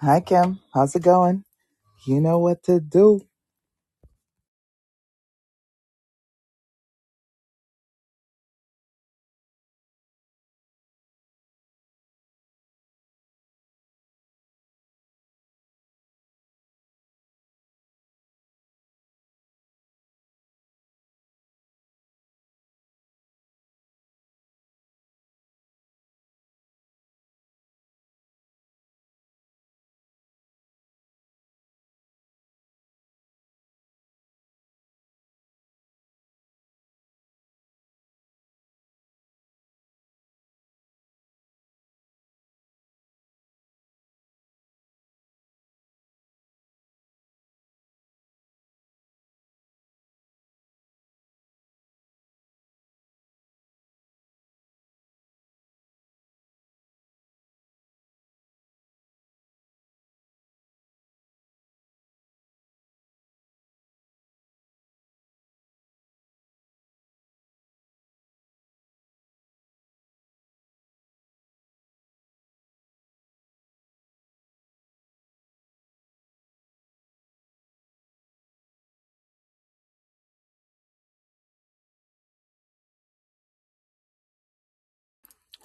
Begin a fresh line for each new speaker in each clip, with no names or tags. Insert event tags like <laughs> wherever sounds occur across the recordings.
Hi, Kim. How's it going? You know what to do.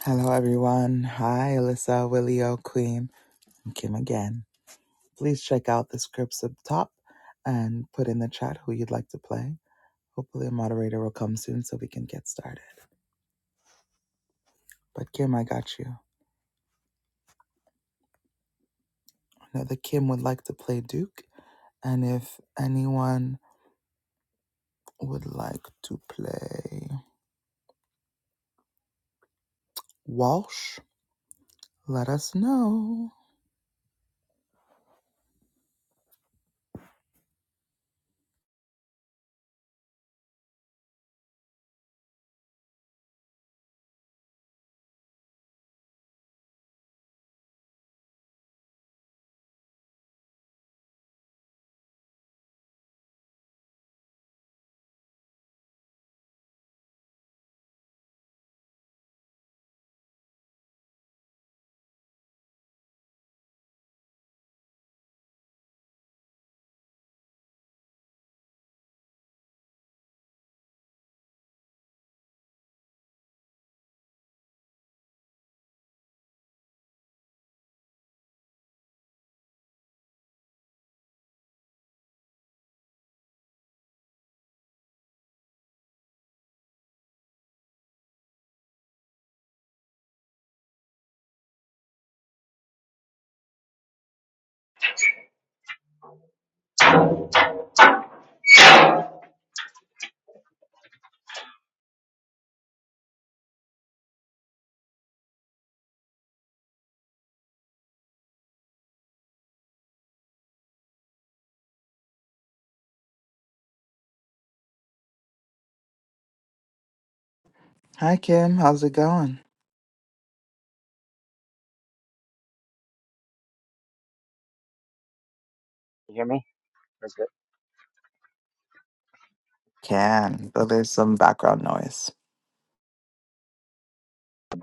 Hello, everyone. Hi, Alyssa, Willio, Queen, and Kim again. Please check out the scripts up top and put in the chat who you'd like to play. Hopefully, a moderator will come soon so we can get started. But, Kim, I got you. Another Kim would like to play Duke. And if anyone would like to play Walsh, let us know. Hi, Kim. How's it going?
you hear me? That's good.
Can, but there's some background noise.
I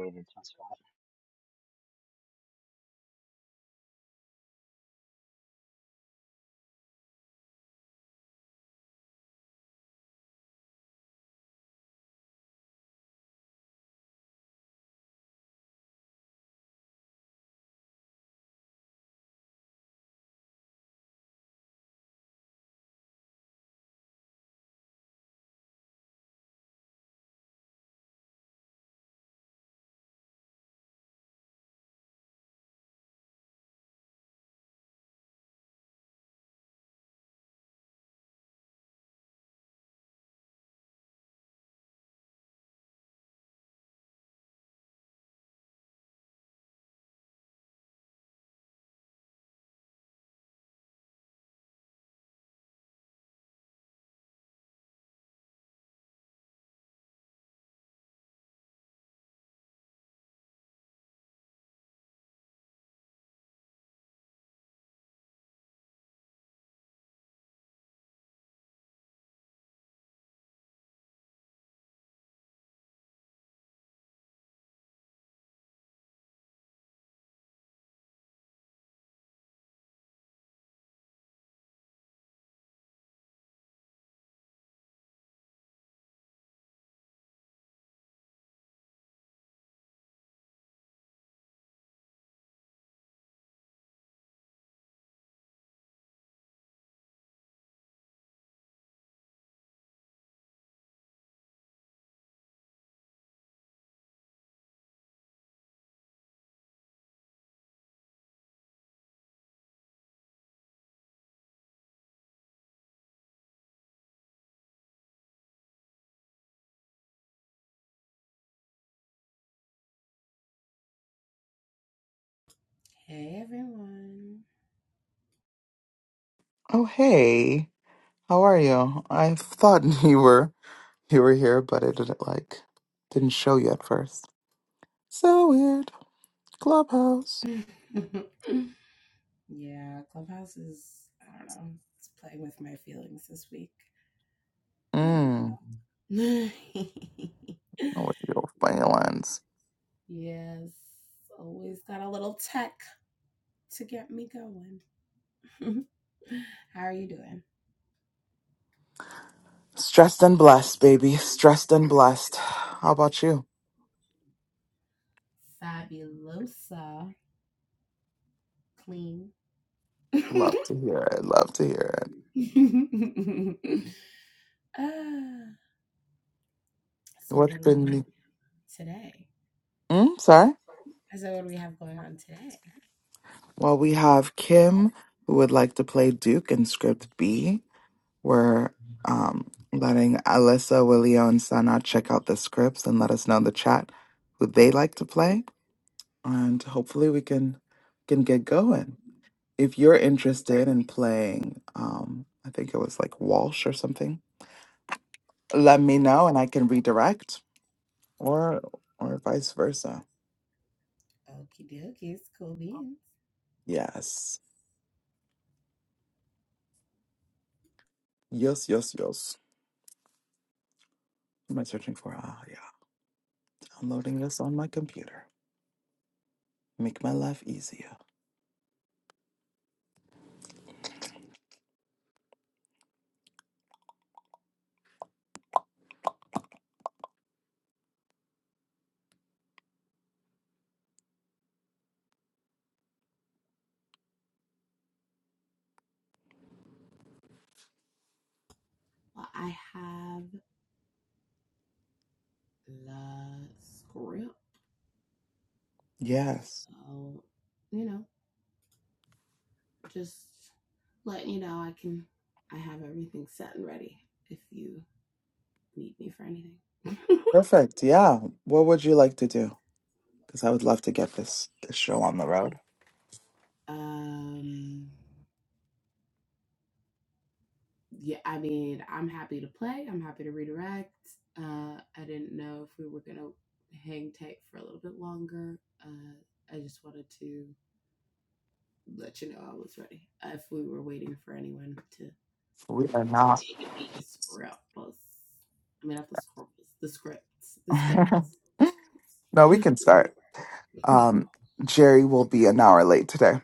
Hey everyone.
Oh, hey, how are you? I thought <laughs> you were you were here, but it didn't like didn't show you at first. So weird. Clubhouse.
<laughs> yeah, Clubhouse is, I don't know, it's playing with my feelings this week. But I'm
Mmm. With your feelings.
<laughs> Yes, always got a little tech to get me going. <laughs> How are you doing?
Stressed and blessed, baby. Stressed and blessed. How about you?
Fabulosa. Clean.
Love to hear it. Love to hear it.
<laughs> ah, So what
What's
do we
been?
have today?
Mm, sorry.
I said, what do we have going on today?
Well, we have Kim who would like to play Duke in script B. We're um, letting Alyssa, Willio, and Sana check out the scripts and let us know in the chat who they like to play, and hopefully we can can get going. If you're interested in playing, um, I think it was like Walsh or something. Let me know, and I can redirect, or or vice versa.
Okie dokie, it's cool beans.
Yes, yes, yes, yes. What am I searching for? Ah, yeah. Downloading this on my computer. Make my life easier.
Well, I have the script.
Yes.
So, you know, just letting you know I can I have everything set and ready if you need me for anything.
Perfect. Yeah. What would you like to do? because I would love to get this this show on the road.
<laughs> um yeah, I mean, I'm happy to play. I'm happy to redirect. Uh, I didn't know if we were gonna hang tight for a little bit longer. Uh, I just wanted to let you know I was ready. Uh, If we were waiting for anyone to
We are
take
not.
a peek at the script, plus- I mean, not the script, the scripts, the
<laughs>
scripts,
no, we
the scripts.
can
<laughs>
start. Um, Jerry will be an hour late today,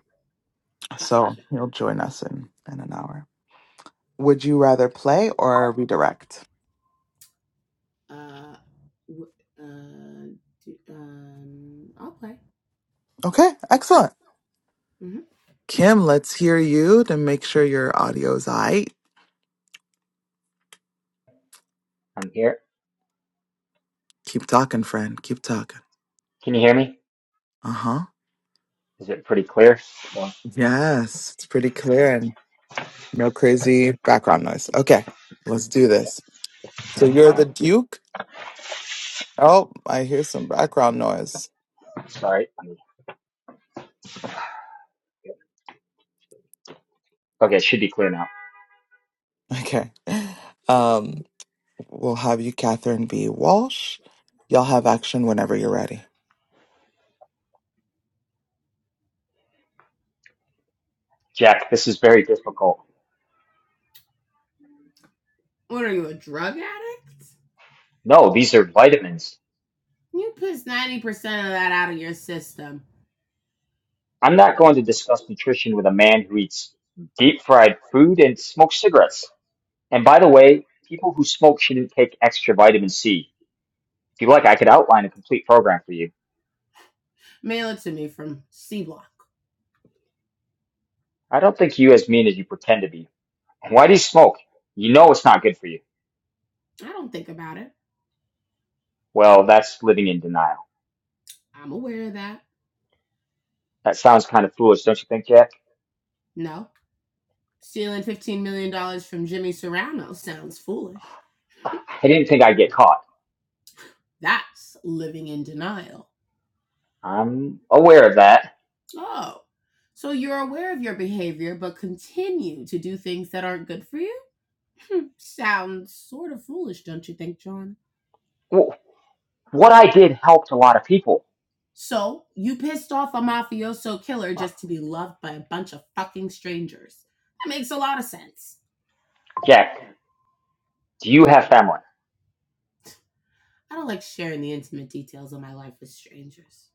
so
gotcha.
he'll join us in in an hour. Would you rather play or redirect?
Uh, w- uh, do, um, I'll play.
Okay, excellent.
hmm
Kim, let's hear you to make sure your audio's aight.
am here.
Keep talking, friend. Keep talking.
Can you hear me?
Uh huh.
Is it pretty clear? Well,
Yes, it's pretty clear
okay.
and no crazy background noise. Okay, let's do this. So you're the Duke. Oh, I hear some background noise.
Sorry. Okay, it should be clear now.
Okay. Um, we'll have you, Catherine B. Walsh. Y'all have action whenever you're ready.
Jack, this is very difficult.
What are you, a drug addict?
No, these are vitamins.
You piss 90% of that out of your system.
I'm not going to discuss nutrition with a man who eats deep fried food and smokes cigarettes. And by the way, people who smoke shouldn't take extra vitamin C. If you like, I could outline a complete program for you.
Mail it to me from C Block.
I don't think you as mean as you pretend to be. Why do you smoke? You know it's not good for you.
I don't think about it.
Well, that's living in denial.
I'm aware of that.
That sounds kind of foolish, don't you think, Jack?
No. Stealing $15 million dollars from Jimmy Serrano sounds foolish.
I didn't think I'd get caught.
That's living in denial.
I'm aware of that.
Oh, so you're aware of your behavior, but continue to do things that aren't good for you? Sounds sort of foolish, don't you think, John?
Wh- What I did helped a lot of people.
So, you pissed off a mafioso killer just to be loved by a bunch of fucking strangers. That makes a lot of sense.
Jack, do you have family?
I don't like sharing the intimate details of my life with strangers.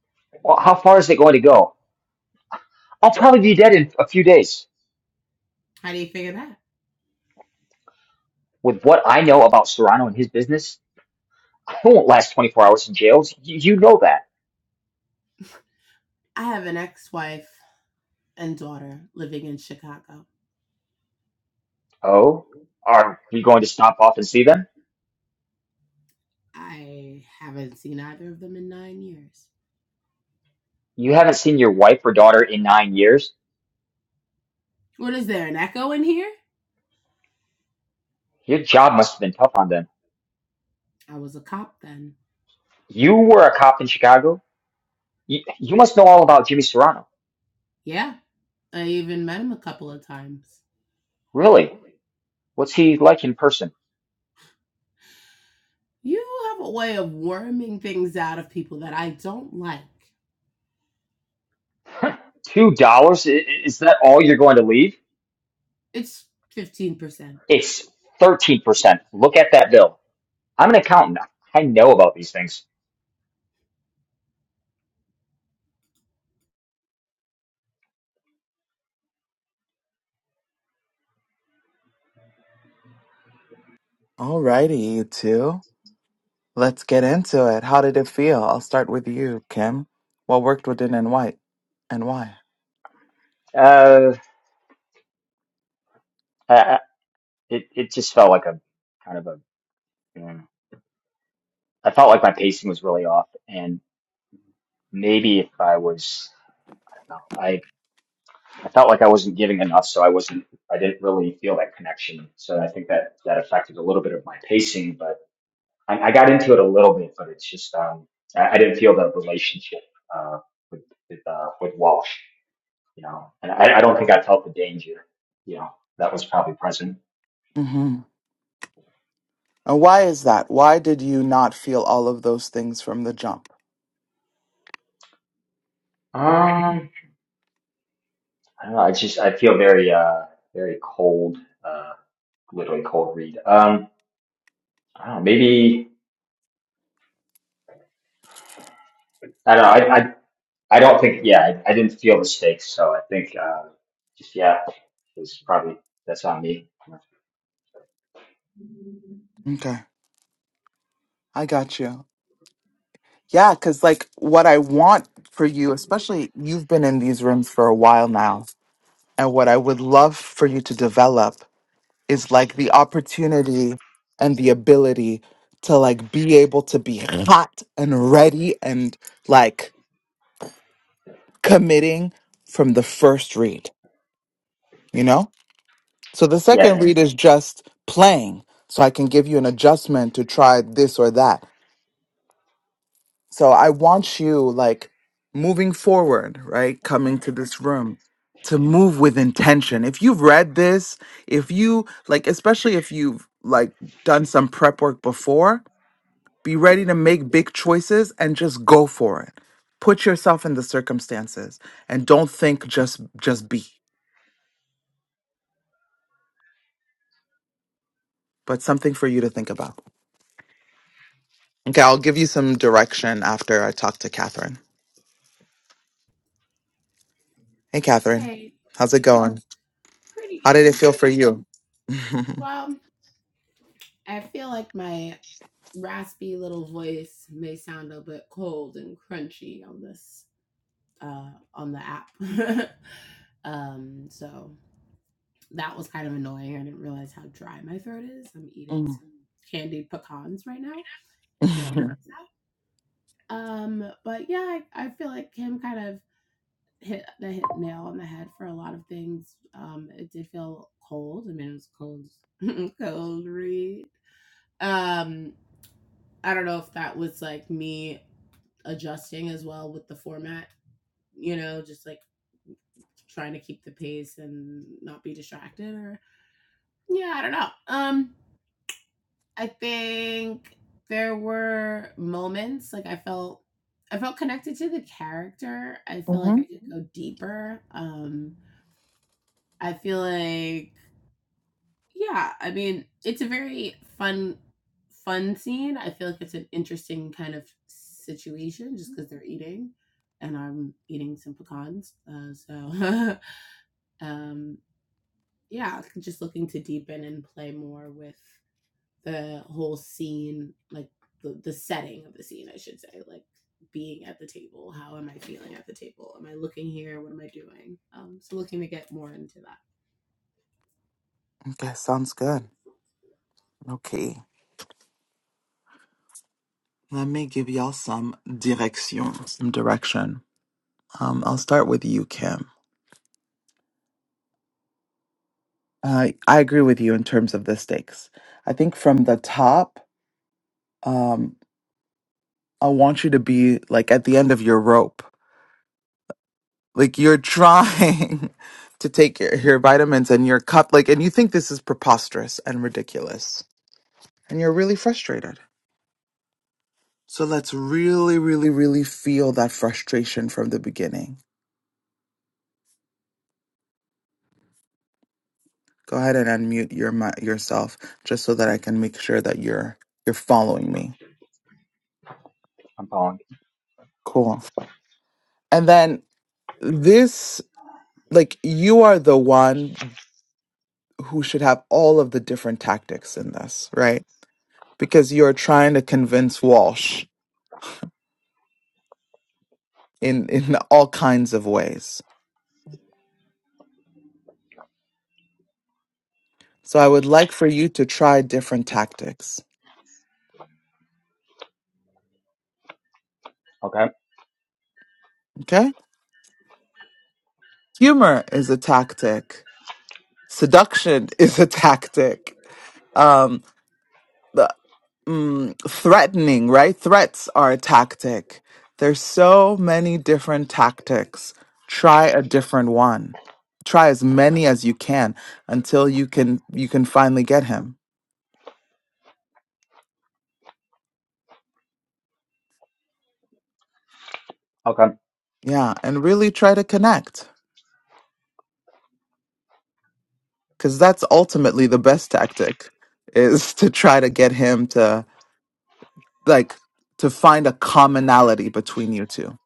Well, how far is it going to go? I'll probably be dead in a few days.
How do you figure that?
With what I know about Serrano and his business, I won't last 24 hours in jail. You, you know that.
I have an ex wife and daughter living in Chicago.
Oh? Are we going to stop off and see them?
I haven't seen either of them in nine years.
You haven't seen your wife or daughter in nine years?
What is there, an echo in here?
Your job must have been tough on them.
I was a cop then.
You were a cop in Chicago? You, you must know all about Jimmy Serrano.
Yeah. I even met him a couple of times.
Really? What's he like in person?
You have a way of worming things out of people that I don't like.
Two dollars? Is that all you're going to leave?
It's 15%. It's 13%.
It's thirteen percent. Look at that bill. I'm an accountant. I know about these things.
Alrighty, you two. Let's get into it. How did it feel? I'll start with you, Kim. What worked within and why? And why?
Uh, uh, it it just felt like a kind of a. mm, I felt like my pacing was really off, and maybe if I was, I don't know, I I felt like I wasn't giving enough, so I wasn't. I didn't really feel that connection. So I think that that affected a little bit of my pacing, but. I, I got into it a little bit, but it's just um, I, I didn't feel the relationship uh, with with, uh, with Walsh, you know, and I, I don't think I felt the danger, you know, that was probably present.
Mm-hmm. And why is that? Why did you not feel all of those things from the jump?
Um, I don't know. I just I feel very uh very cold, uh, literally cold read. Um, I don't know. Maybe I don't know. I I, I don't think. Yeah, I, I didn't feel the stakes, so I think uh, just yeah, it's probably that's on me.
Okay, I got you. Yeah, because like what I want for you, especially you've been in these rooms for a while now, and what I would love for you to develop is like the opportunity and the ability to like be able to be hot and ready and like committing from the first read, you know? So the
Yes,
second read is just playing. So I can give you an adjustment to try this or that. So I want you like moving forward, right? Coming to this room to move with intention. If you've read this, if you like especially if you've like done some prep work before, Be ready to make big choices and just go for it. Put yourself in the circumstances and don't think just just be, but something for you to think about. Okay, I'll give you some direction after I talk to Catherine. Hey Catherine,
Hey,
how's it going?
pretty
How did it
good.
feel for you? <laughs>
Well, I feel like my raspy little voice may sound a bit cold and crunchy on this uh on the app. <laughs> um so that was kind of annoying. I didn't realize how dry my throat is. I'm eating
Mm.
some candied pecans right now to
<laughs>
fix that. Um, but yeah, I, I feel like Kim kind of hit the hit nail on the head for a lot of things. Um, it did feel cold. I mean, it was cold, <laughs> cold read. Um, I don't know if that was like me adjusting as well with the format. You know, just like trying to keep the pace and not be distracted or yeah i don't know um I think there were moments like I felt I felt connected to the character. I feel like I
Mhm.
could go deeper. Um I feel like yeah, I mean, it's a very fun fun scene. I feel like it's an interesting kind of situation just cuz they're eating and I'm eating some pecans. Uh, so <laughs> um yeah, just looking to deepen and play more with the whole scene, like the, the setting of the scene, I should say, like being at the table. How am I feeling at the table? Am I looking here? What am I doing? Um, so looking to get more into that.
Okay, sounds good. Okay. Let me give y'all some direction. Some direction. Um, I'll start with you, Kim. Uh, I agree with you in terms of the stakes. I think from the top, um, I want you to be like at the end of your rope. Like you're trying <laughs> to take your, your vitamins and your cup, like, and you think this is preposterous and ridiculous, and you're really frustrated. So let's really, really, really feel that frustration from the beginning. Go ahead and unmute your mi- yourself just so that I can make sure that you're you're following me.
I'm following.
Cool. And then this like you are the one who should have all of the different tactics in this, right? Because you're trying to convince Walsh in in all kinds of ways. So I would like for you to try different tactics.
Okay,
Okay? Humor is a tactic. Seduction <laughs> is a tactic. Um. the mm, threatening, right? Threats are a tactic. There's so many different tactics. Try a different one. Try as many as you can until you can you can finally get him.
okay,
Yeah, and really try to connect cuz that's ultimately the best tactic is <laughs> to try to get him to like to find a commonality between you two.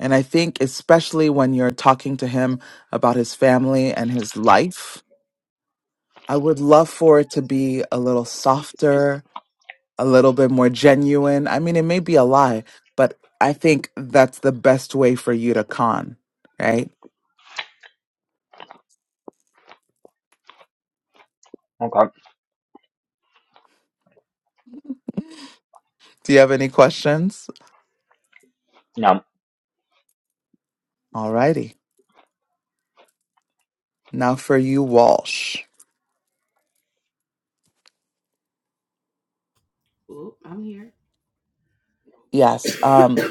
And I think especially when you're talking to him about his family and his life, I would love for it to be a little softer, a little bit more genuine. I mean, it may be a lie, but I think that's the best way for you to con, right?
okay.
Do you have any questions?
No.
Alrighty, Now for you, Walsh.
Oh, I'm here. <coughs>
Yes. Um,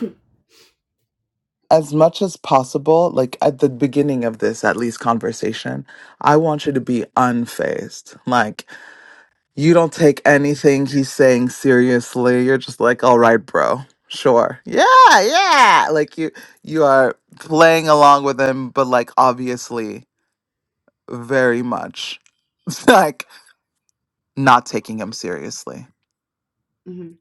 as much as possible, like at the beginning of this, at least conversation, I want you to be unfazed. Like You don't take anything he's saying seriously. You're just like, all right, bro. Sure. Yeah, yeah. Like you you are playing along with him, but like obviously very much <laughs> like not taking him seriously.
hmm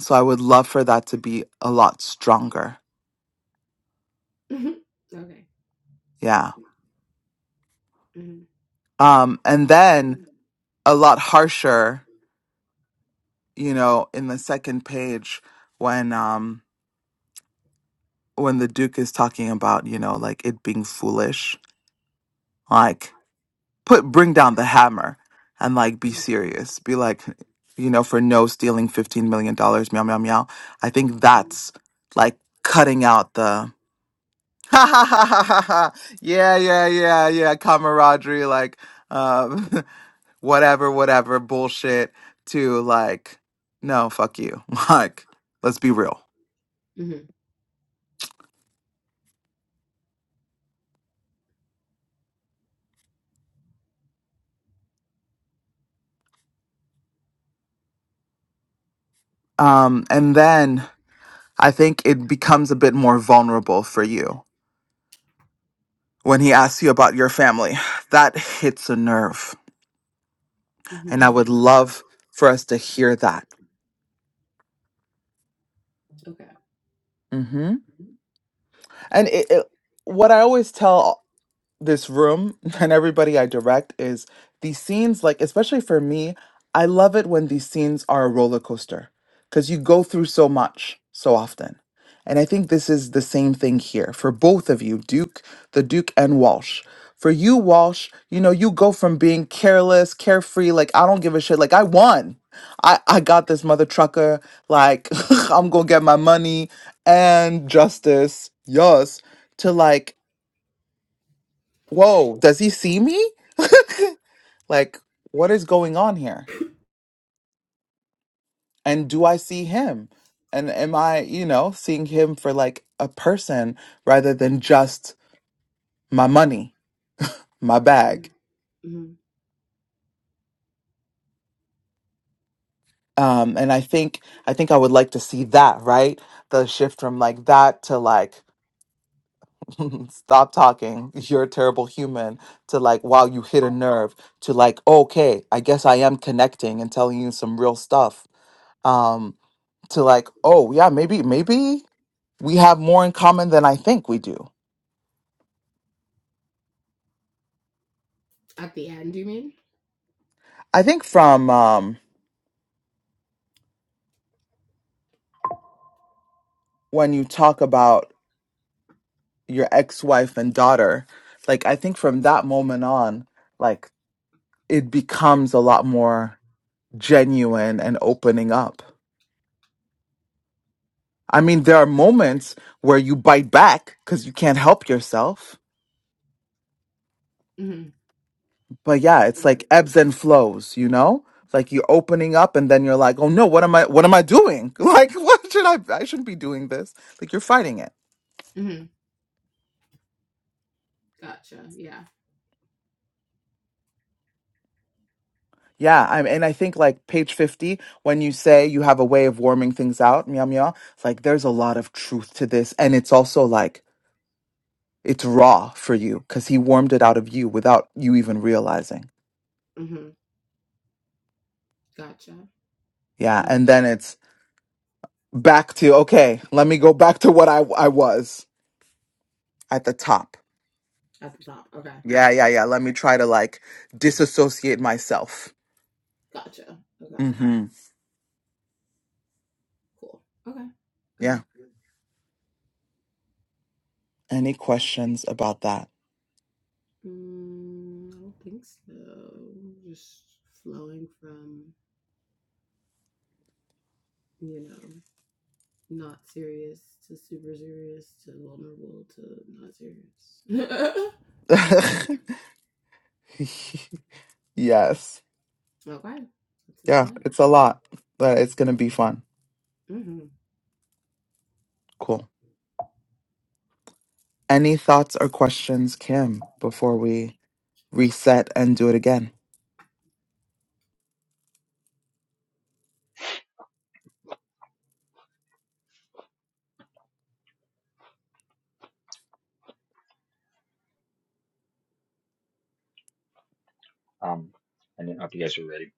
So I would love for that to be a lot stronger.
hmm <laughs> Okay.
Yeah.
hmm
Um, and then a lot harsher, you know, in the second page when um when the Duke is talking about, you know, like it being foolish. Like put bring down the hammer and like be serious be like you know for no stealing 15 million dollars meow meow meow i think
hmm
that's like cutting out the <laughs> ha ha ha ha ha ha yeah yeah yeah yeah camaraderie like um <laughs> whatever whatever bullshit to like no fuck you <laughs> like let's be real um and then i think it becomes a bit more vulnerable for you when he asks you about your family <sighs> that hits a nerve
hmm
And I would love for us to hear that.
Okay.
hmm And it, it- what I always tell this room <laughs> and everybody I direct is these scenes, like, especially for me, I love it when these scenes are a roller coaster because you go through so much so often. And I think this is the same thing here for both of you, Duke, the Duke, and Walsh. For you, Walsh, you know, you go from being careless, carefree, like, I don't give a shit, like, I won. I, I got this mother trucker, like, <laughs> I'm gonna get my money and justice, yes, to like, whoa, does he see me? <laughs> like, what is going on here? And do I see him? And am I, you know, seeing him for like a person rather than just my money, my bag?
hmm
Um, and I think I think I would like to see that, right? The shift from like that to like <laughs> stop talking, you're a terrible human, to like wow, you hit a nerve, to like okay, I guess I am connecting and telling you some real stuff. Um, to like, oh yeah, maybe maybe we have more in common than I think we do.
At the end, you mean?
I think from um, when you talk about your ex-wife and daughter, like I think from that moment on, like it becomes a lot more genuine and opening up. I mean, there are moments where you bite back because you can't help yourself
hmm
but yeah, it's like ebbs and flows, you know? It's Like you're opening up and then you're like, "Oh no, what am I what am I doing? <laughs> Like what should I I shouldn't be doing this." Like you're fighting it.
hmm Gotcha. Yeah.
Yeah, I'm and I think like page 50 when you say you have a way of warming things out, meow meow, it's like there's a lot of truth to this and it's also like it's raw for you cuz he warmed it out of you without you even realizing.
hmm Gotcha.
Yeah,
Okay.
and then it's back to okay, let me go back to what I I was at the top
At the top. Okay.
Yeah, yeah, yeah. Let me try to like disassociate myself.
Gotcha. Okay.
Mm-hmm.
Cool. Okay. Okay.
Yeah. Any questions about that?
Mm, I don't think so. Just flowing from, you know, not serious to super serious to vulnerable to not serious.
<laughs> yes.
<laughs> okay. That's a
Yeah,
slut.
it's a lot, but it's going to be fun.
Mm-hmm.
Cool. Any thoughts or questions, Kim, before we reset and do it again?
Um, I do not know if you guys are ready.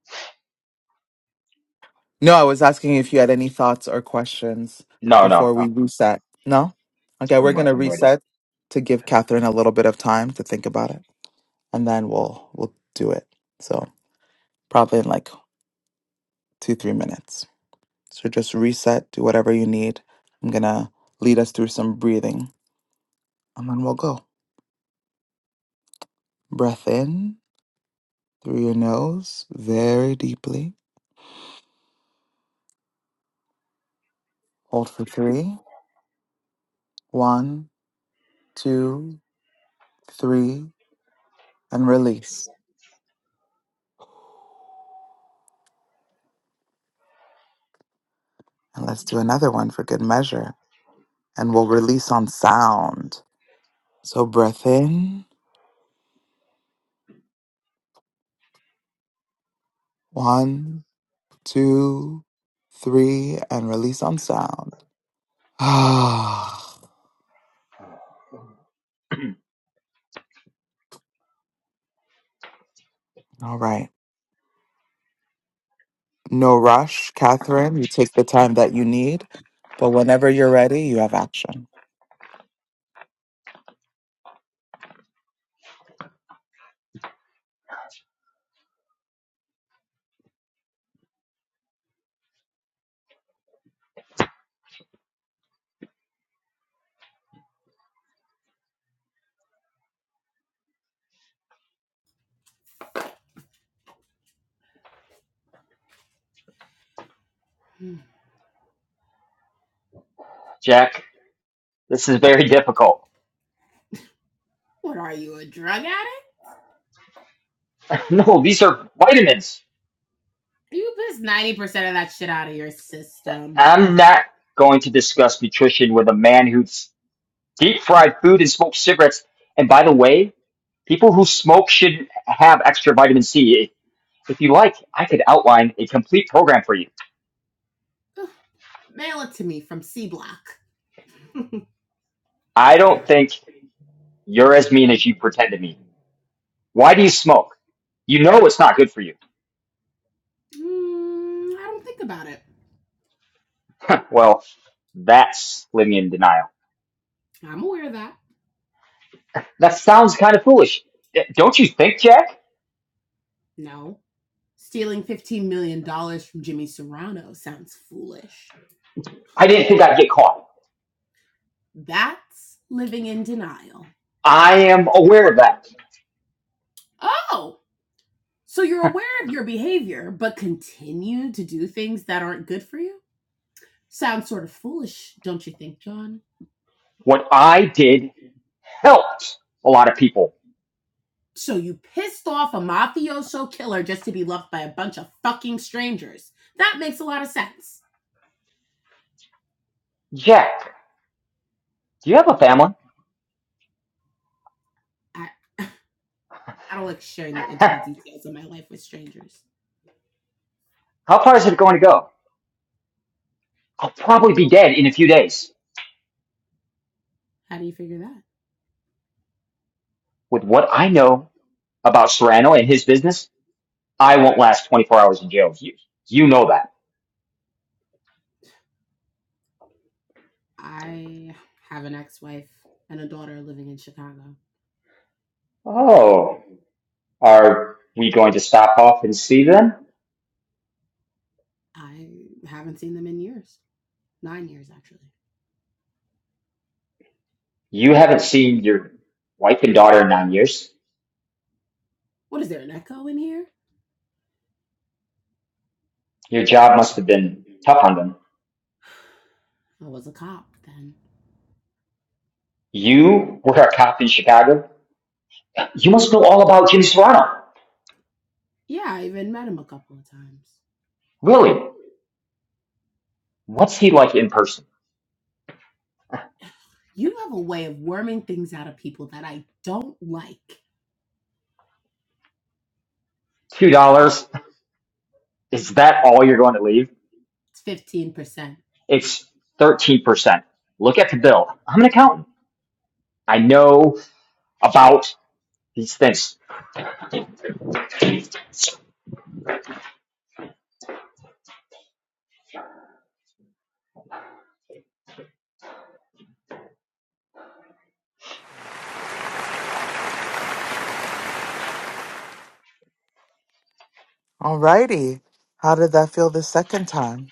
No, I was asking if you had any thoughts or questions
No, no,
before we
no.
reset. No? Okay, we're
I'm
going
re-
to
I'm ready.
reset to give Catherine a little bit of time to think about it, and then we'll we'll do it. So, probably in like two, three minutes. So just reset, do whatever you need. I'm gonna lead us through some breathing and then we'll go. Breath in through your nose very deeply. Hold for three. One, two, three, and release. And let's do another one for good measure. And we'll release on sound. So breath in. One, two, three, and release on sound. <sighs> Ah,
<clears throat>
all right. No rush, Catherine. You take the time that you need, but whenever you're ready, you have action.
Jack, this is very difficult.
What are you, a drug addict?
<laughs> no, these are vitamins.
You pissed 90% of that shit out of your system.
I'm not going to discuss nutrition with a man who deep fried food and smokes cigarettes. And by the way, people who smoke shouldn't have extra vitamin C. If you like, I could outline a complete program for you.
Ugh, mail it to me from C Block.
I don't think you're as mean as you pretend to be. Why do you smoke? You know it's not good for you.
Mm, I don't think about it.
<laughs> Well, that's living in denial.
I'm aware of that.
That sounds kind of foolish. Don't you think, Jack?
No. Stealing $15 million dollars from Jimmy Serrano sounds foolish.
I didn't think I'd get caught.
That's living in denial.
I am aware of that.
Oh, So you're aware of your behavior, but continue to do things that aren't good for you? Sounds sort of foolish, don't you think, John?
What I did helped a lot of people.
So you pissed off a mafioso killer just to be loved by a bunch of fucking strangers. That makes a lot of sense.
Jack, do you have a family?
I, I don't like sharing the
<laughs> How
intimate details of my life with strangers.
far is it going to go? I'll probably be dead in a few days.
How do you figure that?
With what I know about Serrano and his business, I won't last 24 hours in jail. You, you know that.
I have an ex wife and a daughter living in Chicago.
Oh, are we going to stop off and see them?
I haven't seen them in years. Nine years, actually.
You haven't seen your wife and daughter in nine years.
What is there, an echo in here?
Your job must have been tough on them.
I was a cop then.
You were a cop in Chicago. You must know all about Jimmy Serrano.
Yeah, I even met him a couple of times.
Really? What's he like in person?
You have a way of worming things out of people that I don't like.
Two dollars? Is that all you're going to leave?
It's 15%.
It's 13%. Look at the bill. I'm an accountant. I know about these things.
Alrighty. How did that feel the second time?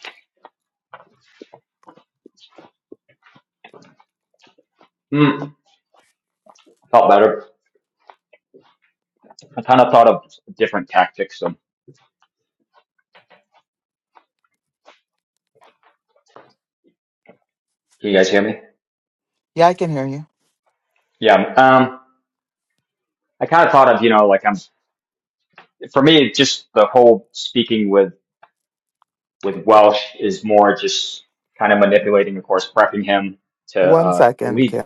Mm, felt better. I kind of thought of different tactics. So, can you guys hear me?
Yeah, I can hear you.
Yeah. Um, I kind of thought of, you know, like I'm, for me, just the whole speaking with with Welsh is more just kind of manipulating, of course, prepping him to
One
uh to
second,
lead.
Kim.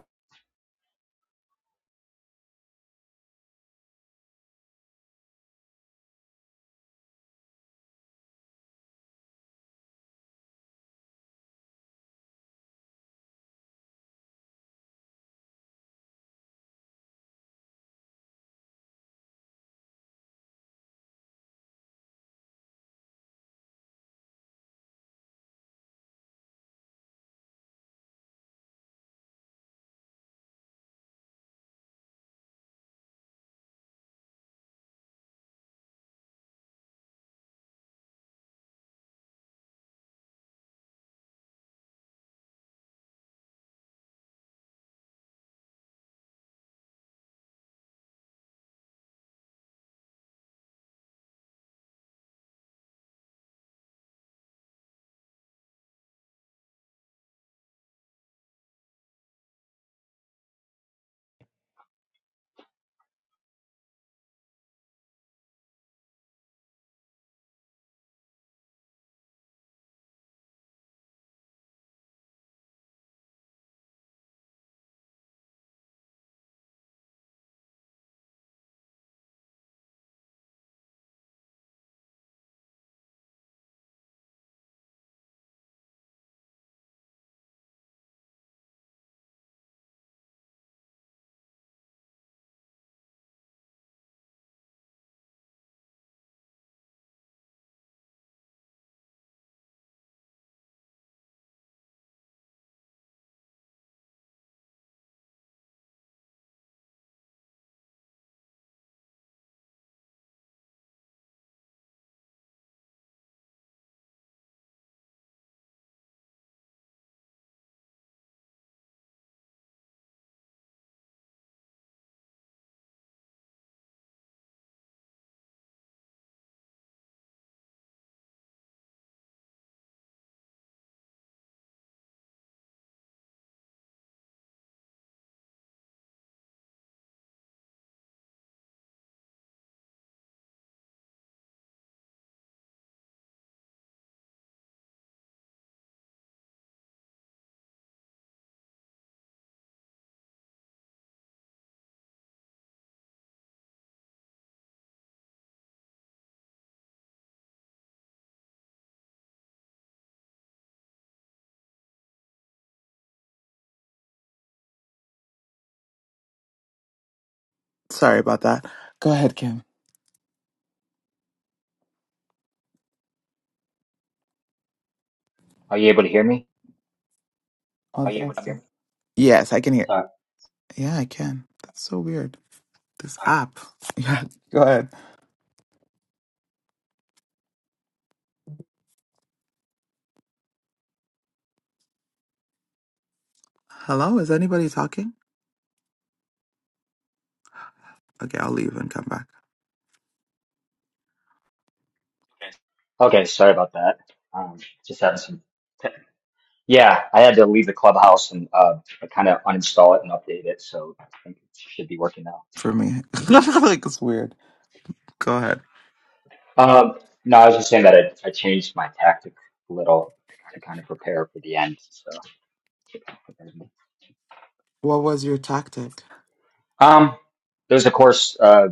Sorry about that. Go ahead, Kim.
Are you able to hear me?
Are you able to hear me? Yes, I can hear.
Sorry.
Yeah, I can. That's so weird. This app. <laughs> Yeah, go ahead. Hello, is anybody talking? Okay, I'll leave and come back.
Okay, sorry about that. Um, just having some. te- yeah, I had to leave the clubhouse and uh kind of uninstall it and update it, so I think it should be working now.
For me, <laughs> like it's weird. Go ahead.
Um, no, I was just saying that I, I changed my tactic a little to kind of prepare for the end. So,
What was your tactic?
um, There was, of course uh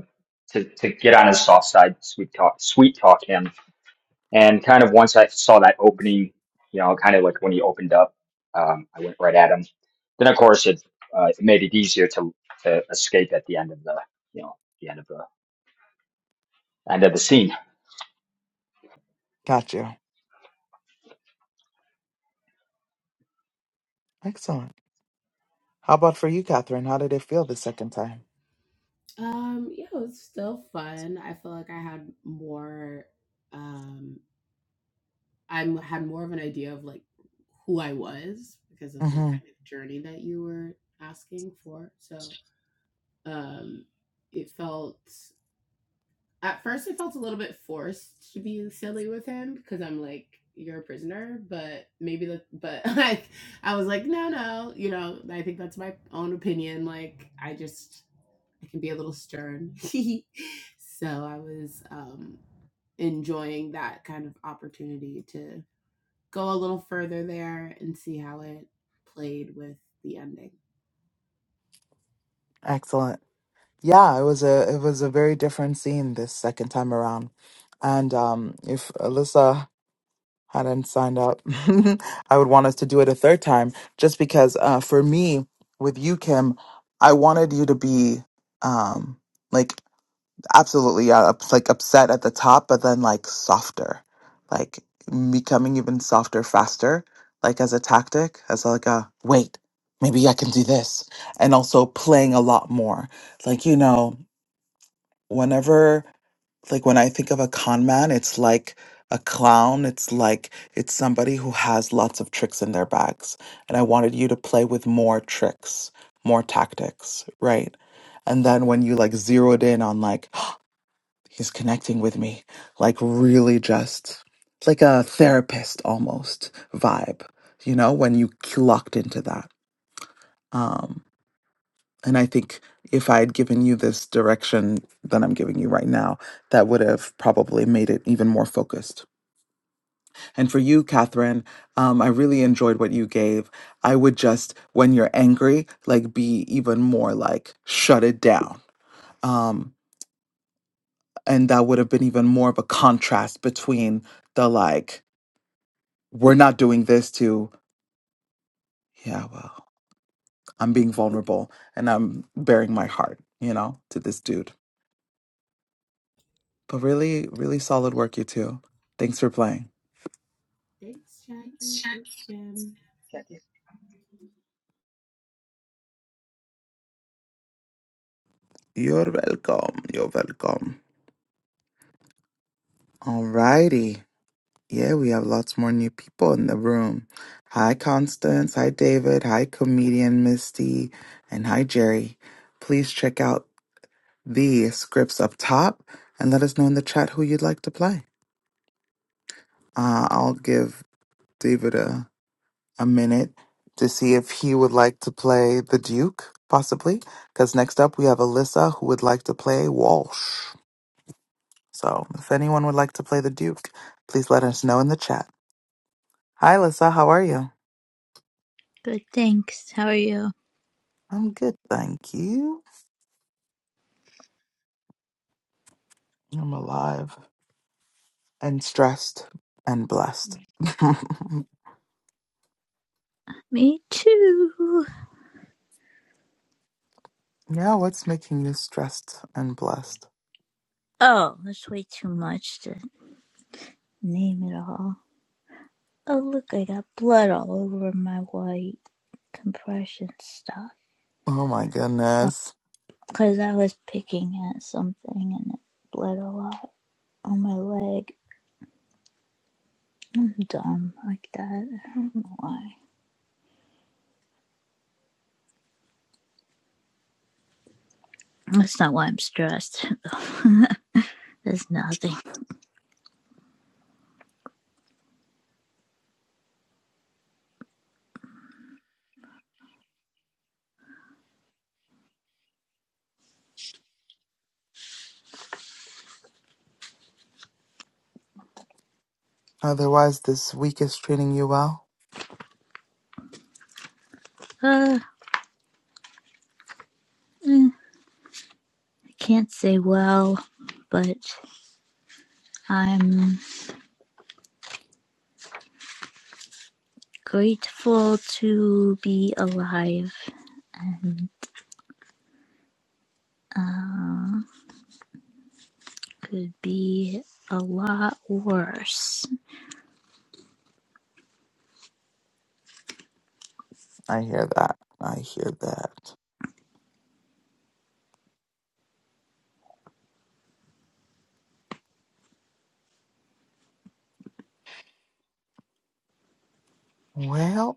to to get on his soft side, sweet talk, sweet talk him And kind of once I saw that opening, you know, kind of like when he opened up, um, I went right at him. Then of course it, uh, it made it easier to to escape at the end of the you know the end of the end of the scene.
Got you. Excellent. How about for you, Catherine? How did it feel the second time?
Um, yeah, it was still fun. I feel like I had more um I m- had more of an idea of like who I was because of the
hmm
kind of journey that you were asking for. So, um it felt at first I felt a little bit forced to be silly with him because I'm like, you're a prisoner, but maybe the but <laughs> like I was like, no, no, you know, I think that's my own opinion. Like I just I can be a little stern. <laughs> so I was um enjoying that kind of opportunity to go a little further there and see how it played with the ending.
Excellent. Yeah, it was a it was a very different scene this second time around. And um, if Alyssa hadn't signed up, <laughs> I would want us to do it a third time, just because uh, for me with you, Kim, I wanted you to be um, like Absolutely, yeah. It's like upset at the top, but then like softer, like becoming even softer faster, like as a tactic, as like a wait, maybe I can do this. And also playing a lot more. Like, you know, whenever, like when I think of a con man, it's like a clown. It's like it's somebody who has lots of tricks in their bags. And I wanted you to play with more tricks, more tactics, right? And then when you like zeroed in on like, <gasps> He's connecting with me, like really just like a therapist almost vibe, you know, when you locked into that. Um, and I think if I had given you this direction that I'm giving you right now, that would have probably made it even more focused. And for you, Catherine, um, I really enjoyed what you gave. I would just, when you're angry, like be even more like shut it down. Um, and that would have been even more of a contrast between the like we're not doing this to yeah well i'm being vulnerable and i'm bearing my heart you know to this dude but really really solid work you two thanks for playing
Thanks, Jackie. Thanks, Jim.
you're welcome you're welcome alrighty yeah we have lots more new people in the room hi constance hi david hi comedian misty and hi jerry please check out the scripts up top and let us know in the chat who you'd like to play uh, i'll give david a a minute to see if he would like to play the Duke, possibly. Because next up we have Alyssa who would like to play Walsh. So if anyone would like to play the Duke, please let us know in the chat. Hi, Alyssa. How are you?
Good, thanks. How are you?
I'm good, thank you. I'm alive and stressed and blessed. <laughs>
Me too.
yeah, what's making you stressed and blessed?
Oh, that's way too much to name it all. Oh, look, I got blood all over my white compression stuff.
Oh my goodness.
Because I was picking at something and it bled a lot on my leg. I'm dumb like that. I don't know why. That's not why I'm stressed. <laughs> There's nothing.
Otherwise, this week is treating you well?
Uh, eh, I can't say well, but I'm. grateful to be alive and uh, could be a lot worse.
I hear that. I hear that. Well,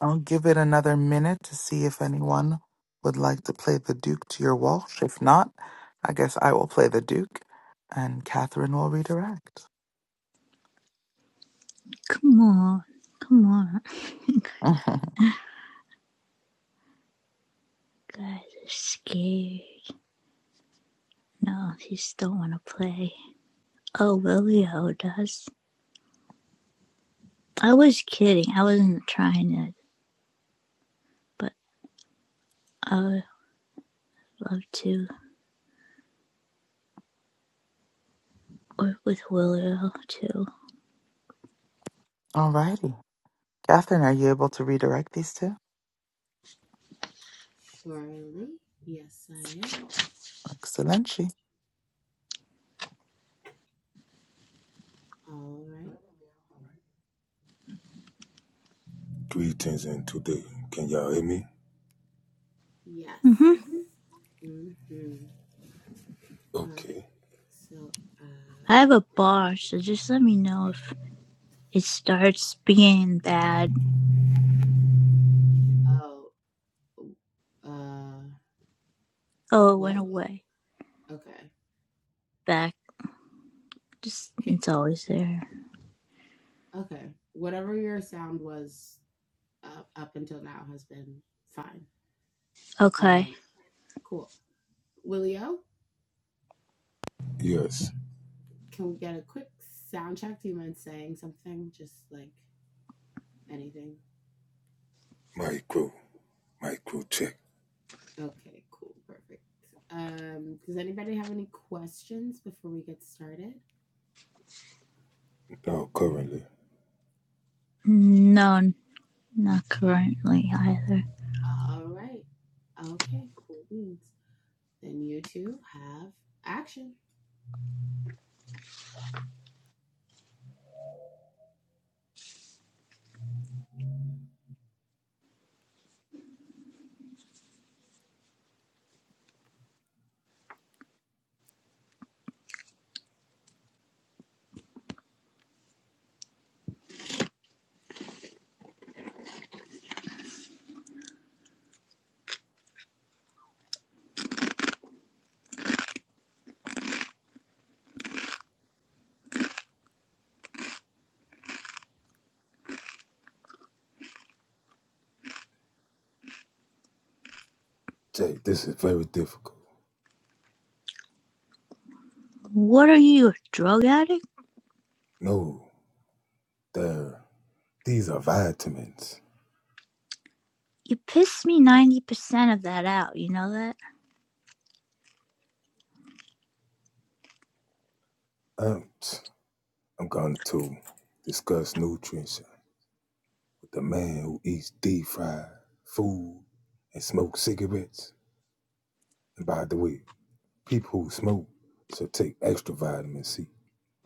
I'll give it another minute to see if anyone would like to play the Duke to your Walsh. If not, I guess I will play the Duke and Catherine will redirect.
Come on, come on. <laughs>
<laughs> Alrighty.
Guys are scared. No, they just don't want to play. Oh, Willio does. I was kidding. I wasn't trying it, but I would love to work with Willio too.
Catherine, are you able to redirect these two?
Surely. Yes, I am.
Excellent. she.
All right.
Greetings and today, can y'all hear me?
Yes.
hmm
Mm-hmm. Mm-hmm. All right.
Okay.
So, uh,
I have a bar, so just let me know if it starts being bad.
oh, uh,
Oh, it went
what?
away.
Okay.
back. Just
Okay.
it's always there.
Okay. Whatever your sound was uh, up until now has been fine.
Okay.
Um, cool. Willio,
Yes.
can we get a quick sound check? Do you mind saying something? Just like anything?
Micro. Micro check.
Okay. Cool. Perfect. Um, does anybody have any questions before we get started?
Now currently.
No, not currently either.
All right. Okay. Cool beans. Then you two have action.
Check. This is very difficult.
What are you, a drug addict?
No. There. These are vitamins.
You piss me 90% of that out, you know that?
Um, I'm going to discuss nutrition with the man who eats deep fried food and smokes cigarettes. And by the way, people who smoke should take extra vitamin C.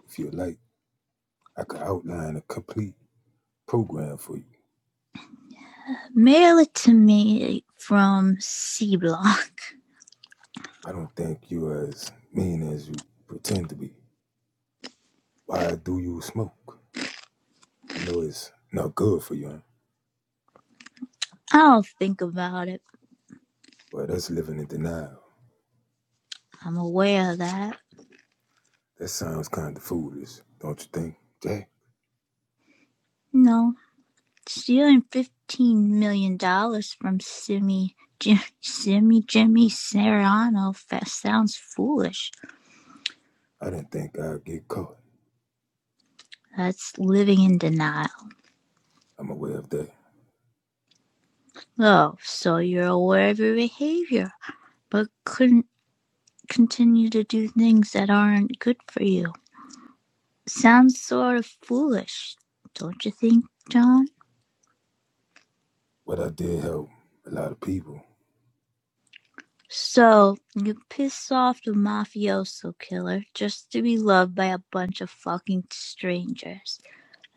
If you like, I could outline a complete program for you.
Mail it to me from C Block.
I don't think you are as mean as you pretend to be. Why do you smoke? You know it's not good for you. huh?
<laughs> I don't think about it.
Well, that's living in denial.
I'm aware of that.
That sounds kind of foolish, don't you think? Jay,
No, stealing $15 million dollars from Simi, Jim, Simi Jimmy Serrano sounds foolish.
I didn't think I'd get caught.
That's living in denial.
I'm aware of that.
Oh, so you're aware of your behavior, but couldn't continue to do things that aren't good for you. Sounds sort of foolish, don't you think, John?
But I did help a lot of people.
So, you piss off the mafioso killer just to be loved by a bunch of fucking strangers.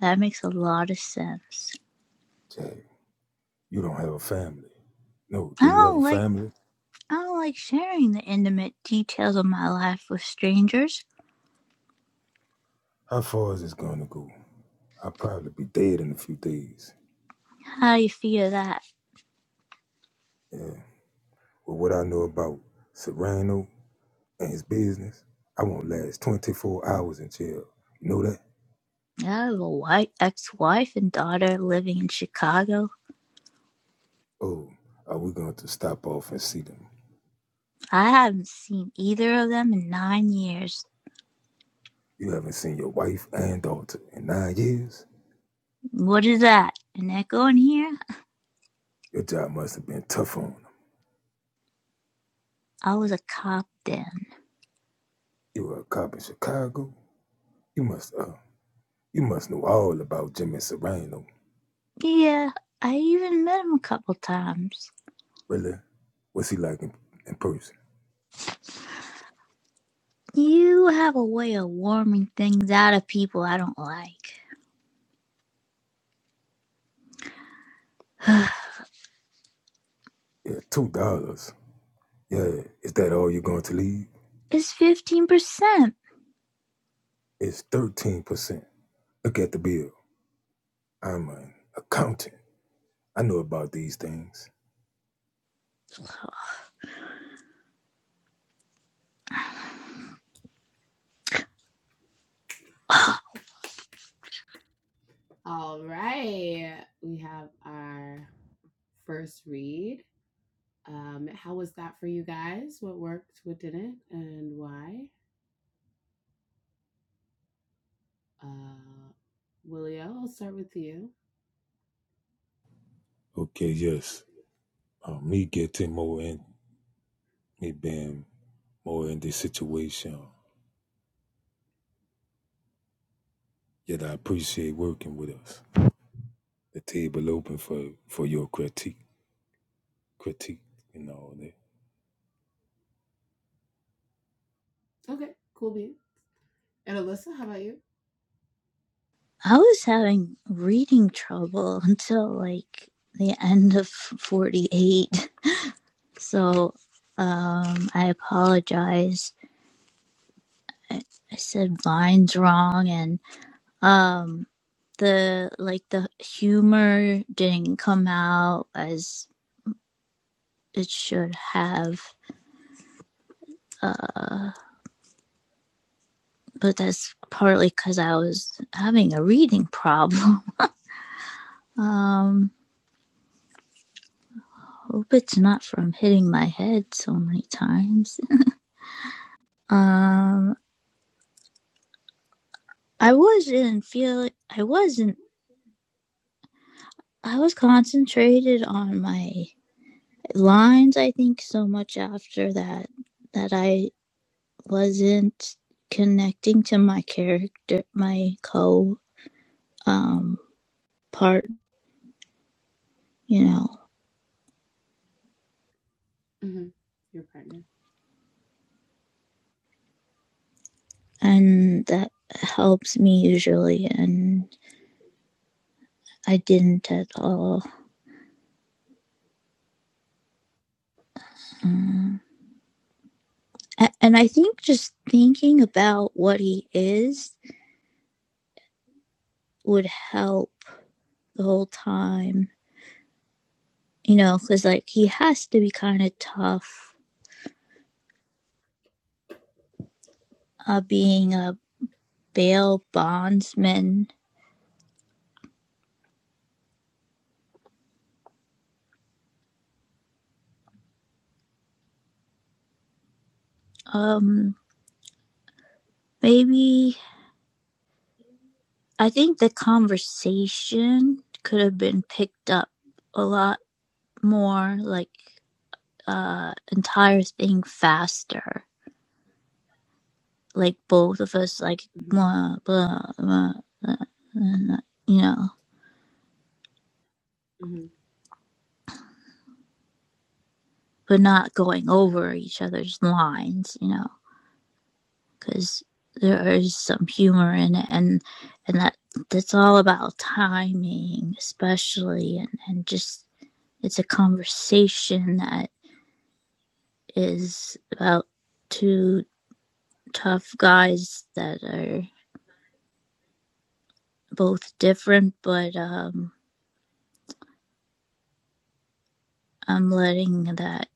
That makes a lot of sense.
Jay, you don't have a family. No,
I
do you have a
don't like
family?
I don't like sharing the intimate details of my life with strangers.
How far is this going to go? I'll probably be dead in a few days.
How do you feel that?
Yeah. Well, what I know about Serrano and his business, I won't last 24 hours in jail. You know that?
I have a wife, ex-wife and daughter living in Chicago.
Oh, are we going to stop off and see them?
I haven't seen either of them in nine years.
You haven't seen your wife and daughter in nine years?
What is that? An echo in here?
Your job must have been tough on them.
I was a cop then.
You were a cop in Chicago? You must uh you must know all about Jimmy Serrano.
Yeah, I even met him a couple times.
Really? What's he like in, in person?
You have a way of warming things out of people I don't like. <sighs>
Yeah, two dollars. Yeah, is that all you're going to leave?
it's fifteen percent. <sighs>
It's thirteen percent. Look at the bill. I'm an accountant. I know about these things.
I
All right. We have our first read. Um, how was that for you guys? What worked, what didn't, and why? Uh, Willio, I'll start with you.
Okay, yes. Uh, me getting more in, me being more in this situation. Yet I appreciate working with us. The table open for for your critique, critique, you know. That
Okay, cool bean. And Alyssa, how about you?
was having reading trouble until like the end of forty-eight. So um, I apologize. I, I said Vine's wrong, and um, the like the humor didn't come out as it should have. Uh, but that's partly because I was having a reading problem. <laughs> Um, hope it's not from hitting my head so many times. <laughs> Um, I wasn't feeling. I wasn't. I was concentrated on my lines i think so much after that that i wasn't connecting to my character my co um part you know
hmm Your partner.
and that helps me usually and i didn't at all Mm. and i think just thinking about what he is would help the whole time you know because like he has to be kind of tough uh being a bail bondsman Um, maybe I think the conversation could have been picked up a lot more, like uh entire thing faster. Like both of us, like
hmm
blah blah blah, blah and, uh, you know,
hmm
but not going over each other's lines, you know, because there is some humor in it, and and that that's all about timing, especially, and and just it's a conversation that. is about two tough guys that are both different, but um, I'm letting that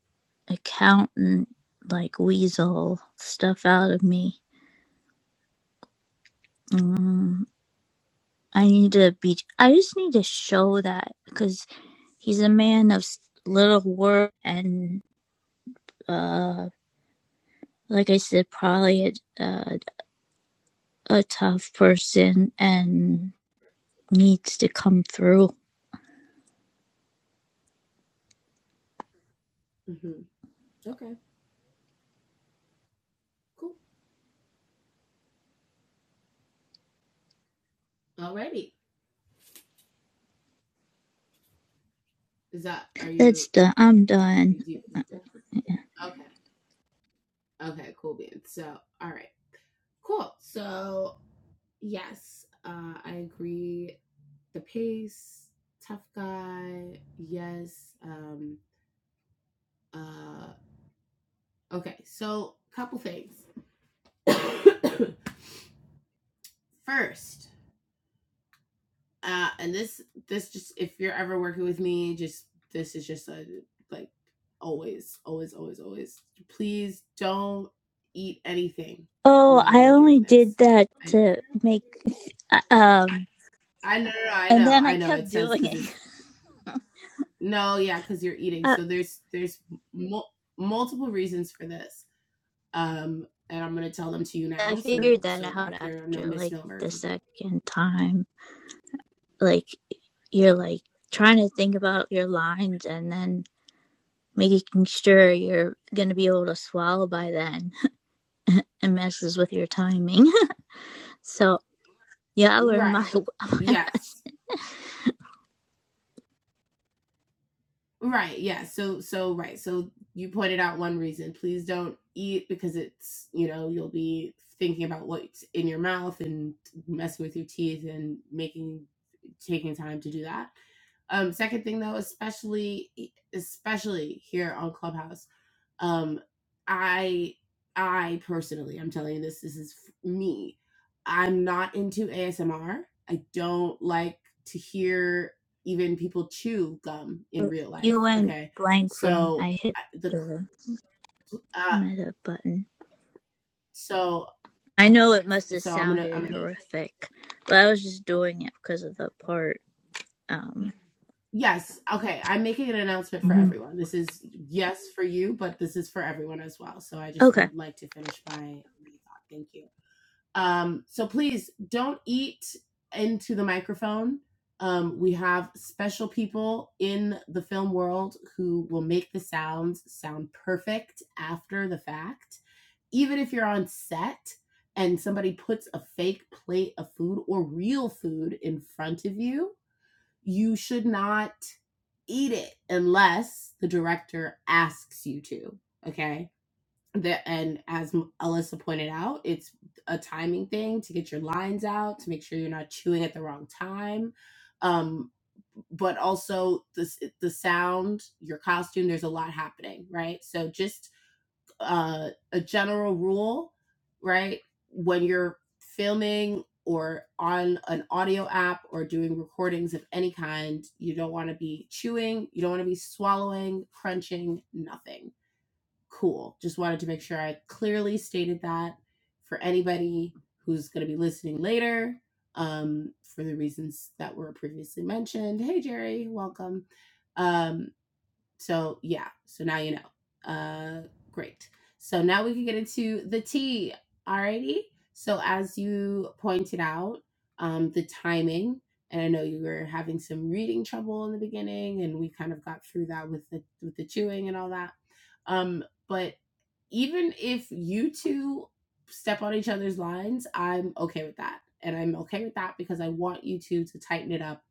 accountant like weasel stuff out of me. Um, I need to be. I just need to show that because he's a man of little work and uh, like I said, probably a, a, a tough person and needs to come through.
hmm Okay, cool. Alrighty. Is that are you?
That's done. I'm done.
Is you okay. Okay, cool bean. So, all right, cool. So, yes, uh, I agree. The pace, tough guy. Yes. Um, Uh. Okay, so a couple things. <coughs> First, uh, and this this just if you're ever working with me, just this is just a like always, always, always, always. Please don't eat anything
Oh,
while
I
we're
only
doing
did
this.
that
I,
to make, uh, um,
I know, no, no, I
and
know,
then I
I know.
kept
It says
doing
because
it.
it's
<laughs>
no, yeah, because you're eating.
I,
So there's there's mul- multiple reasons for this. um and i'm going to tell them to you
I
now so
figured that
so
out
that there are no
after like the
misnomers
second time. Like, you're like trying to think about your lines and then making sure you're gonna be able to swallow by then. <laughs> It messes with your timing. <laughs> So, yeah, I learned my, <laughs>
right
my lesson.
yes right yeah so so right so you pointed out one reason please don't eat because it's you know you'll be thinking about what's in your mouth and messing with your teeth and making taking time to do that um second thing though especially e, especially here on clubhouse Um, I I personally, I'm telling you this, this is me. I'm not into ASMR. I don't like to hear even people chew gum in real life.
You went
Okay,
blank for me.
so
I hit
the
the
uh,
meta button.
so
I know it must have
so I'm gonna I'm
sounded
gonna
horrific, but I was just doing it because of the part. Um,
yes okay I'm making an announcement for
hmm
everyone. This is yes for you, but this is for everyone as well. So I just
okay.
would like to finish my, my thought. Thank you. Um, so please don't eat into the microphone. Um, we have special people in the film world who will make the sounds sound perfect after the fact. Even if you're on set and somebody puts a fake plate of food or real food in front of you, you should not eat it unless the director asks you to. Okay that and as Alyssa pointed out, it's a timing thing to get your lines out, to make sure you're not chewing at the wrong time. Um, but also the the sound, your costume, there's a lot happening, right? So just uh, a general rule, right? When you're filming or on an audio app or doing recordings of any kind, you don't want to be chewing, you don't want to be swallowing, crunching, nothing Cool. Just wanted to make sure I clearly stated that for anybody who's going to be listening later um, for the reasons that were previously mentioned. Hey, Jerry, welcome. Um, so, yeah, so now you know. Uh, great. So now we can get into the tea. Alrighty. So, as you pointed out, um, the timing, and I know you were having some reading trouble in the beginning, and we kind of got through that with the with the chewing and all that. Um, but even if you two step on each other's lines, I'm okay with that. And I'm okay with that because I want you two to tighten it up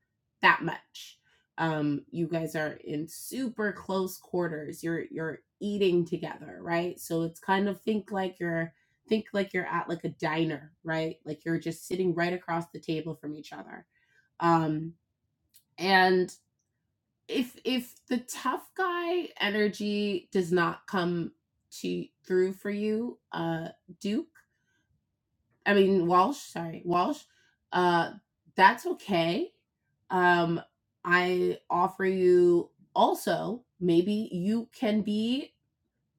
that much. Um, you guys are in super close quarters. You're you're eating together, right? So it's kind of think like you're think like you're at like a diner, right? Like you're just sitting right across the table from each other. Um, and if if the tough guy energy does not come to through for you, uh Duke, I mean Walsh, sorry, Walsh, uh that's okay. Um I offer you also maybe you can be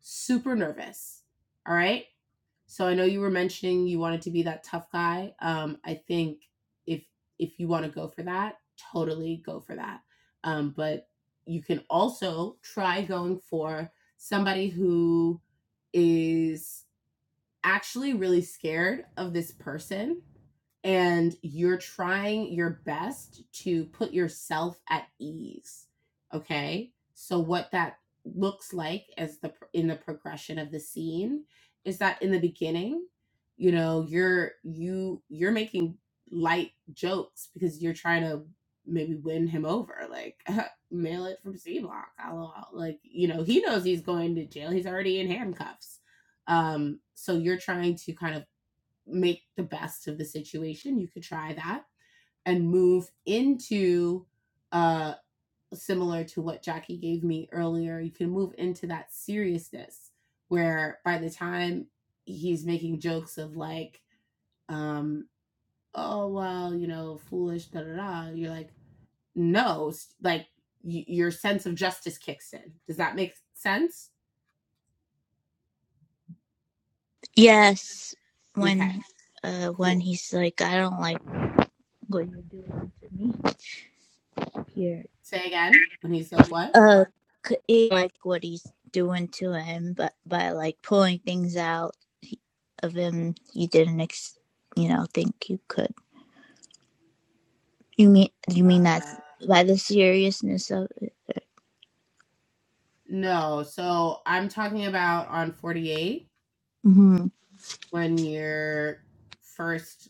super nervous. All right? So I know you were mentioning you wanted to be that tough guy. Um, I think if if you want to go for that, totally go for that. Um, but you can also try going for somebody who is actually really scared of this person and you're trying your best to put yourself at ease okay so what that looks like as the in the progression of the scene is that in the beginning you know you're you you're making light jokes because you're trying to maybe win him over like <laughs> mail it from c block lol like you know he knows he's going to jail he's already in handcuffs um so you're trying to kind of make the best of the situation. You could try that and move into uh similar to what Jackie gave me earlier. You can move into that seriousness where by the time he's making jokes of like um oh well, you know, foolish da da da, you're like no, like y- your sense of justice kicks in. Does that make sense?
Yes, when
Okay,
uh, when
cool.
he's like, I don't like what you're doing to me here.
Say again when he's like what?
Uh, like what he's doing to him, but by like pulling things out of him, you didn't, ex- you know, think you could. You mean you mean that
Uh,
by the seriousness of. it?
No, so I'm talking about on 48
Mm-hmm.
when you're first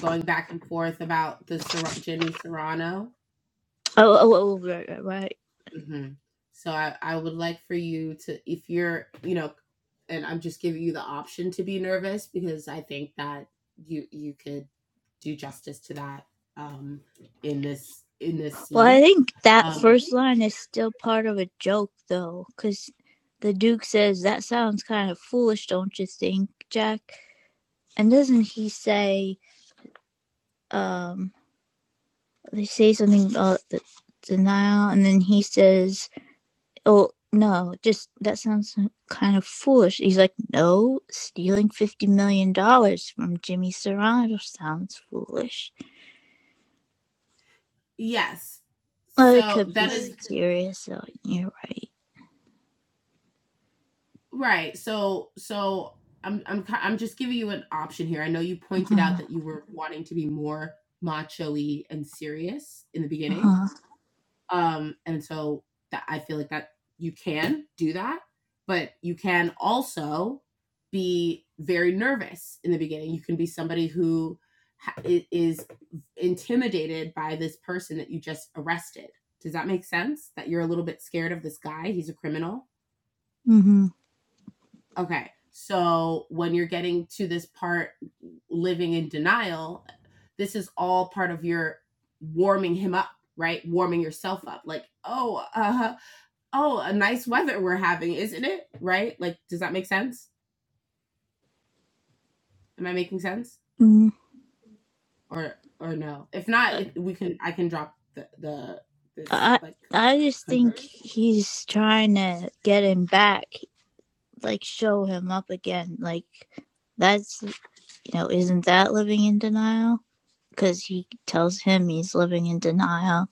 going back and forth about the Ser- Jimmy Serrano.
Oh, oh, oh, right, right, right.
hmm So I, I would like for you to, if you're, you know, and I'm just giving you the option to be nervous because I think that you you could do justice to that um, in this in this
Well, I
scene.
think that
Um,
first line is still part of a joke, though, because the Duke says, That sounds kind of foolish, don't you think, Jack? And doesn't he say, um, they say something about the denial, and then he says, Oh, no, just that sounds kind of foolish. He's like, No, stealing $50 million dollars from Jimmy Serrano sounds foolish.
Yes.
Well, it
So
could be
that is
serious, so you're right.
Right. So so I'm I'm ki- I'm just giving you an option here. I know you pointed out
Uh-huh.
that you were wanting to be more macho-y and serious in the beginning.
Uh-huh.
Um and so that I feel like that you can do that, but you can also be very nervous in the beginning. You can be somebody who ha- i- is intimidated by this person that you just arrested. Does that make sense? That you're a little bit scared of this guy, he's a criminal
Mm-hmm.
Okay. So when you're getting to this part, living in denial, this is all part of your warming him up, right? Warming yourself up. Like, oh, uh, oh, a nice weather we're having, isn't it? Right? Like, does that make sense? Am I making sense?
Mm.
Or or no? If not,
Uh,
it, we can. I can drop the the this
I
like
I just think
conversion.
he's trying to get him back, like show him up again. Like that's you know, isn't that living in denial? Because he tells him he's living in denial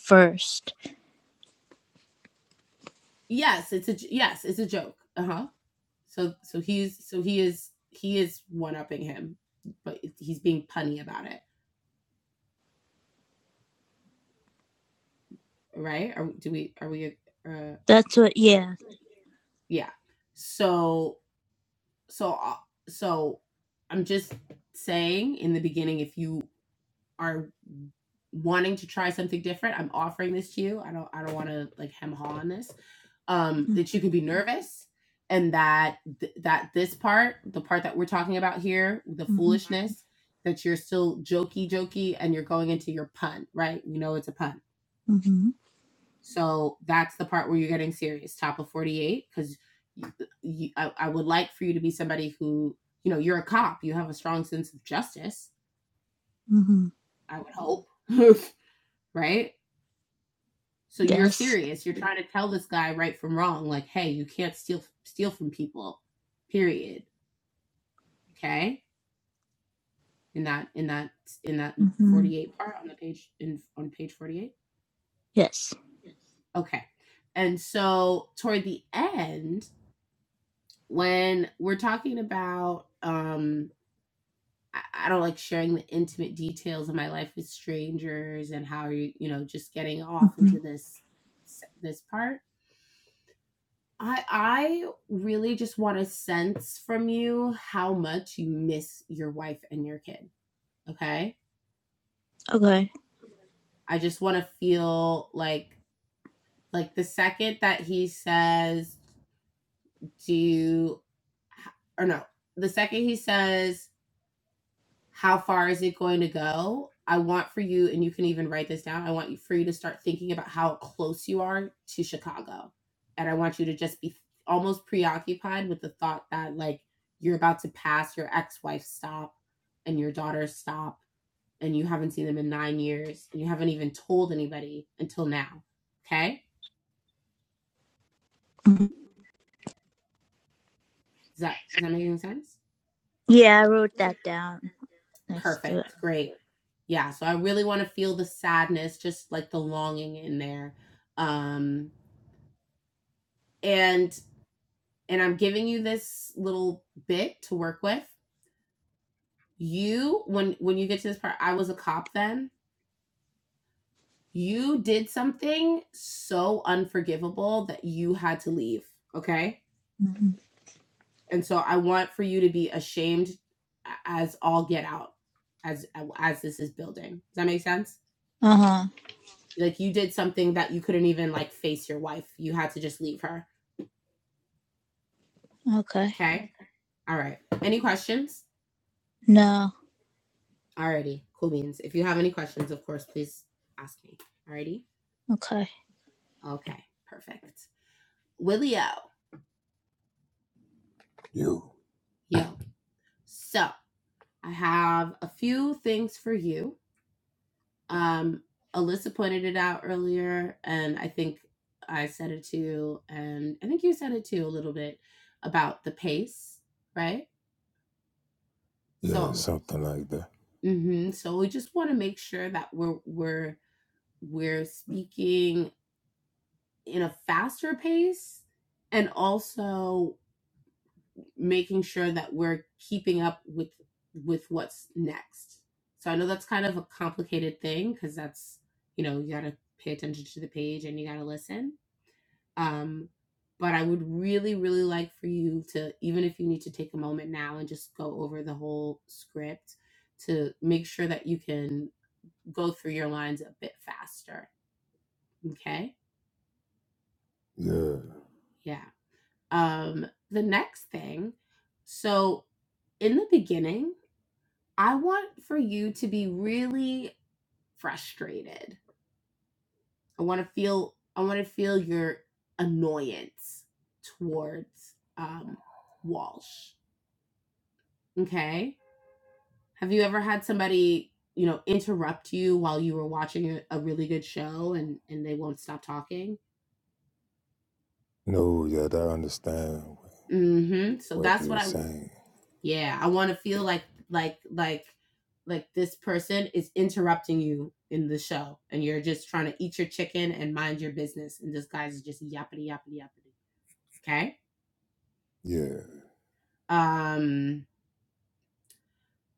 first.
Yes, it's a j- yes, it's a joke. Uh huh. So so he's so he is he is one upping him, but he's being punny about it. right? Are do we are we uh
That's what. Yeah.
yeah. So so uh, so I'm just saying in the beginning if you are wanting to try something different, I'm offering this to you. I don't I don't want to like hem haw on this. Um that you
Mm-hmm.
can be nervous and that th- that this part, the part that we're talking about here, the
Mm-hmm.
foolishness that you're still jokey jokey and you're going into your pun, right? We know it's a pun
Mm-hmm.
So that's the part where you're getting serious, top of 48, because I, I would like for you to be somebody who, you know, you're a cop, you have a strong sense of justice,
mm-hmm.
I would hope, <laughs> right? So you're
Yes.
serious. You're trying to tell this guy right from wrong, like, hey, you can't steal steal from people, period. Okay, in that in that in that
Mm-hmm.
48 part on the page in on page 48.
Yes.
Okay, and so toward the end, when we're talking about um I, I don't like sharing the intimate details of my life with strangers and how you you know just getting off
Mm-hmm.
into this this part. I I really just want to sense from you how much you miss your wife and your kid. Okay,
Okay.
I just want to feel like like the second that he says do you, or no the second he says how far is it going to go i want for you and you can even write this down i want you for you to start thinking about how close you are to chicago and i want you to just be almost preoccupied with the thought that like you're about to pass your ex-wife's stop and your daughter's stop and you haven't seen them in nine years and you haven't even told anybody until now okay
Mhm.
is that is that making sense
Yeah, I wrote that down next to it.
perfect great yeah so i really want to feel the sadness just like the longing in there um and and i'm giving you this little bit to work with you when when you get to this part i was a cop then you did something so unforgivable that you had to leave okay
hmm
and so i want for you to be ashamed as all get out as as this is building does that make sense
Uh
like you did something that you couldn't even like face your wife you had to just leave her
huh. Okay.
okay all right any questions
No.
Alrighty, cool beans. If you have any questions, of course, please ask me. Alrighty?
Okay.
Okay, perfect. Willio.
you,
Yo. So I have a few things for you. Um, Alyssa pointed it out earlier, and I think I said it too, and I think you said it too a little bit about the pace, right?
yeah,
So yeah.
something like that.
Mm-hmm. So we just want to make sure that we're we're we're speaking in a faster pace and also making sure that we're keeping up with with what's next. So I know that's kind of a complicated thing because that's you know you gotta pay attention to the page and you gotta listen. Um, but I would really really like for you to even if you need to take a moment now and just go over the whole script to make sure that you can go through your lines a bit faster. Okay.
Yeah,
Yeah. Um, the next thing, so in the beginning. I want for you to be really frustrated. I want to feel I want to feel your annoyance towards um Walsh. Okay? Have you ever had somebody, you know, interrupt you while you were watching a, a really good show and and they won't stop talking?
no, yeah, I understand
Mm-hmm. So
what
that's
you
what
were
I
saying.
yeah, I want to feel like like like like this person is interrupting you in the show and you're just trying to eat your chicken and mind your business and this guy's just yappity yappity yappity. Okay?
Yeah,
Um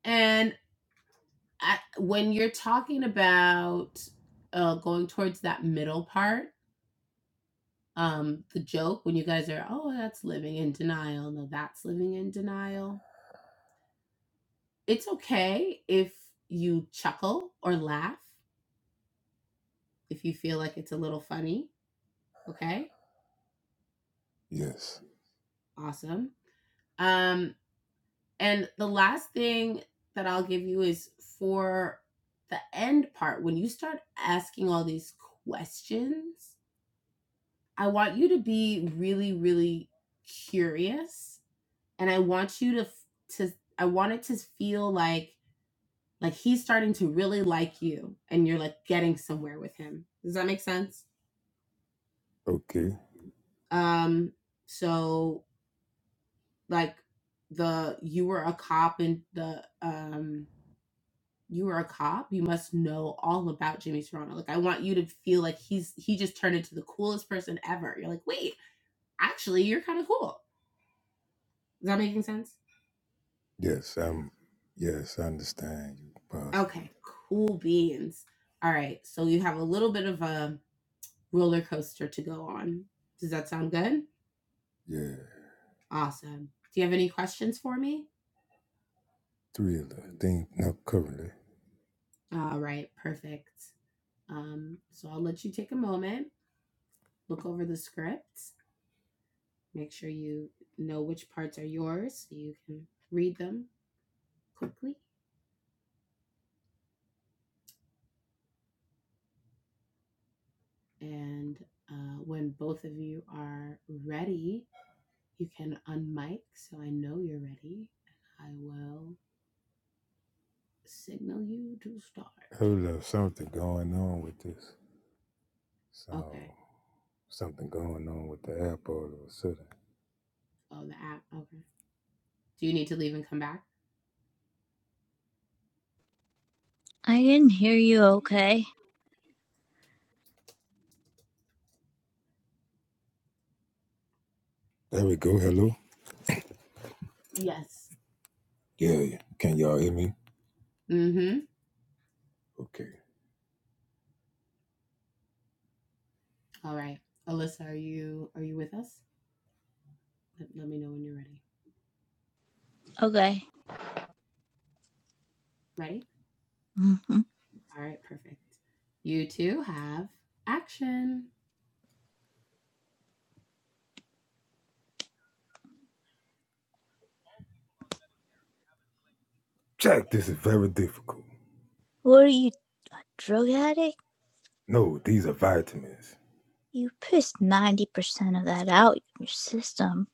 and I, when you're talking about uh going towards that middle part um the joke when you guys are oh that's living in denial no that's living in denial it's okay if you chuckle or laugh if you feel like it's a little funny okay
yes,
awesome um and the last thing that i'll give you is for the end part when you start asking all these questions i want you to be really really curious and i want you to to i want it to feel like like he's starting to really like you and you're like getting somewhere with him does that make sense
okay,
Um, so like the you were a cop and the um you were a cop, you must know all about Jimmy Serrano. Like I want you to feel like he's he just turned into the coolest person ever. You're like, wait, actually you're kind of cool. Is that making sense?
yes, I'm, yes, I understand you possibly.
Okay, cool beans. All right, so you have a little bit of a roller coaster to go on. Does that sound good?
Yeah,
Awesome. Do you have any questions for me?
three of the thing, not currently.
All right, perfect. Um, so I'll let you take a moment. look over the script, make sure you know which parts are yours so you can read them quickly. And uh, when both of you are ready, you can unmic so I know you're ready. I will signal you to start.
Heard of something going on with this.
Okay.
So something going on with the app all of a sudden.
Oh, the app. Okay. Do you need to leave and come back?
I didn't hear you. Okay.
There we go. Hello.
Yes.
Yeah, yeah. Can y'all hear me?
Mm-hmm.
Okay.
All right. Alyssa, are you are you with us? Let, let me know when you're ready.
Okay.
Ready?
hmm
All right, perfect. You two have action.
Jack, this is very difficult.
What are you, a drug addict?
No, these are vitamins.
You pissed 90% of that out in your system.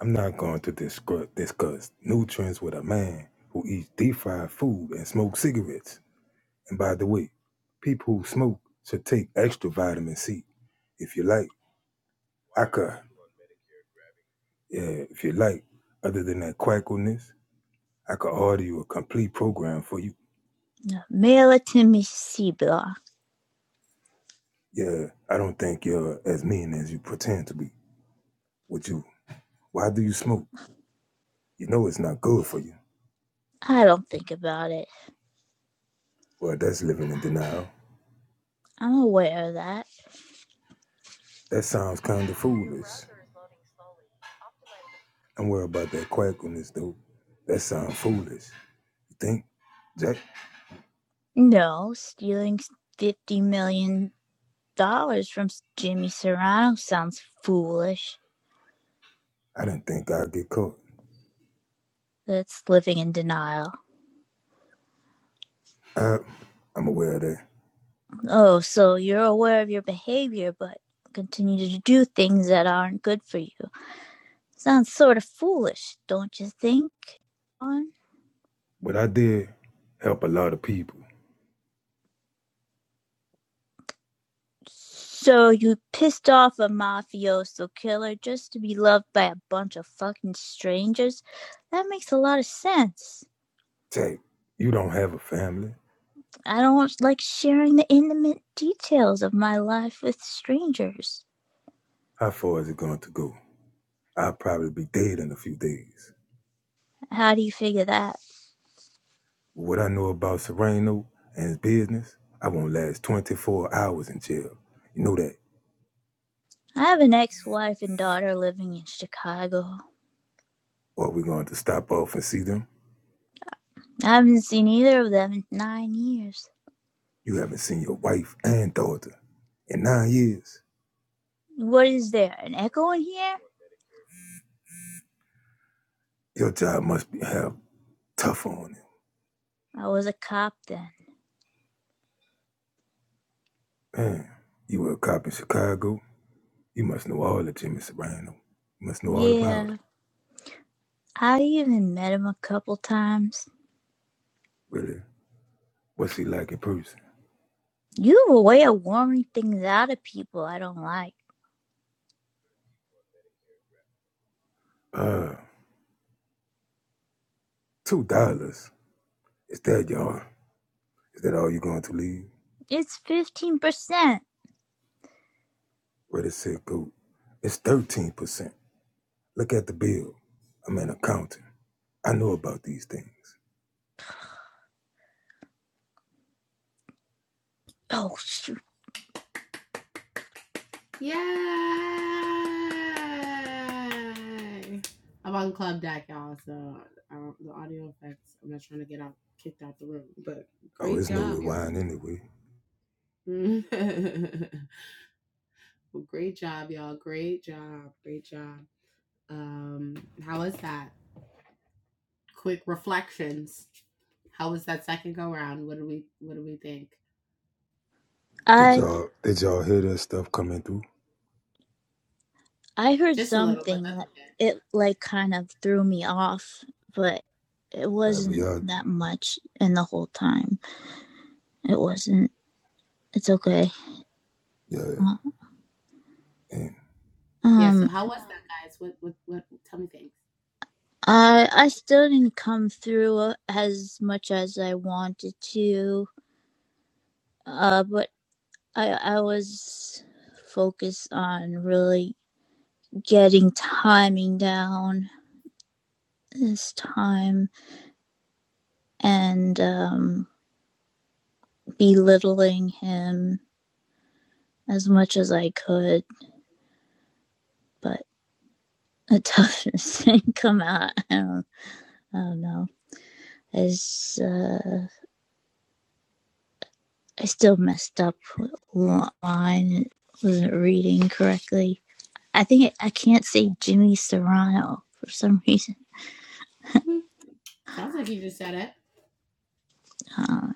I'm not going to discuss, discuss nutrients with a man who eats deep fried food and smokes cigarettes. And by the way, people who smoke should take extra vitamin C. If you like, I could, yeah, if you like, other than that quackiness, I could order you a complete program for you.
Now, mail it to me, C block.
Yeah, I don't think you're as mean as you pretend to be. Would you? Why do you smoke? You know it's not good for you.
I don't think about it.
Well, that's living in denial.
I'm aware of that.
That sounds kind of foolish. Don't worry about that quackiness, though. That sounds foolish. You think, Jack?
No, stealing $50 million dollars from Jimmy Serrano sounds foolish.
I didn't think I'd get caught.
That's living in denial.
I, I'm aware of that.
Oh, so you're aware of your behavior, but continue to do things that aren't good for you. Sounds sort of foolish, don't you think? On
But I did help a lot of people.
So you pissed off a mafioso killer just to be loved by a bunch of fucking strangers? That makes a lot of sense.
Jack, you don't have a family.
I don't like sharing the intimate details of my life with strangers.
How far is it going to go? I'll probably be dead in a few days.
How do you figure that?
What I know about Serrano and his business, I won't last 24 hours in jail. You know that.
I have an ex-wife and daughter living in Chicago.
Or we're going to stop off and see them.
I haven't seen either of them in nine years.
You haven't seen your wife and daughter in nine years.
What is there, an echo in here?
Your job must be have tough on him.
I was a cop then.
Man, you were a cop in Chicago. You must know all of Jimmy Serrano. You must know all about him.
Yeah, I even met him a couple times.
Really? What's he like in person?
You have a way of warming things out of people I don't like.
Uh, two dollars. Is that y'all? Is that all you're going to leave?
It's fifteen percent.
Where the said go? It's 13%. Look at the bill. I'm an accountant. I know about these things.
Oh shoot!
Yay! I'm on club deck, y'all. So um, the audio effects. I'm not trying to get out kicked out the room, but
Oh,
great
it's no
job, y'all.
rewind anyway.
<laughs> well, great job, y'all. Great job. Great job. Um, how was that? Quick reflections. How was that second go round? What do we What do we think?
Did
I
y'all did y'all hear that stuff coming through?
I heard
Just a little, but
something
that's
that
okay.
it like kind of threw me off, but it
Have
wasn't
y'all do.
that much in the whole time. It wasn't. It's okay.
yeah.
Uh,
And
Yeah. So
Um,
how was that, guys? What What What? Tell me things.
I I still didn't come through as much as I wanted to. Uh, but I I was focused on really getting timing down his time and um, belittling him as much as I could, but <laughs> it doesn't come out. I don't, I don't know. As uh, I still messed up with line. Wasn't reading correctly. I think it, I can't say Jimmy Serrano for some <laughs> reason.
Hmm. Sounds like you just said it.
Uh,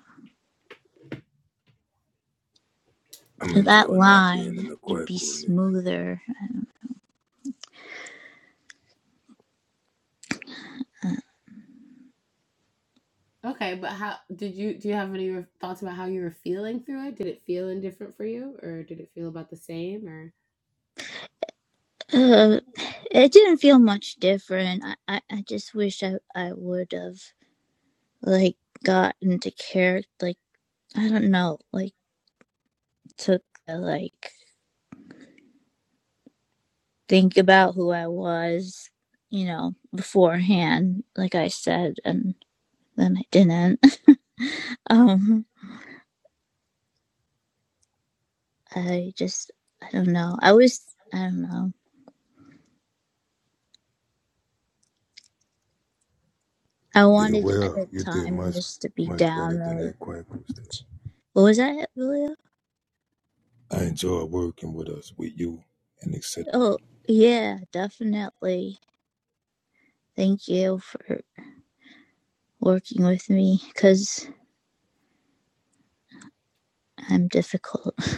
I'm
that
enjoying not being in
line
the
would be
Quackleness.
smoother. Uh,
Okay, but how did you do you have any re- thoughts about how you were feeling through it? Did it feel indifferent for you or did it feel about the same or
uh, it didn't feel much different. I, I, I just wish I, I would have like got into character, like I don't know, like took uh, like think about who I was, you know, beforehand, like I said, and then I didn't. <laughs> Um, I just, I don't know. I was, I don't know. I
You did
wanted at
well.
the
You did
time
much
just to be
much
down,
better than
really.
that Quackle stuff.
What was that, Julia?
I enjoy working with us, with you and etc.
Oh, yeah, definitely. Thank you for working with me because I'm difficult. <laughs>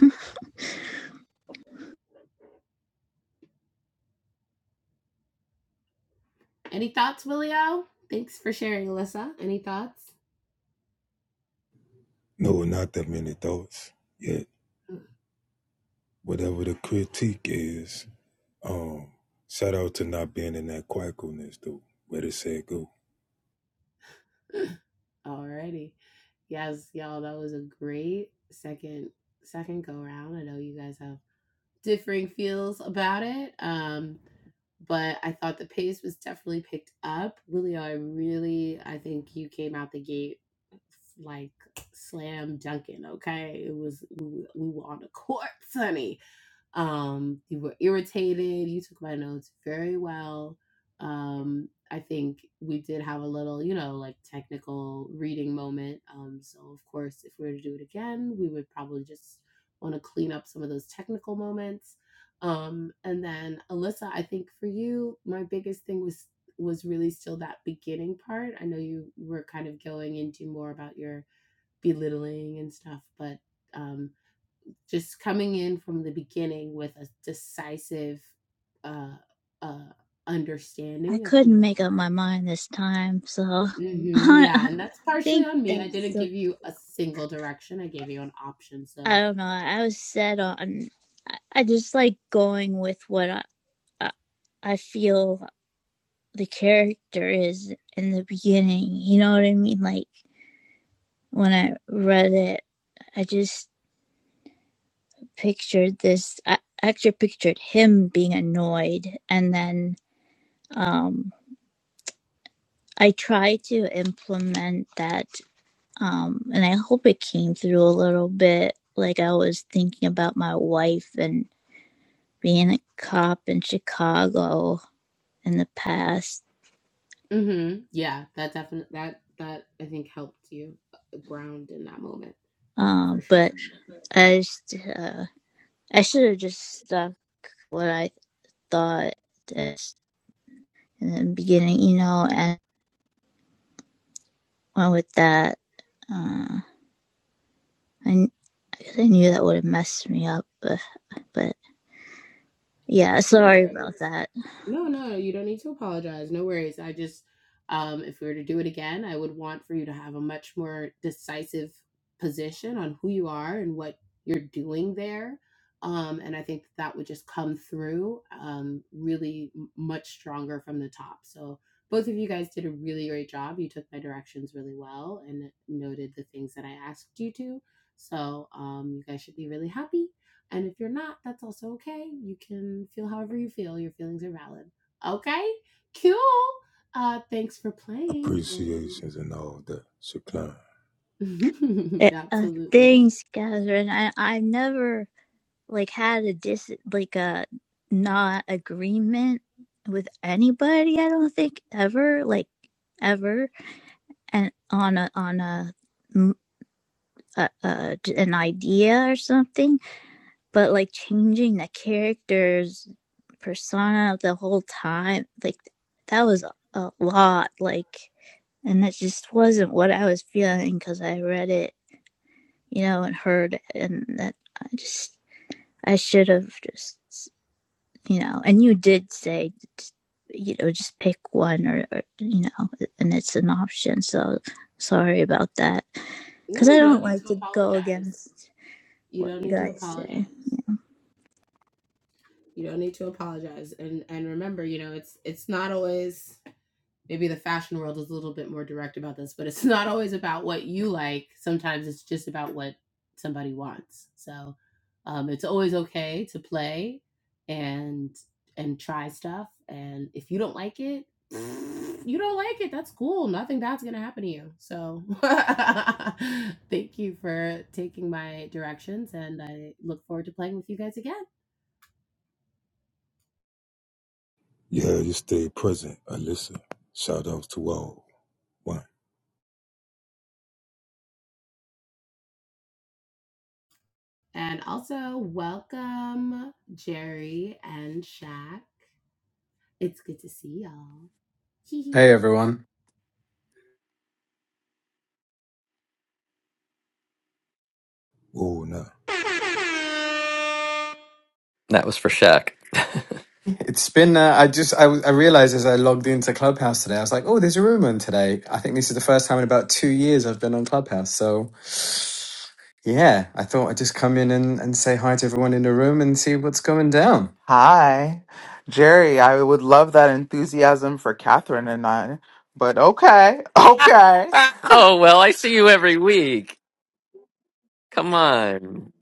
any thoughts, Willio? Thanks for sharing, Alyssa. Any thoughts?
No, not that many thoughts. Yet whatever the critique is, um, shout out to not being in that Quackleness though. Where it said go.
<clears throat> <laughs> Alrighty. Yes, y'all, that was a great second second go round. I know you guys have differing feels about it. Um, but I thought the pace was definitely picked up. Willie, I really, I think you came out the gate like slam dunking. Okay, it was we, we were on the court, <laughs> honey. Um, you were irritated. You took my notes very well. Um, I think we did have a little, you know, like technical reading moment. Um, so, of course, if we were to do it again, we would probably just want to clean up some of those technical moments. Um, and then Alyssa, I think for you, my biggest thing was was really still that beginning part. I know you were kind of going into more about your belittling and stuff, but um, just coming in from the beginning with a decisive uh, uh,
I
understanding of who
couldn't
you
make up my
are.
mind this time, so <laughs>
hmm
I
yeah, and that's partially
think
on me. I
that's
didn't
the.
give you a single direction. I gave you an option.
I
So,
don't know. I was set on. I I just like going with what I, I I feel the character is in the beginning. You know what I mean? Like when I read it, I just pictured this. I actually pictured him being annoyed, and then um, I tried to implement that Um, and I hope it came through a little bit. Like I was thinking about my wife and being a cop in Chicago in the past.
hmm yeah, that definitely that that I think helped you uh, ground in that moment for
Um,
sure.
but I just, uh, I should have just stuck what I thought this in the beginning, you know, and went with that. Uh, I, I guess I knew that would have messed me up, but, but yeah,
No
sorry
worries.
about that.
No, no, no, you don't need to apologize. No worries. I just, um, if we were to do it again, I would want for you to have a much more decisive position on who you are and what you're doing there. Um, and I think that would just come through um, really m- much stronger from the top. So both of you guys did a really great job. You took my directions really well and noted the things that I asked you to. So um, you guys should be really happy. And if you're not, that's also okay. You can feel however you feel. Your feelings are valid. Okay, cool. Uh, thanks for playing.
appreciations and all that. Shaklan.
And <laughs>
It, uh,
absolutely.
thanks, Catherine. I, I never. like had a dis like a not agreement with anybody i don't think ever like ever and on a on a a, a an idea or something but like changing the characters persona the whole time like that was a lot like and that just wasn't what i was feeling because i read it you know and heard it, and that i just i should have just you know, and you did say, you know, just pick one or, or you know, and it's an option. So sorry about that.
No,
Because I
you don't
don't
need
like
to
to go
apologize.
against
You
what
don't
you
need to
guys
apologize.
say.
You don't need to apologize. And and remember, you know, it's it's not always maybe the fashion world is a little bit more direct about this, but it's <laughs> not always about what you like. Sometimes it's just about what somebody wants. So um, it's always okay to play and and try stuff. And if you don't like it, <laughs> you don't like it. That's cool. Nothing bad's gonna happen to you. So <laughs> thank you for taking my directions, and I look forward to playing with you guys again.
Yeah, you stay present, Alyssa. Shout outs to all. One.
And also welcome Jerry and Shaq. It's good to see y'all. Hee hee.
Hey everyone.
Whoa, nah.
That was for Shaq.
It's been uh, I just I, I realized as I logged into Clubhouse today I was like, "Oh, there's a room on today." I think this is the first time in about 2 years I've been on Clubhouse. So yeah, I thought I'd just come in and, and say hi to everyone in the room and see what's going down.
Hi. Jerry, I would love that enthusiasm for Catherine and I, but okay. <laughs> Okay.
Oh well, I see you every week. Come on.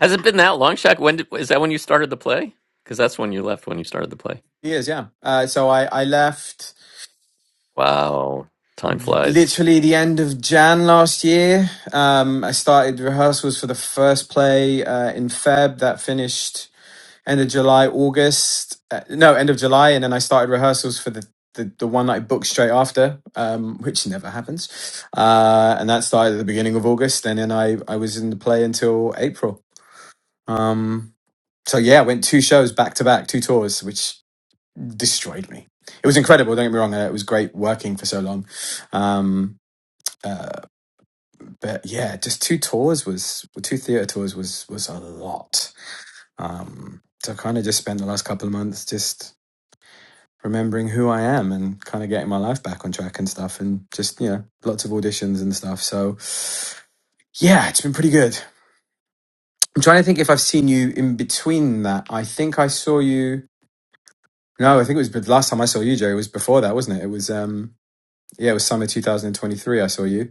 Has it been that long, Shaq? When did, is that when you started the play? Because that's when you left when you started the play.
Years, yeah. Uh, so I I left
Wow, time flies.
literally the end of Jan last year. Um, I started rehearsals for the first play uh, in Feb that finished end of July, August. Uh, no, end of July, and then I started rehearsals for the the, the one that I booked straight after, um, which never happens. Uh, and that started at the beginning of August, and then I I was in the play until April. Um, so yeah, I went two shows back to back, two tours, which destroyed me. It was incredible. Don't get me wrong; uh, it was great working for so long. Um, uh, but yeah, just two tours was two theater tours was was a lot. Um, so I kind of just spent the last couple of months just remembering who I am and kind of getting my life back on track and stuff, and just you know lots of auditions and stuff. So yeah, it's been pretty good. I'm trying to think if I've seen you in between that. I think I saw you. No, I think it was the last time I saw you, Joe. It was before that, wasn't it? It was um yeah, it was summer 2023. I saw you.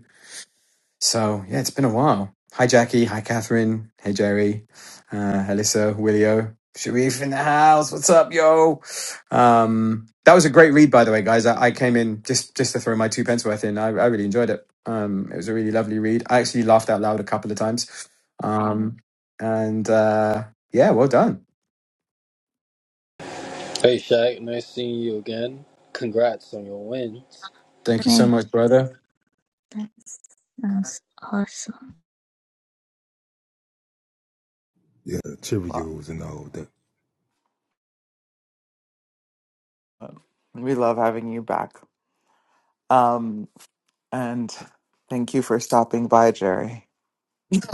So yeah, it's been a while. Hi Jackie, hi Catherine, hey Jerry, uh, Alyssa, Willio, Sharif in the house. What's up, yo? Um, that was a great read, by the way, guys. I, I came in just just to throw my two pence worth in. I, I really enjoyed it. Um, it was a really lovely read. I actually laughed out loud a couple of times. Um, and uh, yeah, well done.
Hey Shaq, nice seeing you again. Congrats on your wins.
Thank you so
Hey,
much, brother.
that's, that's awesome.
Yeah,
Well,
Cheerios and all that.
we love having you back. Um, and thank you for stopping by, Jerry.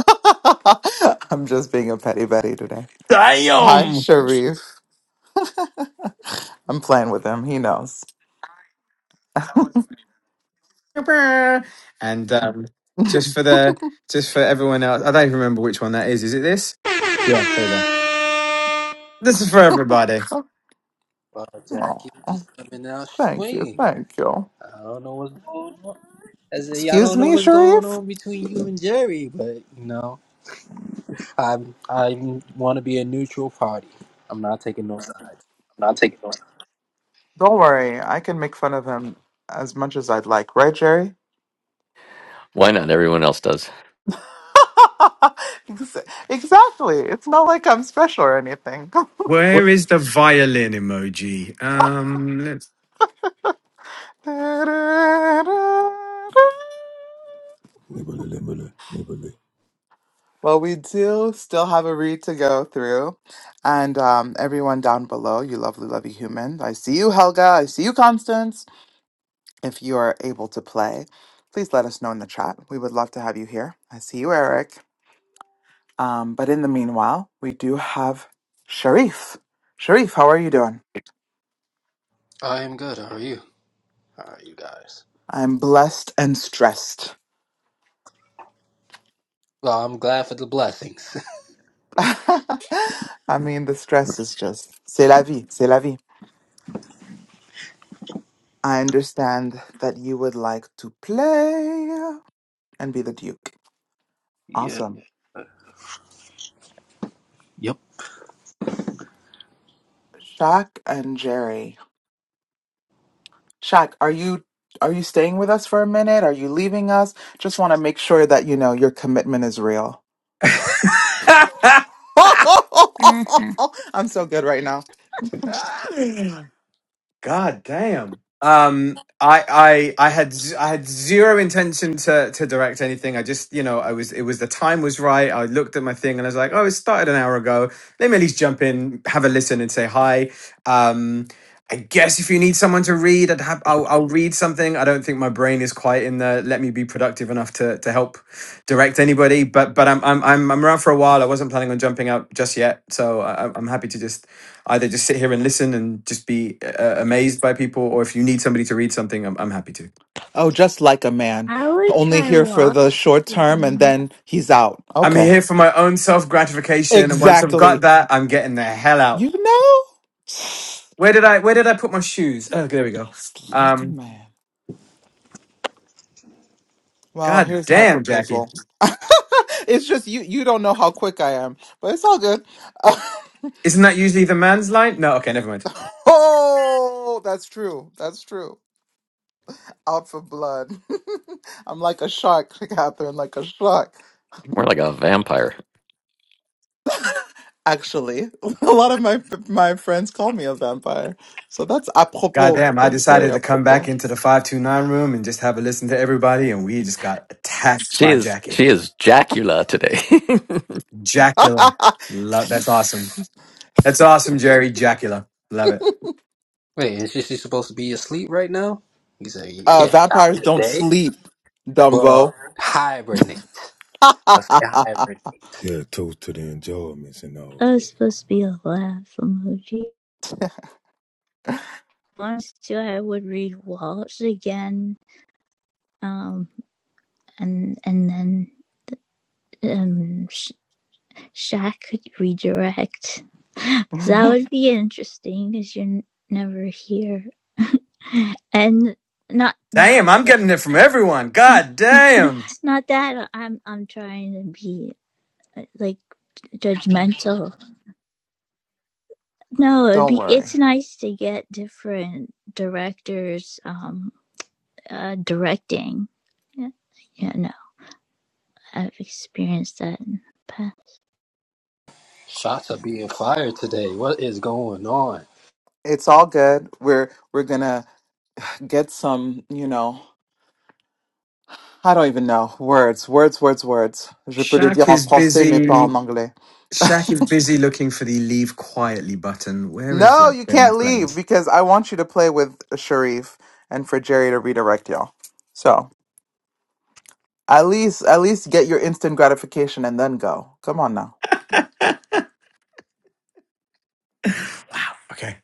<laughs> I'm just being a petty Betty today. Hi,
Damn.
Sharif. I'm playing with him. He knows.
And um, just for the just for everyone else, I don't even remember which one that is. Is it this? Yeah, there you go. This is for everybody.
Wow, Jackie
Oh,
just coming out
thank you.
swinging.
Thank you.
I don't know what's going on. I say I
Excuse
don't know
me,
what's going
Sharif?
on between you and Jerry, but you know, I I want to be a neutral party. I'm not taking no sides.
Don't worry. I can make fun of him as much as I'd like, right, Jerry?
Why not? Everyone else does.
<laughs> Ex- exactly. It's not like I'm special or anything.
Where is the violin emoji? Um,
<laughs>
Nibbly, nibbly, nibbly.
Well, we do still have a read to go through. And um, everyone down below, you lovely, lovely human. I see you, Helga. I see you, Constance. If you are able to play, please let us know in the chat. We would love to have you here. I see you, Eric. Um, but in the meanwhile, we do have Sharif. Sharif, how are you doing?
I am good. How are you? How are you guys?
I'm blessed and stressed.
Well, I'm glad for the blessings. <laughs>
<laughs> I mean, the stress is just, c'est la vie, c'est la vie. I understand that you would like to play. and be the Duke.
Yeah.
Awesome.
Yep.
Shaq and Jerry. Shaq, are you are you staying with us for a minute? Are you leaving us? Just want to make sure that you know your commitment is real.
<laughs>
<laughs> I'm so good right now. <laughs>
let's. God damn. Um, I, I, I had, z- I had zero intention to, to direct anything. I just, you know, I was, it was the time was right. I looked at my thing and I was like, oh, it started an hour ago. Let me at least jump in, have a listen, and say hi. Um, I guess if you need someone to read, I'd have, I'll, I'll read something. I don't think my brain is quite in the let me be productive enough to, to help direct anybody. But, but I'm, I'm, I'm, I'm around for a while. I wasn't planning on jumping out just yet, so I, I'm I'm happy to just either just sit here and listen and just be uh, amazed by people, or if you need somebody to read something, I'm, I'm happy to.
Oh, just like a man.
I would
Only
try
here for the short term and
Washington.
then he's out.
I'm
Okay.
here for my own self gratification, and once I've got
Exactly.
that, I'm getting the hell out.
You know? <sighs>
Where did I Where did I put my shoes? Oh, there we go.
Just like a
Um,
man. Well,
God
here's my
damn, Jackie,
proposal. <laughs> it's just you you don't know how quick I am, but it's all good.
isn't that usually the man's line? No, okay, never mind.
<laughs> oh, that's true. That's true. Out for blood. <laughs> I'm like a shark, <laughs> Catherine, like a shark.
More like a vampire.
Actually, <laughs> a lot of my my friends call me a vampire. So that's
God
apropos.
damn, I
That's
decided
very
to come back
apropos.
into the five two nine room and just have a listen to everybody, and we just got attacked
She
by
is.
Jackie.
She is Jackula today.
<laughs>
Jackula,
uh,
love that's awesome. That's awesome, Jerry Jackula. Love it.
Wait, is she she supposed to be asleep right now? He said, you can't out
vampires
in the
don't
day.
sleep,
Well,
Dumbo.
hibernate. I say
<laughs>
hibernate.
Yeah, toast to the enjoyments and all
That was
that.
supposed to be a laugh emoji. Once too, I would read Walsh again, um, and and then um, Shaq could redirect. Because <laughs> that would be interesting because you're n- never here. <laughs> and not not
Damn, I'm getting it from everyone. God
<laughs>
damn.
not that I'm I'm trying to be like judgmental. No, it'd
don't
be
worry.
it's nice to get different directors um uh directing. Yeah, yeah no, I've experienced that in the past.
Shots are being fired today. What is going on?
It's all good. We're we're gonna get some, you know, I don't even know. Words, words, words, words. Je peux le
Shaq
dire en
is
français, mais pas
busy.
en anglais.
Shaq is busy looking for the leave quietly button. Where is
No,
that
you
thing,
can't leave
please?
because I want you to play with Sharif and for Jerry to redirect y'all. So at least, at least get your instant gratification and then go. Come on now.
Okay.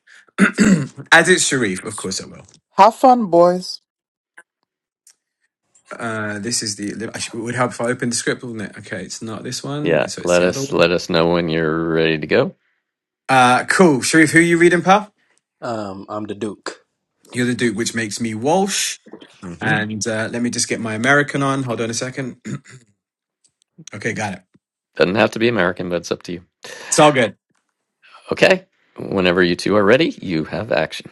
<clears throat> As it's Sharif, of course I will.
Have fun, boys.
Uh, this is the. actually, It would help if I opened the script, wouldn't it? Okay, it's not this
<laughs>
one,
yeah.
so it's
Let
the other
us
one.
let us know when you're ready to go.
Uh, cool. Sharif, who are you reading, pal?
Um, I'm the Duke.
You're the Duke, which makes me Walsh.
hmm
And uh, let me just get my American on. Hold on a second. <clears throat> okay, got it.
Doesn't have to be American, but it's up to you.
It's all good.
Okay. Whenever you two are ready, you have action.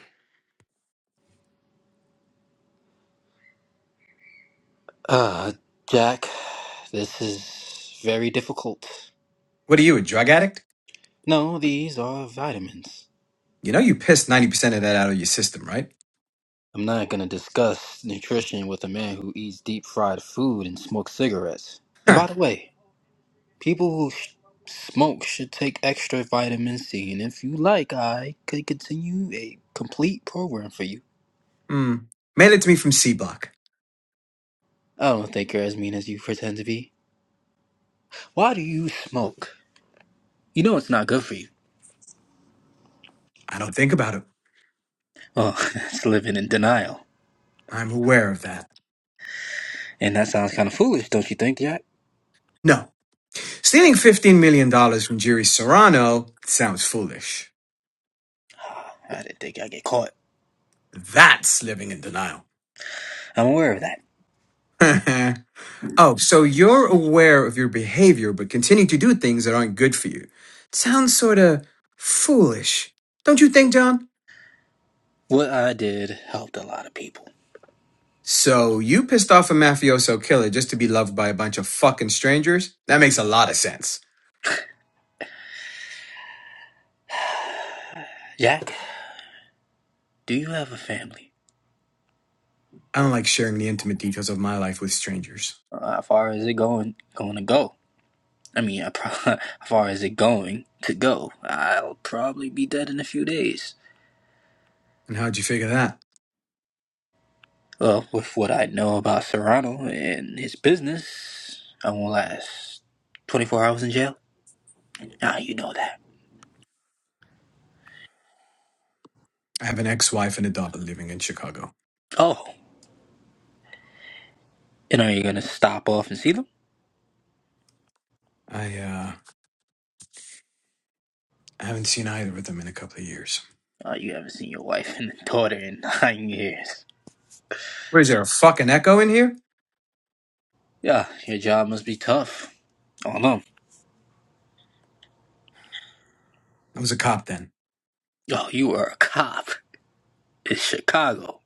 Uh, Jack, this is very difficult.
What are you, a drug addict?
No, these are vitamins.
You know you pissed 90% of that out of your system, right?
I'm not gonna discuss nutrition with a man who eats deep fried food and smokes cigarettes. And by the way, people who sh- smoke should take extra vitamin C, and if you like, I could continue a complete program for you.
Mm. Mail it to me from C Block.
I don't think you're as mean as you pretend to be. Why do you smoke? You know it's not good for you.
I don't think about it.
Well, <laughs> that's living in denial.
I'm aware of that.
And that sounds kind of foolish, don't you think, Jack?
No. Stealing $15 million dollars from Jerry Serrano sounds foolish.
I didn't think I'd get caught.
That's living in denial.
I'm aware of that.
<laughs> oh, so you're aware of your behavior but continue to do things that aren't good for you. Sounds sorta foolish. Don't you think, John?
What I did helped a lot of people.
So you pissed off a mafioso killer just to be loved by a bunch of fucking strangers? That makes a lot of sense.
Jack, do you have a family?
I don't like sharing the intimate details of my life with strangers.
Uh, how far is it going going to go? I mean, I pro- <laughs> how far is it going to go? I'll probably be dead in a few days.
And how'd you figure that?
Well, with what I know about Serrano and his business, I won't last 24 hours in jail. Now you know that.
I have an ex-wife and a daughter living in Chicago.
Oh, and are you going to stop off and see them?
I uh I haven't seen either of them in a couple of years.
Uh, you haven't seen your wife and <laughs> daughter in nine years.
What is there a fucking echo in here?
Yeah, your job must be tough. Oh no.
I was a cop then.
Oh, you were a cop. It's Chicago.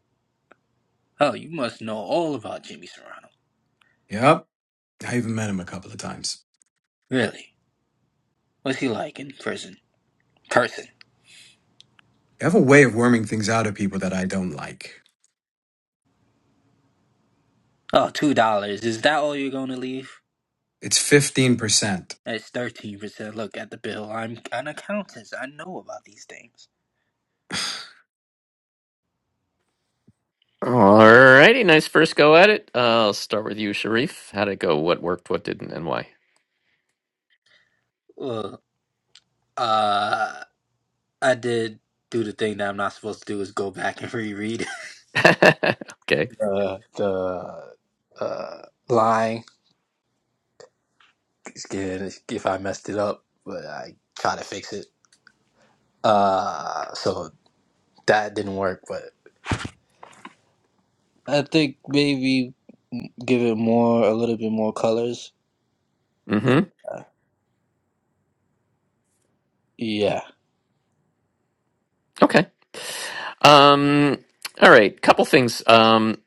Oh, you must know all about Jimmy Serrano.
Yep. I even met him a couple of times.
Really? What's he like in prison? Person.
I have a way of worming things out of people that I don't like.
Oh, two dollars. Is that all you're gonna leave?
It's 15%.
That's thirteen percent. Look at the bill. I'm an accountant. I know about these things.
Alrighty, nice first go at it. Uh, I'll start with you, Sharif. How'd it go? What worked? What didn't? And why?
Well, uh, I did do the thing that I'm not supposed to do is go back and reread
<laughs>
<laughs>
okay.
the the uh, lying. scared if I messed it up, but I try to fix it. Uh, so that didn't work, but I think maybe give it more a little bit more colors.
Mm-hmm.
Uh, yeah,
Okay. Um. All right. Couple things. Um.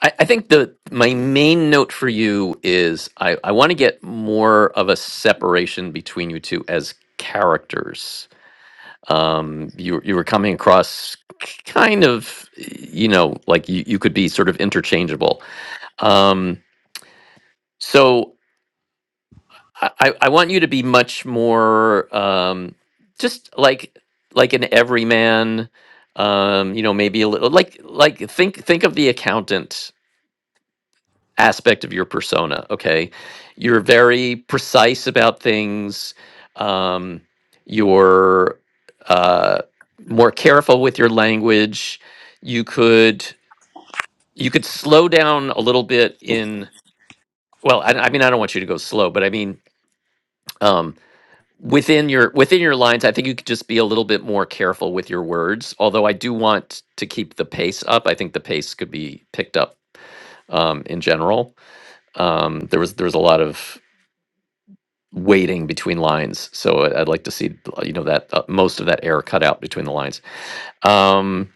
I, I think the my main note for you is I I want to get more of a separation between you two as characters. Um. You you were coming across kind of you know like you you could be sort of interchangeable. Um. So. I, I I want you to be much more um, just like like an everyman. Um, you know, maybe a little like like think think of the accountant aspect of your persona. Okay, you're very precise about things. Um, you're uh, more careful with your language. You could you could slow down a little bit in. Well, I, I mean, I don't want you to go slow, but I mean. Um, within your within your lines i think you could just be a little bit more careful with your words although i do want to keep the pace up i think the pace could be picked up um, in general um, there was there was a lot of waiting between lines so I- i'd like to see uh, you know that uh, most of that air cut out between the lines um,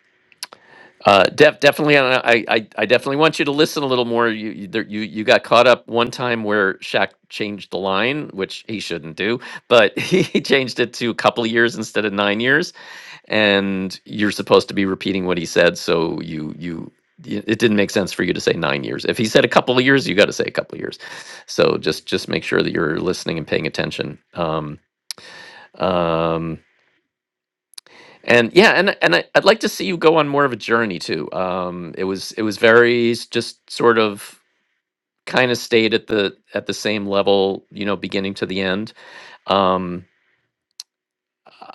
uh, def, definitely I, I i I definitely want you to listen a little more you you, there, you you got caught up one time where Shaq changed the line which he shouldn't do but <laughs> he changed it to a couple of years instead of nine years and you're supposed to be repeating what he said so you you it didn't make sense for you to say nine years if he said a couple of years you got to say a couple of years so just just make sure that you're listening and paying attention um um and yeah and and I, i'd like to see you go on more of a journey too um it was it was very s- just sort of kind of stayed at the at the same level you know beginning to the end um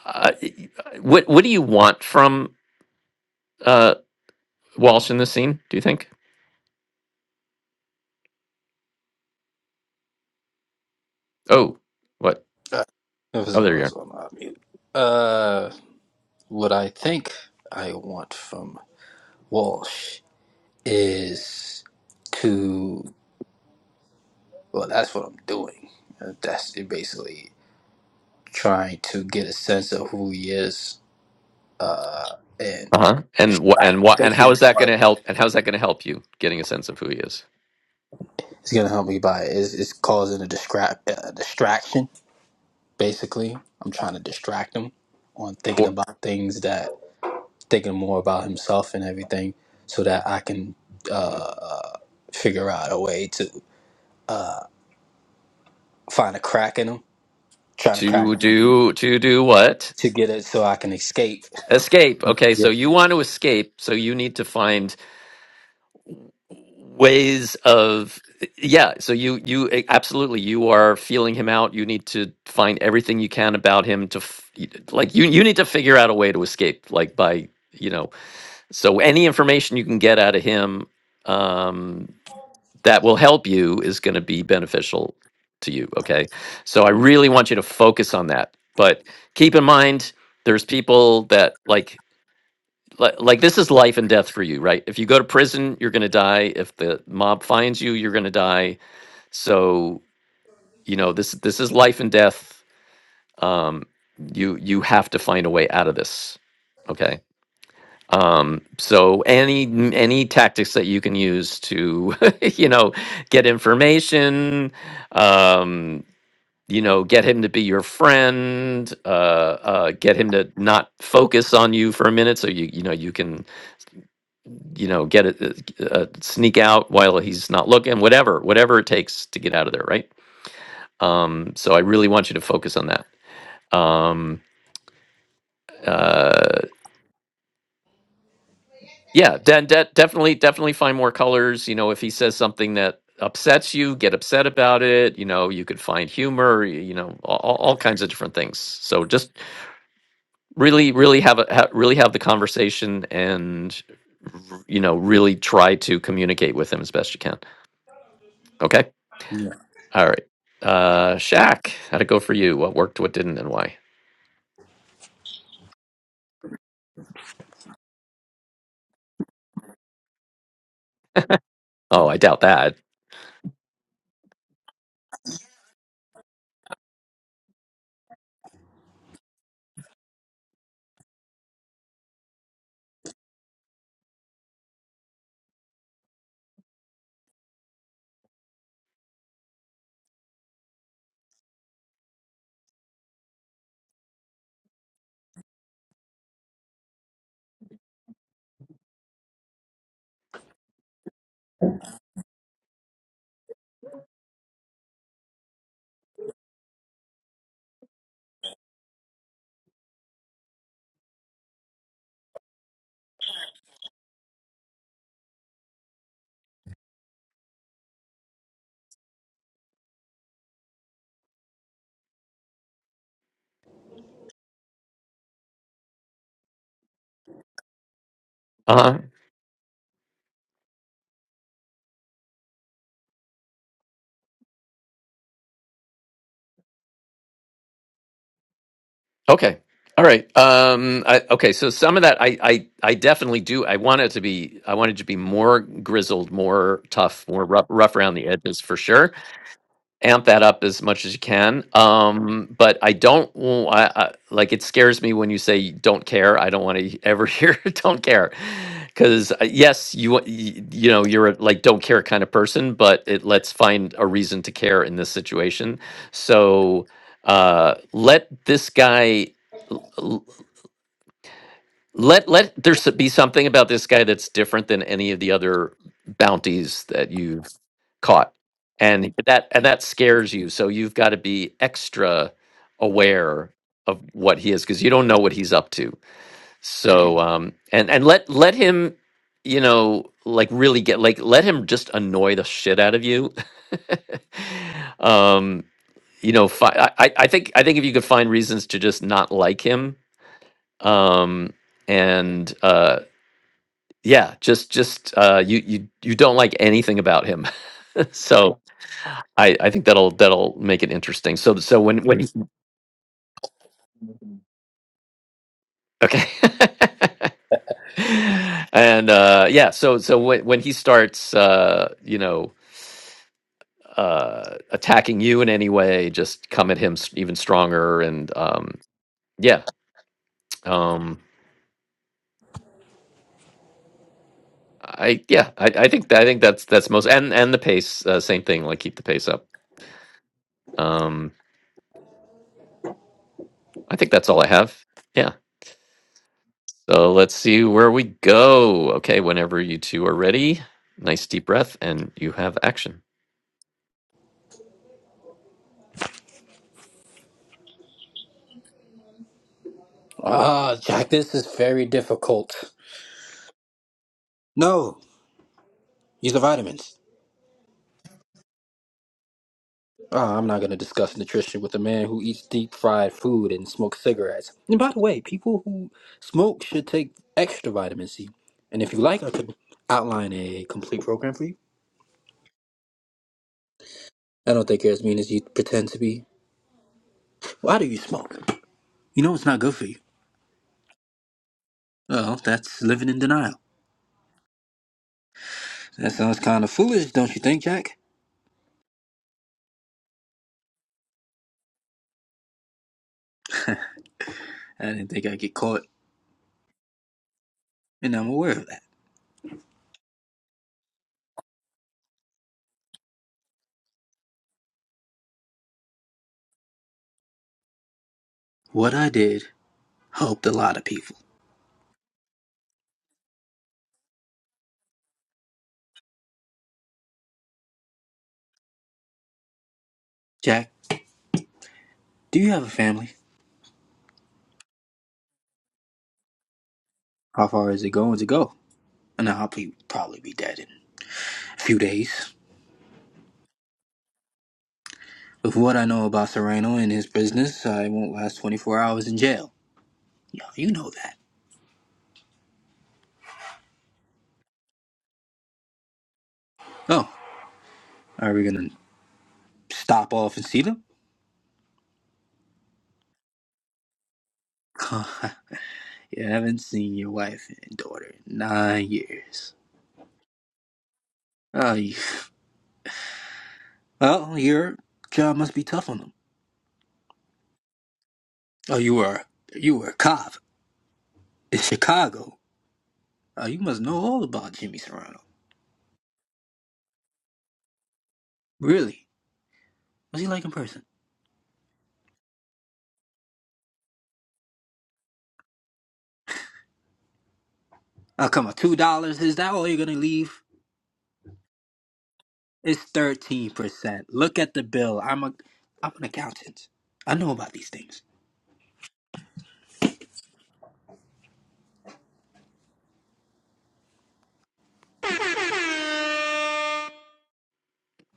uh, what what do you want from uh walsh in this scene do you think Oh, what?
it was,
Oh,
it
there you
was
are.
on uh, mute. Uh, what I think I want from Walsh is to well, that's what I'm doing. Uh, That's basically trying to get a sense of who he is. Uh, and
Uh-huh. And what
like
and what and how is
basically.
that going to help and how's that going to help you getting a sense of who he is?
It's gonna help me by it's, it's causing a distra- uh, distraction. Basically, I'm trying to distract him on thinking
Or
about things that thinking more about himself and everything, so that I can uh, figure out a way to uh, find a crack in him. Trying to crack
to
him
do to do what?
to get it so I can escape.
Escape. Okay,
Yeah,
so you want to escape, so you need to find ways of yeah so you you eh, absolutely you are feeling him out you need to find everything you can about him to f- like you you need to figure out a way to escape like by you know so any information you can get out of him um that will help you is going to be beneficial to you okay so i really want you to focus on that but keep in mind there's people that like like, like this is life and death for you, right? If you go to prison, you're going to die. If the mob finds you, you're going to die. So you know this this is life and death. Um, you you have to find a way out of this. Okay. Um, so any any tactics that you can use to <laughs> you know get information, um, you know, get him to be your friend, uh, uh, get him to not focus on you for a minute, so you you know you can you know, get it, uh, uh, sneak out while he's not looking, whatever, whatever it takes to get out of there, right? Um, so I really want you to focus on that. Um, uh, yeah, de- de- definitely, definitely find more colors. You know, if he says something that upsets you, get upset about it. You know, you could find humor. y- You know, all, all all kinds of different things. So just really, really have a ha- really have the conversation and r- you know really try to communicate with him as best you can. Okay.
yeah.
All right. Uh Shaq, how'd it go for you? What worked, what didn't, and why? Oh, I doubt that. Uh-huh. Okay. All right. Um I, okay, so some of that I I I definitely do. I want it to be I wanted to be more grizzled, more tough, more rough, rough around the edges for sure. amp that up as much as you can. Um, but I don't, w- I, I- like, it scares me when you say don't care. I don't want to ever <laughs> hear don't care. Because yes, you, wa- y- you know, you're a like don't care kind of person, but it let's find a reason to care in this situation. So uh, let this guy, l- l- let, let there s- be something about this guy that's different than any of the other bounties that you caught and that and that scares you so you've got to be extra aware of what he is because you don't know what he's up to so um and and let let him you know like really get like let him just annoy the shit out of you <laughs> um you know fi- I, I I think i think if you could find reasons to just not like him um and uh yeah just just uh you you you don't like anything about him <laughs> so I, I think that'll that'll make it interesting. So so when when okay, <laughs> and uh, yeah, so so when when he starts, uh, you know, uh, attacking you in any way, just come at him s- even stronger, and um, yeah, um, I yeah, I, I think I think that's that's most and and the pace, uh, same thing, like keep the pace up. Um, I think that's all I have. Yeah. So let's see where we go. Okay, whenever you two are ready, nice deep breath, and you have action.
Ah, Jack, this is very difficult. No, use the vitamins. Uh, I'm not going to discuss nutrition with a man who eats deep fried food and smokes cigarettes. And by the way, people who smoke should take extra vitamin C. And if you like, I could outline a complete program for you. I don't think you're as mean as you pretend to be. Why do you smoke? You know it's not good for you. Well, that's living in denial. That sounds kind of foolish, don't you think, Jack? I didn't think I'd get caught, and I'm aware of that. What I did helped a lot of people. Jack, do you have a family? How far is it going to go? And I'll be, probably be dead in few days. With what I know about Serrano and his business, I won't last 24 hours in jail. Yeah, you know that. Oh, are we gonna stop off and see them? <laughs> you haven't seen your wife and daughter in nine years. Oh, you, well, your job must be tough on them. Oh, you were you were a cop in Chicago. Oh, you must know all about Jimmy Serrano. Really? What's he like in person? Oh, come on, two dollars? Is that all you're gonna leave? It's thirteen percent. Look at the bill. I'm a I'm an accountant. I know about these things.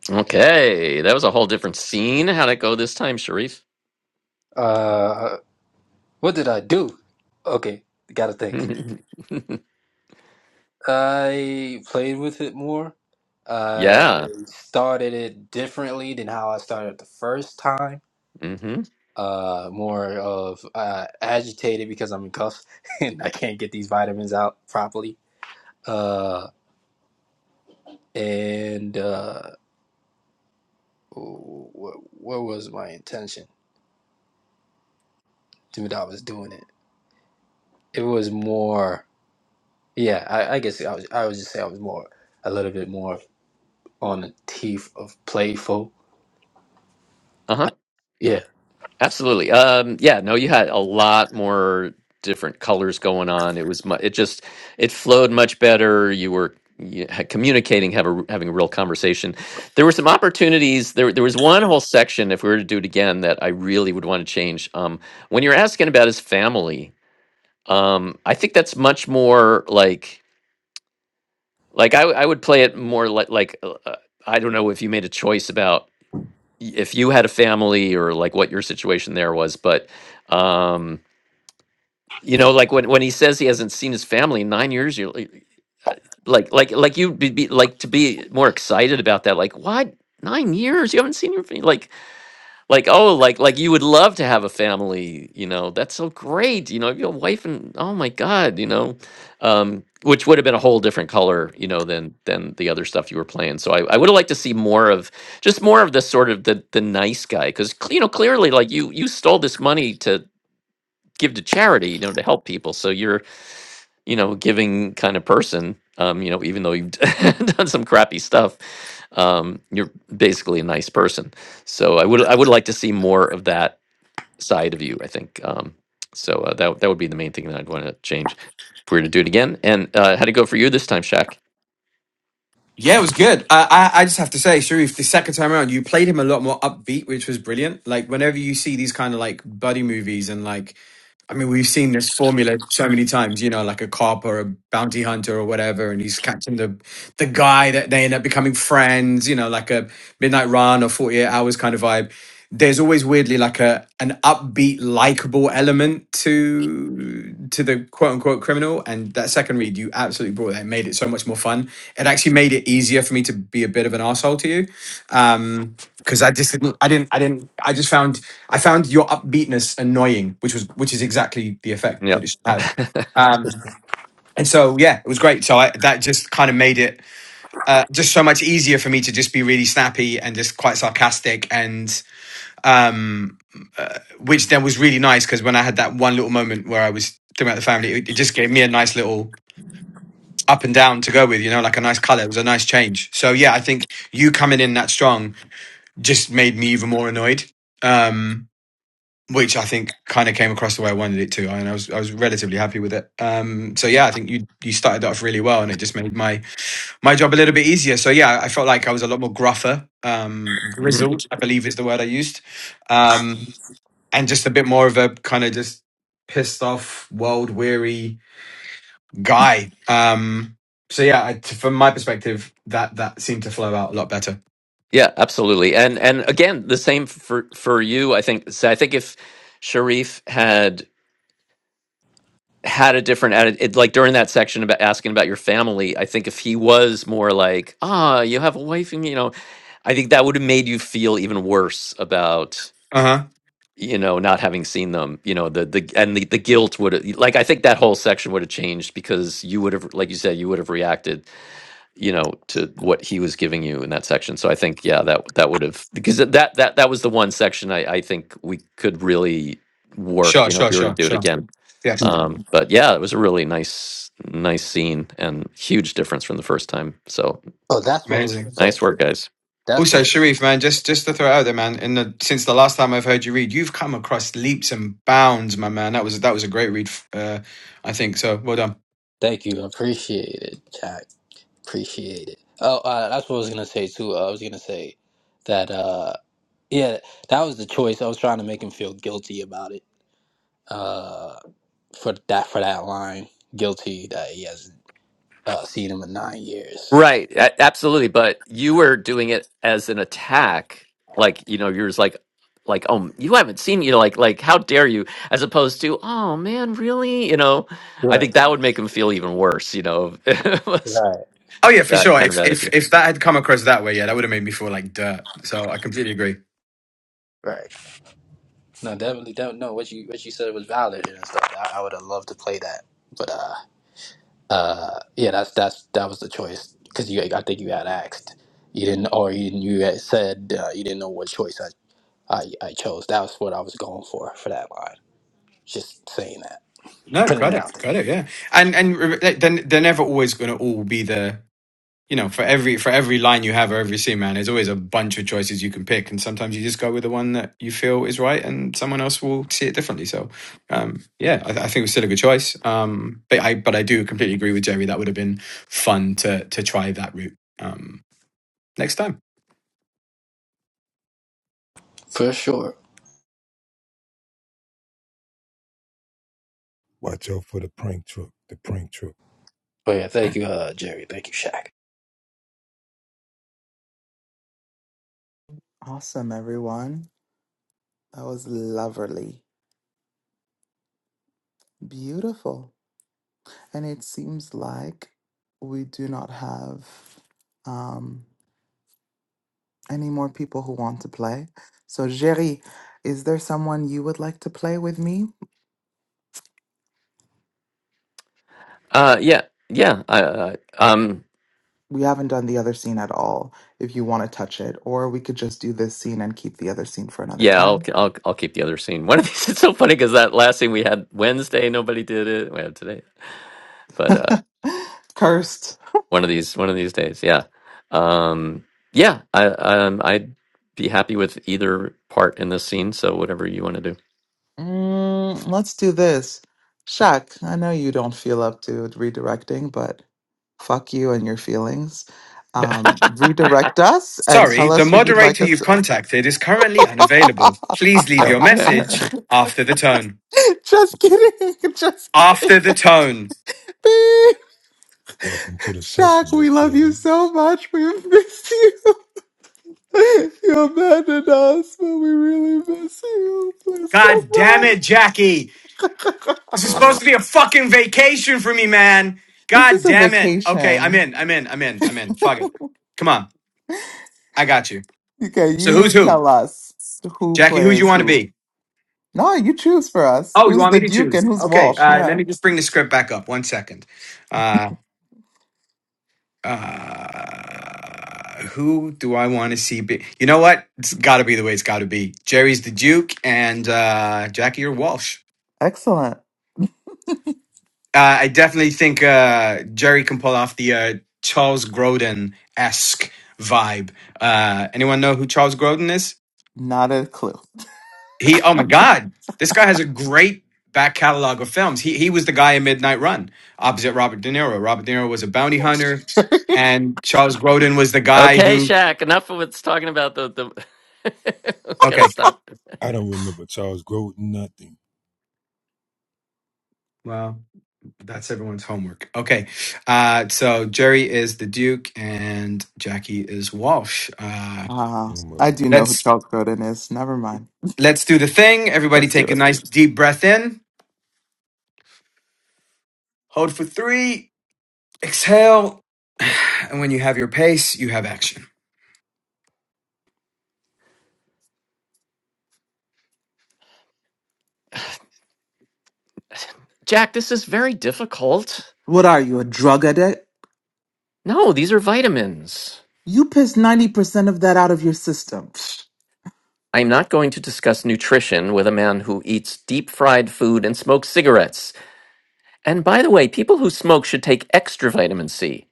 Okay, that was a whole different scene. How'd it go this time, Sharif?
Uh, what did I do? Okay, gotta
<laughs>
think.
yeah.
I played with it more. I started it differently than how I started the first time.
Mm-hmm.
Uh, more of uh, agitated because I'm in cuffs <laughs> and I can't get these vitamins out properly. Uh, and uh, what, what was my intention? Dude, I was doing it. it was more yeah i, I guess I, was, I would just say i was more a little bit more on the teeth of playful
Uh huh.
yeah
Absolutely. Um, yeah, no, you had a lot more different colors going on. It was mu- it just it flowed much better. You were you had communicating, have a, r- having a real conversation. There were some opportunities. There there was one whole section, if we were to do it again, that I really would want to change. Um, when you're asking about his family, um, I think that's much more like like I w- I would play it more like like uh, uh, I don't know if you made a choice about y- if you had a family or like what your situation there was, but. Um, You know, like when when he says he hasn't seen his family in nine years, you're like, uh, like like like you'd be, be like to be more excited about that. Like what? Nine years you haven't seen your family? Like like oh like like you would love to have a family. You know that's so great. You know your wife and oh my god. You know, um, which would have been a whole different color. You know than than the other stuff you were playing. So I, I would have liked to see more of just more of the sort of the the nice guy because you know clearly like you you stole this money to give to charity you know to help people so you're you know, giving kind of person. Um, you know, even though you've <laughs> done some crappy stuff, um, you're basically a nice person. So I would I would like to see more of that side of you. I think um, so. Uh, that that would be the main thing that I'd want to change if we were to do it again. And uh, how to go for you this time, Shaq?
Yeah, it was good. I, I I just have to say, Sharif, the second time around, you played him a lot more upbeat, which was brilliant. Like whenever you see these kind of like buddy movies, and like, I mean, we've seen this formula so many times. You know, like a cop or a bounty hunter or whatever, and he's catching the the guy that they end up becoming friends. You know, like a Midnight Run or Forty Eight Hours kind of vibe there's always weirdly like a an upbeat likable element to to the quote unquote criminal and that second read you absolutely brought that and made it so much more fun it actually made it easier for me to be a bit of an asshole to you um because i just didn't i didn't i didn't i just found i found your upbeatness annoying which was which is exactly the effect
Yeah.
that it should
<laughs>
have um and so yeah it was great so I, that just kind of made it uh, just so much easier for me to just be really snappy and just quite sarcastic and um, uh, which then was really nice because when I had that one little moment where I was thinking about the family, it, it just gave me a nice little up and down to go with, you know, like a nice color. It was a nice change. So yeah, I think you coming in that strong just made me even more annoyed, um, which I think kind of came across the way I wanted it to, and I was I was relatively happy with it. Um, so yeah, I think you you started that off really well, and it just made my my job a little bit easier. So yeah, I felt like I was a lot more gruffer, um,
hmm
grizzled, I believe is the word I used. Um, and just a bit more of a kind of just pissed off, world weary guy. Um, so yeah, I, t- from my perspective, that that seemed to flow out a lot better.
Yeah, absolutely. And and again, the same for for you. I think. So I think if Sharif had had a different attitude, like during that section about asking about your family, I think if he was more like, ah, you have a wife, and you know, I think that would have made you feel even worse about
Uh huh.
you know not having seen them. You know, the the and the the guilt would have like I think that whole section would have changed because you would have, like you said, you would have reacted you know to what he was giving you in that section so i think yeah that that would have because that that that was the one section i i think we could really work
Sure,
you know if
sure,
we were to
sure,
do it
sure.
again
Yes,
Mm.
um but yeah it was a really nice nice scene and huge difference from the first time so
oh that's what i was gonna
amazing.
say
nice work guys
that's
Also,
what
Sharif, man, just just to throw it out there, man. In the, since the last time I've heard you read, you've come across leaps and bounds, my man. That was that was a great read. Uh, I think so. Well done.
thank you appreciate it jack appreciate it oh uh, that's what i was gonna say too i was gonna say that uh yeah that was the choice i was trying to make him feel guilty about it uh for that for that line guilty that he hasn't uh, seen him in nine years
Right, a- absolutely. But you were doing it as an attack, like you know, you're just like, like, oh, you haven't seen, you know, like, like, how dare you? As opposed to, oh man, really? You know, I
right
think that would make him feel even worse. You know, <laughs> if it was
right
Oh yeah, for
that
sure.
kind of
If if
attitude.
if that had come across that way, yeah, that would have made me feel like dirt. So I completely agree.
right No, definitely don't know what you what you said was valid and stuff. I, I would have loved to play that, but uh, uh, yeah, that's that's that was the choice because you I think you had asked you didn't or you you had said uh, you didn't know what choice I, I I chose. That was what I was going for for that line. Just saying that,
No,
putting it
credit,
out there
credit, yeah, and and re- like, then they're never always going to all be the you know for every for every line you have or every scene, man. There's always a bunch of choices you can pick, and sometimes you just go with the one that you feel is right, and someone else will see it differently. So, um, yeah, I, th- I think it was still a good choice. Um, but I but I do completely agree with Jerry. That would have been fun to to try that route um, next time.
for sure.
Watch out for the prank truck, the prank truck.
But yeah, thank you, uh, Jerry. Thank you, Shaq.
Awesome, everyone. That was lovely. Beautiful. And it seems like we do not have. um Any more people who want to play? So, Jerry, is there someone you would like to play with me?
Uh, yeah, yeah. I, I um,
We haven't done the other scene at all, if you want to touch it, or we could just do this scene and keep the other scene for another
yeah. I'll,
time.
I'll, I'll keep the other scene. One of these. <laughs> It's so funny because that last scene we had Wednesday, nobody did it. We have today, but
<laughs>
uh.
Cursed.
one of these one of these days yeah um yeah i um i'd be happy with either part in this scene so whatever you want to do
Mm, let's do this. Shaq, I know you don't feel up to redirecting, but fuck you and your feelings.
<laughs>
Um, redirect us and
Sorry,
tell
the
us who you'd like
moderator
us
you've contacted is currently unavailable. Please leave your message
to. <laughs>
after the tone.
<laughs> Just kidding. <laughs> Just kidding.
After the tone.
Beep.
Welcome to the session,
Shaq,
your
we love you
feelings.
so much. We miss you. <laughs> You abandoned us, but we really miss you. Please
God damn
come
it, Jackie.
back.
This is supposed to be a fucking vacation for me, man.
<laughs> This
God
is a
damn it. Okay, I'm
vacation.
in. I'm in. I'm in. I'm in. Fuck it. Come on. I got you.
Okay,
So
you
who's who?
tell us who
Jackie, who do you
plays
want to
who.
be?
No, you choose for us.
Oh, you
Who's
want
the
me to
Duke
choose?
and who's
Okay.
Walsh?
Uh, let
Yeah.
me just bring the script back up. One second. Uh, uh, who do I want to see? Be- you know what? It's got to be the way it's got to be. Jerry's the Duke, and uh, Jackie or Walsh.
Excellent.
Uh, I definitely think uh, Jerry can pull off the uh, Charles Grodin esque vibe. Uh, anyone know who Charles Grodin is?
Not a clue.
He, oh my God, this guy has a great back catalog of films. He he was the guy in Midnight Run opposite Robert De Niro. Robert De Niro was a bounty hunter, and Charles Grodin was the guy
okay
who.
Shaq enough of what's talking about the the <laughs>
Okay,
gotta stop
I don't remember Charles Grodin, nothing.
well, that's everyone's homework. Okay, uh, so Jerry is the Duke, and Jackie is Walsh. Uh,
Ah, I
Humor.
do know who
let's
Charles Grodin is. Never mind.
Let's do the thing. Everybody
Let's do
take a
it.
nice deep breath in, hold for three, exhale. <sighs> And when you have your pace, you have action.
Jack this is very difficult
What are you, a drug addict?
no these are vitamins
You pissed 90% of that out of your system. Psh,
I'm not going to discuss nutrition with a man who eats deep fried food and smokes cigarettes and by the way people who smoke should take extra vitamin C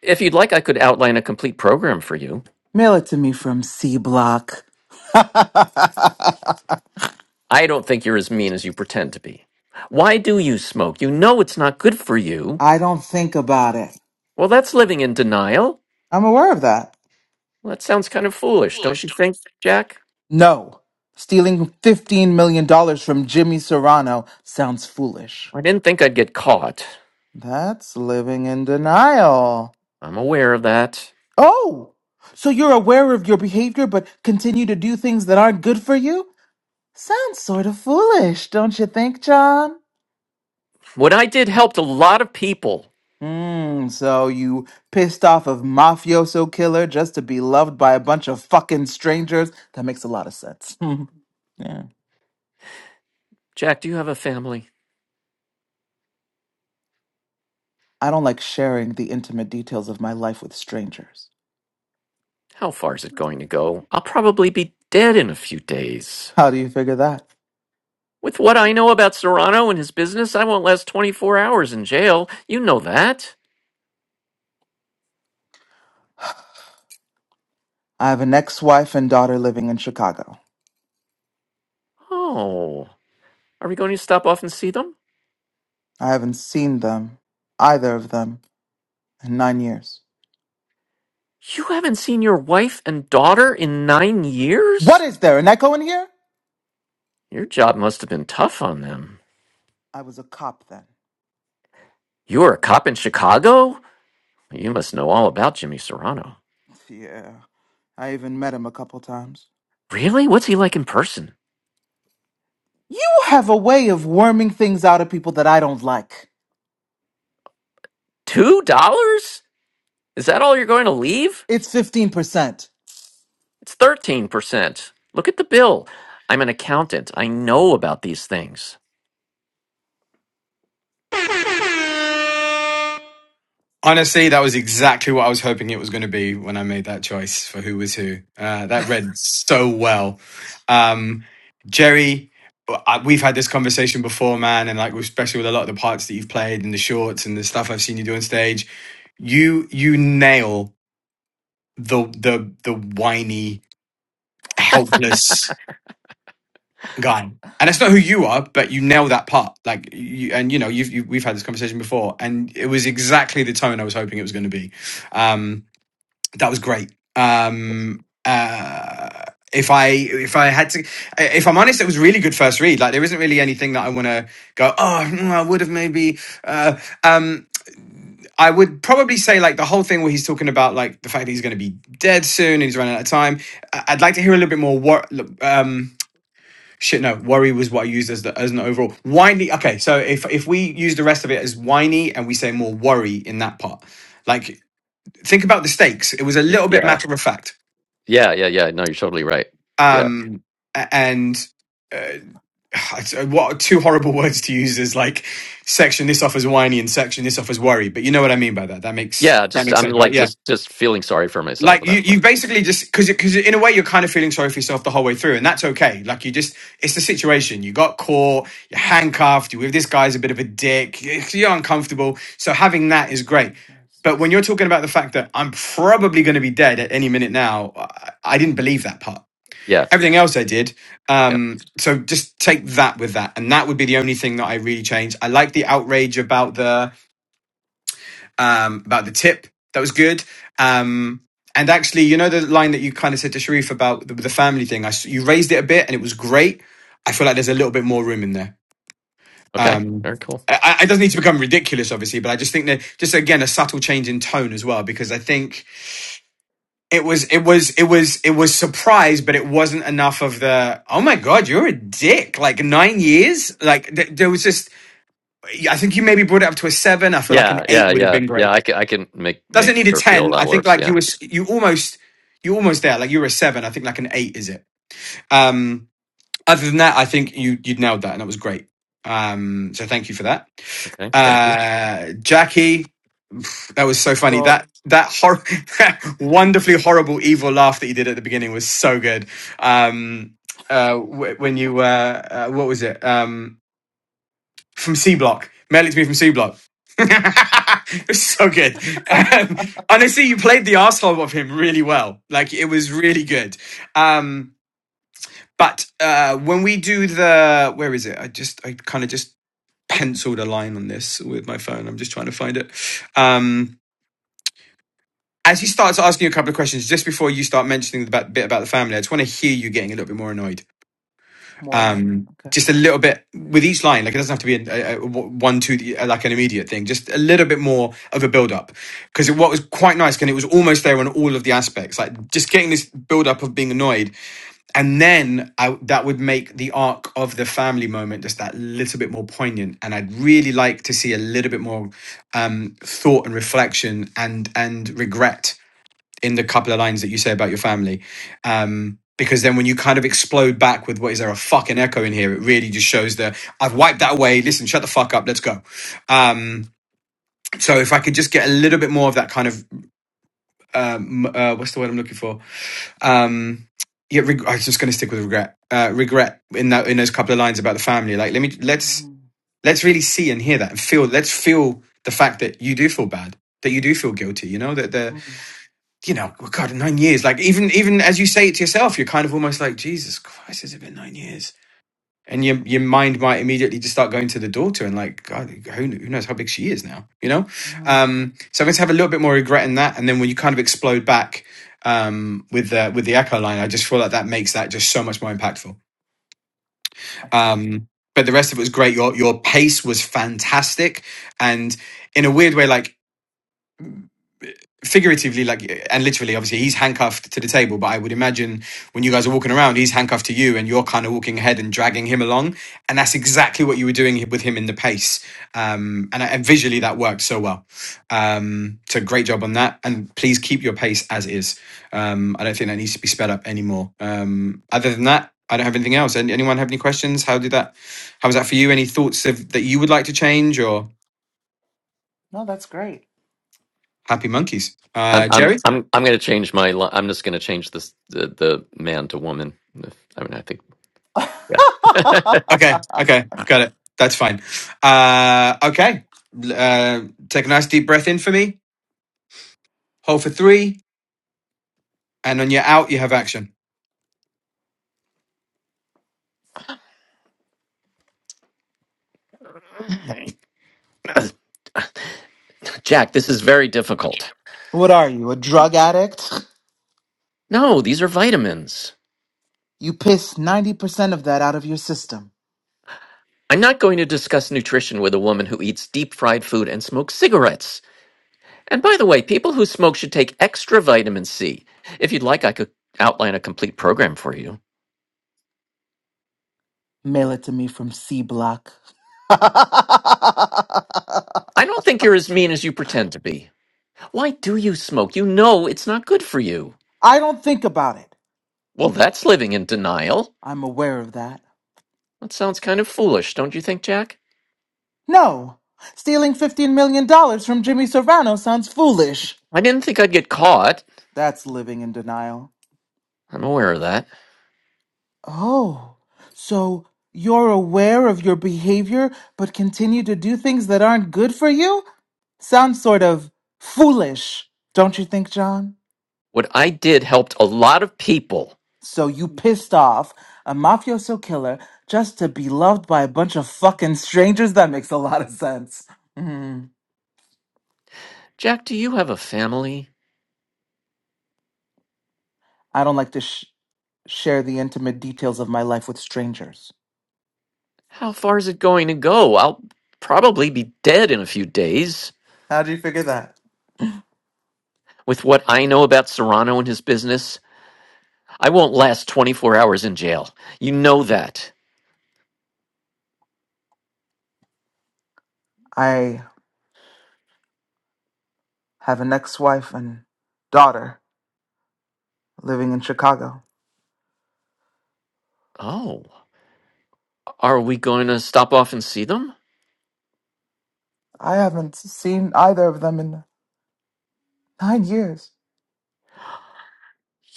if you'd like I could outline a complete program for you
Mail it to me from C Block. <laughs> I
I don't think you're as mean as you pretend to be. Why do you smoke? You know it's not good for you.
don't think about it.
Well, that's living in denial.
I'm aware of that.
Well, that sounds kind of foolish, don't you think, Jack?
No. Stealing $15 million dollars from Jimmy Serrano sounds foolish.
I didn't think I'd get caught.
That's living in denial.
I'm aware of that.
Oh! So you're aware of your behavior but continue to do things that aren't good for you? Sounds sort of foolish, don't you think, John?
What I did helped a lot of people.
Mm, so you pissed off of mafioso killer just to be loved by a bunch of fucking strangers? That makes a lot of sense. <laughs> yeah.
Jack, do you have a family?
I don't like sharing the intimate details of my life with strangers.
How far is it going to go? I'll probably be dead in a few days.
How do you figure that?
With what I know about Serrano and his business, I won't last 24 hours in jail. You know that.
I have an ex-wife and daughter living in Chicago.
Oh, are we going to stop off and see them?
I haven't seen them, either of them, in nine years.
You haven't seen your wife and daughter in nine
What
years?
is there, an echo in here?
Your job must have been tough on them.
I was a cop then.
You were a cop in Chicago? You must know all about Jimmy Serrano.
Yeah. I even met him a couple times.
Really? What's he like in person?
You have a way of worming things out of people that I don't like.
Two dollars? Is that all you're going to leave?
It's fifteen percent.
It's 13%. Look at the bill. I'm an accountant. I know about these things.
Honestly, that was exactly what I was hoping it was going to be when I made that choice for who was who. Uh, that read so well. Um, Jerry, I- we've had this conversation before, man, and like especially with a lot of the parts that you've played and the shorts and the stuff I've seen you do on stage, you you nail the the the whiny helpless guy. And that's not who you are, but you nail that part. Like, you, and you know, you've, you, we've had this conversation before, and it was exactly the tone I was hoping it was going to be. Um, that was great. Um, uh, if I if I had to, if I'm honest, it was a really good first read. Like, there isn't really anything that I want to go. Oh, hmm, I would have maybe. Uh, um, I would probably say like the whole thing where he's talking about like the fact that he's going to be dead soon and he's running out of time. I- I'd like to hear a little bit more. What? Um, Shit, no. Worry was what I used as the as an overall whiny. Okay, so if if we use the rest of it as whiny and we say more worry in that part, like think about the stakes. It was a
Y-
little bit
Yeah.
matter of fact,
Yeah. Yeah. Yeah. No, you're totally right. Yeah.
um, a- and
To
uh,
be a
<sighs> it's, uh, what two horrible <laughs> words to use is like section this off as whiny and section this off as worry. But you know what I mean by that. That makes
Yeah.
that
Just,
makes
I'm
sense, right?
like,
Yeah.
just, just feeling sorry for myself
like
at
you,
that point.
you basically just because because in a way you're kind of feeling sorry for yourself the whole way through, and that's okay. Like you just, it's the situation. You got caught, you're handcuffed. You with this guy's a bit of a dick. <laughs> You're uncomfortable. So having that is great.
property of Christ.
But when you're talking about the fact that I'm probably going to be dead at any minute now, I, I didn't believe that part.
Yeah.
Everything else I did.
Yeah.
Um, so just take that with that, and that would be the only thing that I really changed. I like the outrage about the um, about the tip. That was good. Um, and actually, you know the line that you kind of said to Sharif about the, the family thing. I you raised it a bit, and it was great. I feel like there's a little bit more room in there.
Okay.
Um,
Very cool.
I, I- it doesn't need to become ridiculous, obviously, but I just think that just again a subtle change in tone as well, because I think it was it was it was it was surprise, but it wasn't enough of the oh my god, you're a dick. Like nine years, like th- there was just I think you maybe brought it up to a seven. I feel like an
Yeah,
eight
yeah,
would have
yeah,
been great.
yeah. I can I can make
Doesn't
make
need a
her feel
ten.
that
I think
works.
like
Yeah.
you were you almost you almost there. Like you were a seven. I think like an eight is it. Um, other than that, I think you you nailed that and that was great. Um, so thank you for that,
Okay. Thank you.
uh, Jackie. That was so funny.
So
That that hor- <laughs> that wonderfully horrible evil laugh that you did at the beginning was so good. Um, uh, wh- when you uh, uh, what was it? Um, from C Block. Melix me from C Block. <laughs> it's so good. Um, honestly, you played the asshole of him really well. Like it was really good. Um, but uh, when we do the where is it? I just I kind of just penciled a line on this with my phone. I'm just trying to find it. Um, as he starts asking you a couple of questions just before you start mentioning the bit about the family, I just want to hear you getting a little bit more annoyed
<laughs> more no.
um
Okay.
just a little bit with each line like it doesn't have to be a, a, a one two like an immediate thing just a little bit more of a build up because what was quite nice and it was almost there on all of the aspects like just getting this build up of being annoyed and then I, that would make the arc of the family moment just that little bit more poignant and i'd really like to see a little bit more um thought and reflection and and regret in the couple of lines that you say about your family. Um, because then when you kind of explode back with what is there a fucking echo in here, it really just shows that I've wiped that away. Listen, shut the fuck up. Let's go. Um, so if I could just get a little bit more of that kind of, um, uh, what's the word I'm looking for? Um, yeah, reg- I was just going to stick with regret. Uh, regret in that in those couple of lines about the family. Like, let me let's
hmm
let's really see and hear that and feel. Let's feel the fact that you do feel bad, that you do feel guilty. You know that the
hmm
you know, oh God, nine years. Like even even as you say it to yourself, you're kind of almost like, Jesus Christ, has it been nine years? And your your mind might immediately just start going to the daughter and like, God, who, kn- who knows how big she is now, you know?
hmm
Um, so I'm going to have a little bit more regret in that, and then when you kind of explode back um, with the with the echo line, I just feel like that makes that just so much more impactful.
Excellent.
Um, but the rest of it was great. Your your pace was fantastic, and in a weird way, like figuratively like and literally obviously he's handcuffed to the table but i would imagine when you guys are walking around he's handcuffed to you and you're kind of walking ahead and dragging him along and that's exactly what you were doing with him in the pace um and, and visually that worked so well um so great job on that and please keep your pace as is um i don't think that needs to be sped up anymore um other than that i don't have anything else Any- anyone have any questions how did that how was that for you any thoughts of, that you would like to change or
No, that's great.
happy monkeys
I'm
uh
Yeah.
jerry
I'm I'm I'm gonna change my. li- I'm just gonna change this the, the man to woman. If, I mean, I think
Okay,
<laughs>
okay, got it. That's fine. Uh, okay, L- uh, take a nice deep breath in for me. Hold for three, and on your out, you have action.
yeah. <laughs> <clears throat> Jack, this is very difficult.
what are you, a drug addict?
No, these are vitamins.
You piss ninety percent of that out of your system.
I'm not going to discuss nutrition with a woman who eats deep fried food and smokes cigarettes. And by the way, people who smoke should take extra vitamin C. If you'd like, I could outline a complete program for you.
Mail it to me from C Block. <laughs> I
I don't think you're as mean as you pretend to be. Why do you smoke? You know it's not good for you.
don't think about it.
Well, that's living in denial.
I'm aware of that.
That sounds kind of foolish, don't you think, Jack?
No, stealing $15 million dollars from Jimmy Serrano sounds foolish.
I didn't think I'd get caught.
That's living in denial.
I'm aware of that.
Oh, so you're aware of your behavior but continue to do things that aren't good for you? Sounds sort of foolish, don't you think, John?
What I did helped a lot of people.
So you pissed off a mafioso killer just to be loved by a bunch of fucking strangers? That makes a lot of sense. Mm,
Jack, do you have a family?
I don't like to sh- share the intimate details of my life with strangers.
How far is it going to go? I'll probably be dead in a few days.
How do you figure that?
With what I know about Serrano and his business, I won't last 24 hours in jail. You know that.
I have an ex wife and daughter living in Chicago.
Oh, are we going to stop off and see them?
I haven't seen either of them in nine years.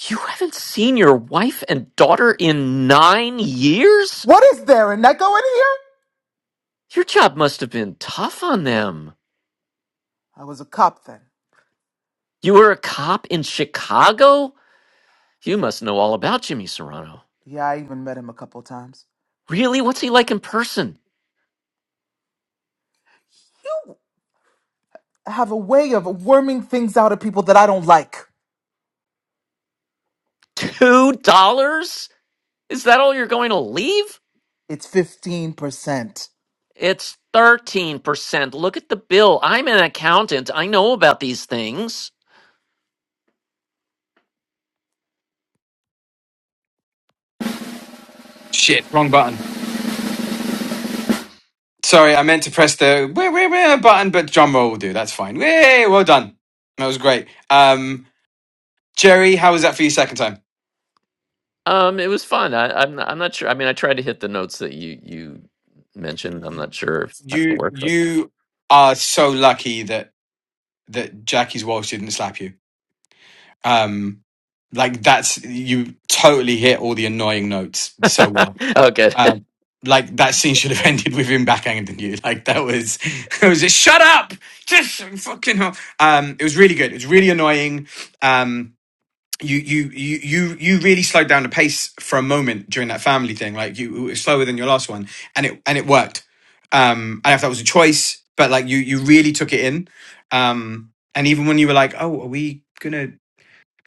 You haven't seen your wife and daughter in nine years?
What is there, an echo in here?
Your job must have been tough on them.
I was a cop then.
You were a cop in Chicago? You must know all about Jimmy Serrano.
Yeah, I even met him a couple times.
Really? What's he like in person?
You have a way of worming things out of people that I don't like.
Two dollars? Is that all you're going to leave?
It's 15%.
It's 13%. Look at the bill. I'm an accountant. I know about these things.
Shit, wrong button. Sorry, I meant to press the where where where button, but drum roll will do. That's fine. Yay, well done. That was great. Um, Jerry, how was that for your second time?
Um, it was fun. I, I'm, I'm not sure. I mean, I tried to hit the notes that you, you mentioned. I'm not sure if that
you
worked.
you are so lucky that that Jackie's Walsh didn't slap you. Um, like that's you totally hit all the annoying notes so well.
<laughs> oh, good. <laughs>
Um, like that scene should have <laughs> ended with him backhanding you. Like that was <laughs> it was just shut up, just fucking. hell." Um, it was really good. It was really annoying. Um you you you you you really slowed down the pace for a moment during that family thing. Like you it was slower than your last one, and it and it worked. Um, I don't know if that was a choice, but like you you really took it in. Um, and even when you were like, oh, are we gonna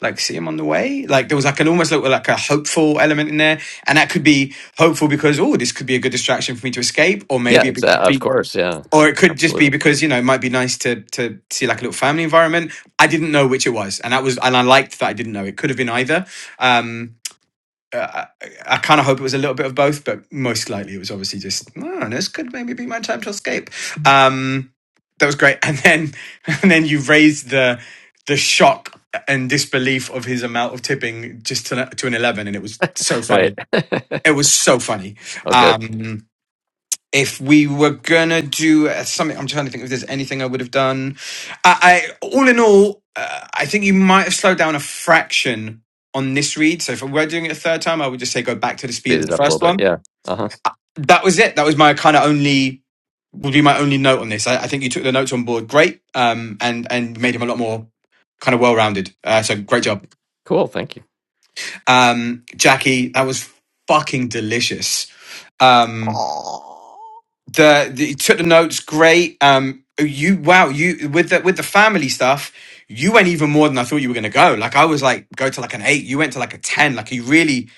like see him on the way? Like there was like an almost like, like a hopeful element in there, and that could be hopeful because oh, this could be a good distraction for me to escape, or
Yeah,
maybe it could
exactly. Of
be
course. Yeah,
or it could just be
absolutely.
because you know it might be nice to to see like a little family environment i didn't know which it was and that was and i liked that i didn't know it could have been either um uh, I, I kind of hope it was a little bit of both, but most likely it was obviously just, oh, this could maybe be my time to escape. Um, that was great, <laughs> and then and then you raised the the shock and disbelief of his amount of tipping just to, to an eleven, and it was so
Right.
funny.
<laughs>
It was so funny.
oh, good.
Um, if we were gonna do uh, something i'm trying to think if there's anything i would have done i, I all in all uh, i think you might have slowed down a fraction on this read so if i were doing it a third time i would just say go back to the speed
Speed
of the
it up a little
first
bit.
one
Yeah. Uh huh.
that was it that was my kind of only would be my only note on this I, I think you took the notes on board great um and and made him a lot more kind of well-rounded uh, so great job
Cool. Thank you.
um jackie that was fucking delicious um
Oh.
the, the you took the notes great um you wow you with the with the family stuff you went even more than i thought you were going to go like i was like go to like an eight you went to like a 10 like you really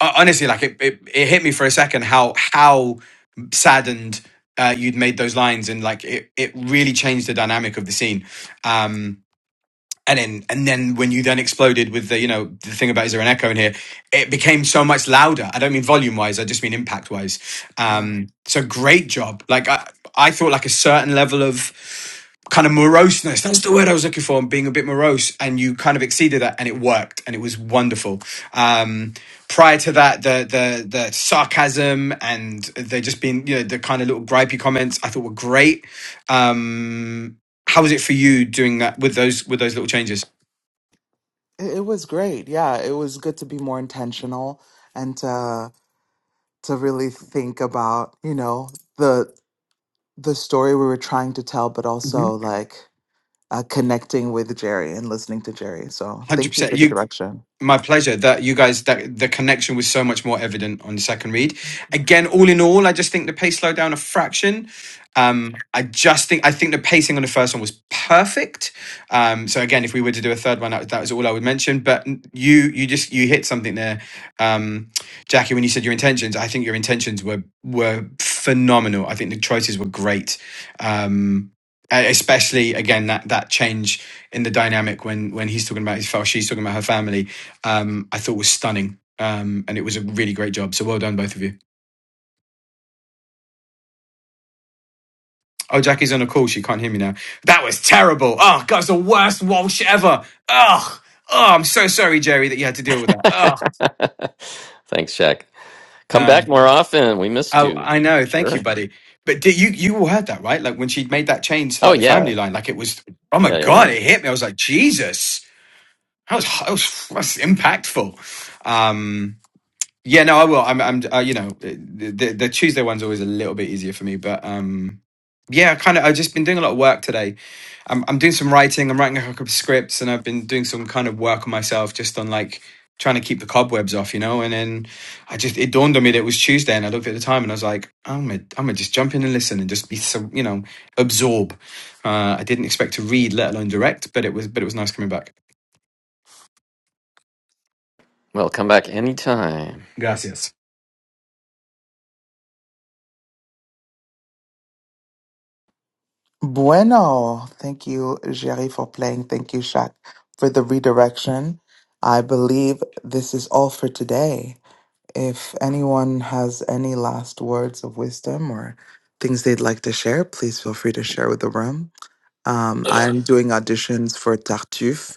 uh, honestly like it, it it hit me for a second how how saddened uh, you'd made those lines and like it, it really changed the dynamic of the scene um and then and then when you then exploded with the you know the thing about is there an echo in here it became so much louder i don't mean volume wise i just mean impact wise
Yeah.
um so great job like i i thought like a certain level of kind of moroseness that's the word i was looking for and being a bit morose and you kind of exceeded that and it worked and it was wonderful um prior to that the the the sarcasm and they just being you know the kind of little gripey comments i thought were great um how was it for you doing that with those with those little changes?
It, it was great. Yeah, it was good to be more intentional and to to really think about, you know, the the story we were trying to tell, but
Hundred
also like uh, connecting with Jerry and listening to Jerry. So
mm-hmm.
thank you
percent.
for the
You
direction.
My pleasure. That you guys that the connection was so much more evident on the second read. Again, all in all, I just think the pace slowed down a fraction. Um, I just think I think the pacing on the first one was perfect. Um, so again, if we were to do a third one, that, that was all I would mention. But you you just you hit something there, um, Jackie. When you said your intentions, I think your intentions were were phenomenal. I think the choices were great. Um, e- especially again that that change in the dynamic when when he's talking about his file, she's talking about her family um, I thought was stunning. Um, and it was a really great job. So well done, both of you. Oh, Jackie's on a call. She can't hear me now. That was terrible. Oh, God, it's the worst Walsh ever. Oh, Oh, I'm so sorry, Jerry, that you had to deal with
<laughs>
that. Oh,
Thanks, Shaq. Come back
Um,
more often. We missed
oh,
you.
I know. Thank you,
Sure.
buddy. But did you you all heard that, right? Like when she made that change to
Oh
like the
yeah.
family line, like it was, oh my
Yeah yeah
God,
yeah.
it hit me. I was like, Jesus, that was, that was, that was impactful. Um, yeah, no, I will. I'm, I'm, uh, you know, the, the, the Tuesday one's always a little bit easier for me, but um, yeah, kind of. I've just been doing a lot of work today. I'm I'm doing some writing. I'm writing a couple of scripts, and I've been doing some kind of work on myself, just on like trying to keep the cobwebs off, you know. And then I just it dawned on me that it was Tuesday, and I looked at the time, and I was like, I'm gonna I'm gonna just jump in and listen and just be some, you know, absorb. Uh, I didn't expect to read, let alone direct, but it was but it was nice coming back.
Well, come back anytime.
Gracias.
Bueno, thank you, Jerry, for playing. Thank you, Shaq, for the redirection. I believe this is all for today. If anyone has any last words of wisdom or things they'd like to share, please feel free to share with the room. Um, I'm doing auditions for Tartuffe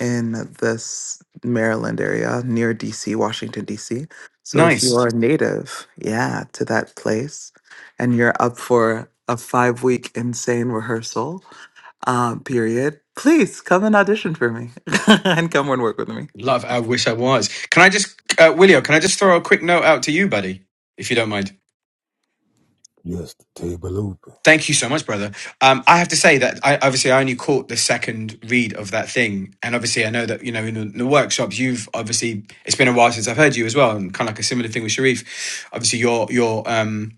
in this Maryland area near DC, Washington, DC. So if you
Nice,
are native, yeah, to that place and you're up for a five week insane rehearsal uh, period, please come and audition for me <laughs> and come and work with me.
love. I wish I was. Can I just, uh, Willio? Can I just throw a quick note out to you, buddy, if you don't mind?
Yes, the table open.
Thank you so much, brother. Um, I have to say that I obviously I only caught the second read of that thing, and obviously I know that you know in the, in the workshops you've obviously it's been a while since I've heard you as well, and kind of like a similar thing with Sharif. Obviously, your your um,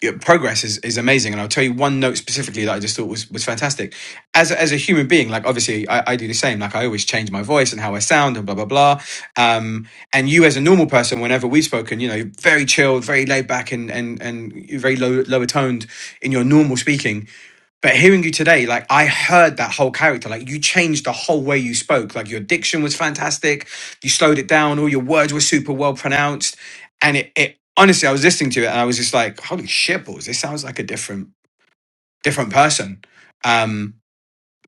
yeah, progress is, is amazing. And I'll tell you one note specifically that I just thought was, was fantastic. As, a- as a human being, like obviously I, I do the same. Like I always change my voice and how I sound and blah, blah, blah. Um, and you as a normal person, whenever we've spoken, you know, very chilled, very laid back and, and, and very low, lower toned in your normal speaking but hearing you today, like I heard that whole character, like you changed the whole way you spoke. Like your diction was fantastic. You slowed it down. All your words were super well pronounced. And it, it honestly, I was listening to it and I was just like, holy shit balls, this sounds like a different, different person. Um,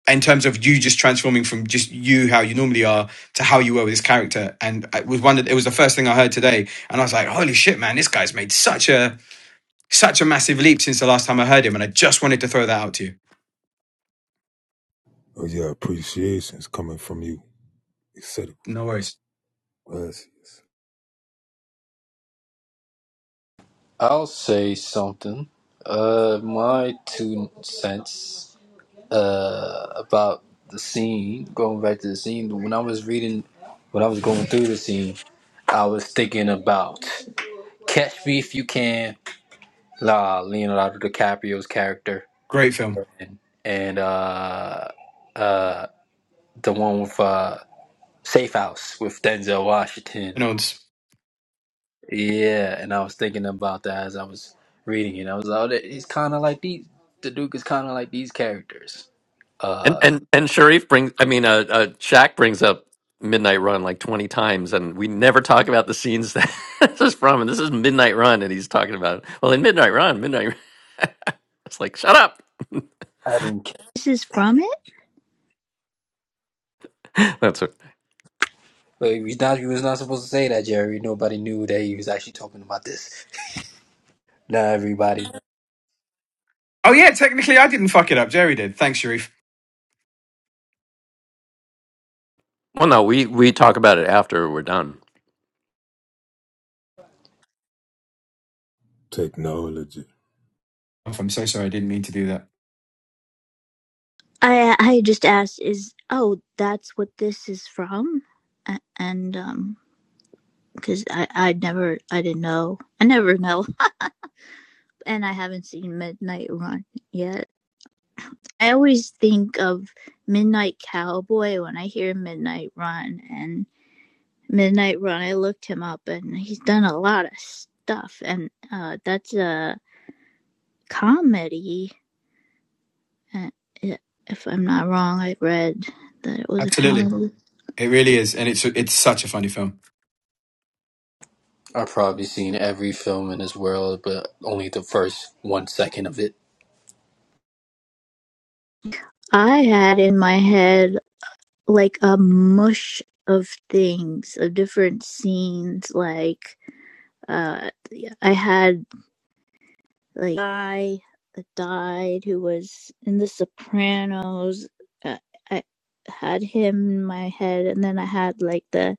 in terms of you just transforming from just you, how you normally are to how you were with this character. And it was one that it was the first thing I heard today. And I was like, holy shit, man, this guy's made such a, such a massive leap since the last time I heard him. And I just wanted to throw that out to you.
Oh, yeah, appreciations coming from you, etc.
No worries.
Gracias.
I'll say something. Uh, my two cents uh, about the scene, going back to the scene, when I was reading, when I was going through the scene, I was thinking about Catch Me If You Can, La Leonardo DiCaprio's character,
Great film.
and, and uh, uh, the one with uh, Safe House with Denzel Washington.
and
Yeah, and I was thinking about that as I was reading it. I was like, oh, that- it's kind of like these. The Duke is kind of like these characters.
And
Uh,
and and Sharif brings. I mean, uh, uh Shaq brings up Midnight Run like twenty times, and we never talk about the scenes that <laughs> this is from. And this is Midnight Run, and he's talking about. Well, in Midnight Run, Midnight. Run, <laughs> it's like shut up.
This is from
<laughs> That's it.
But he was not, he was not supposed to say that, Jerry. Nobody knew that he was actually talking about this. Now everybody.
Oh yeah, technically I didn't fuck it up. Jerry did. Thanks, Sharif.
Well, no, we we talk about it after we're done.
Technology.
I'm so sorry. I didn't mean to do that.
I I just asked is oh that's what this is from, A- and um because I I never I didn't know I never know, <laughs> and I haven't seen Midnight Run yet. I always think of Midnight Cowboy when I hear Midnight Run and Midnight Run. I looked him up and he's done a lot of stuff, and uh that's a comedy. uh, yeah, If I'm not wrong, I read that it was a
Absolutely,
comedy.
it really is, and it's it's such a funny film.
I've probably seen every film in this world, but only the first one second of it.
I had in my head like a mush of things of different scenes like uh i had like I died who was in the sopranos uh, i had him in my head and then i had like the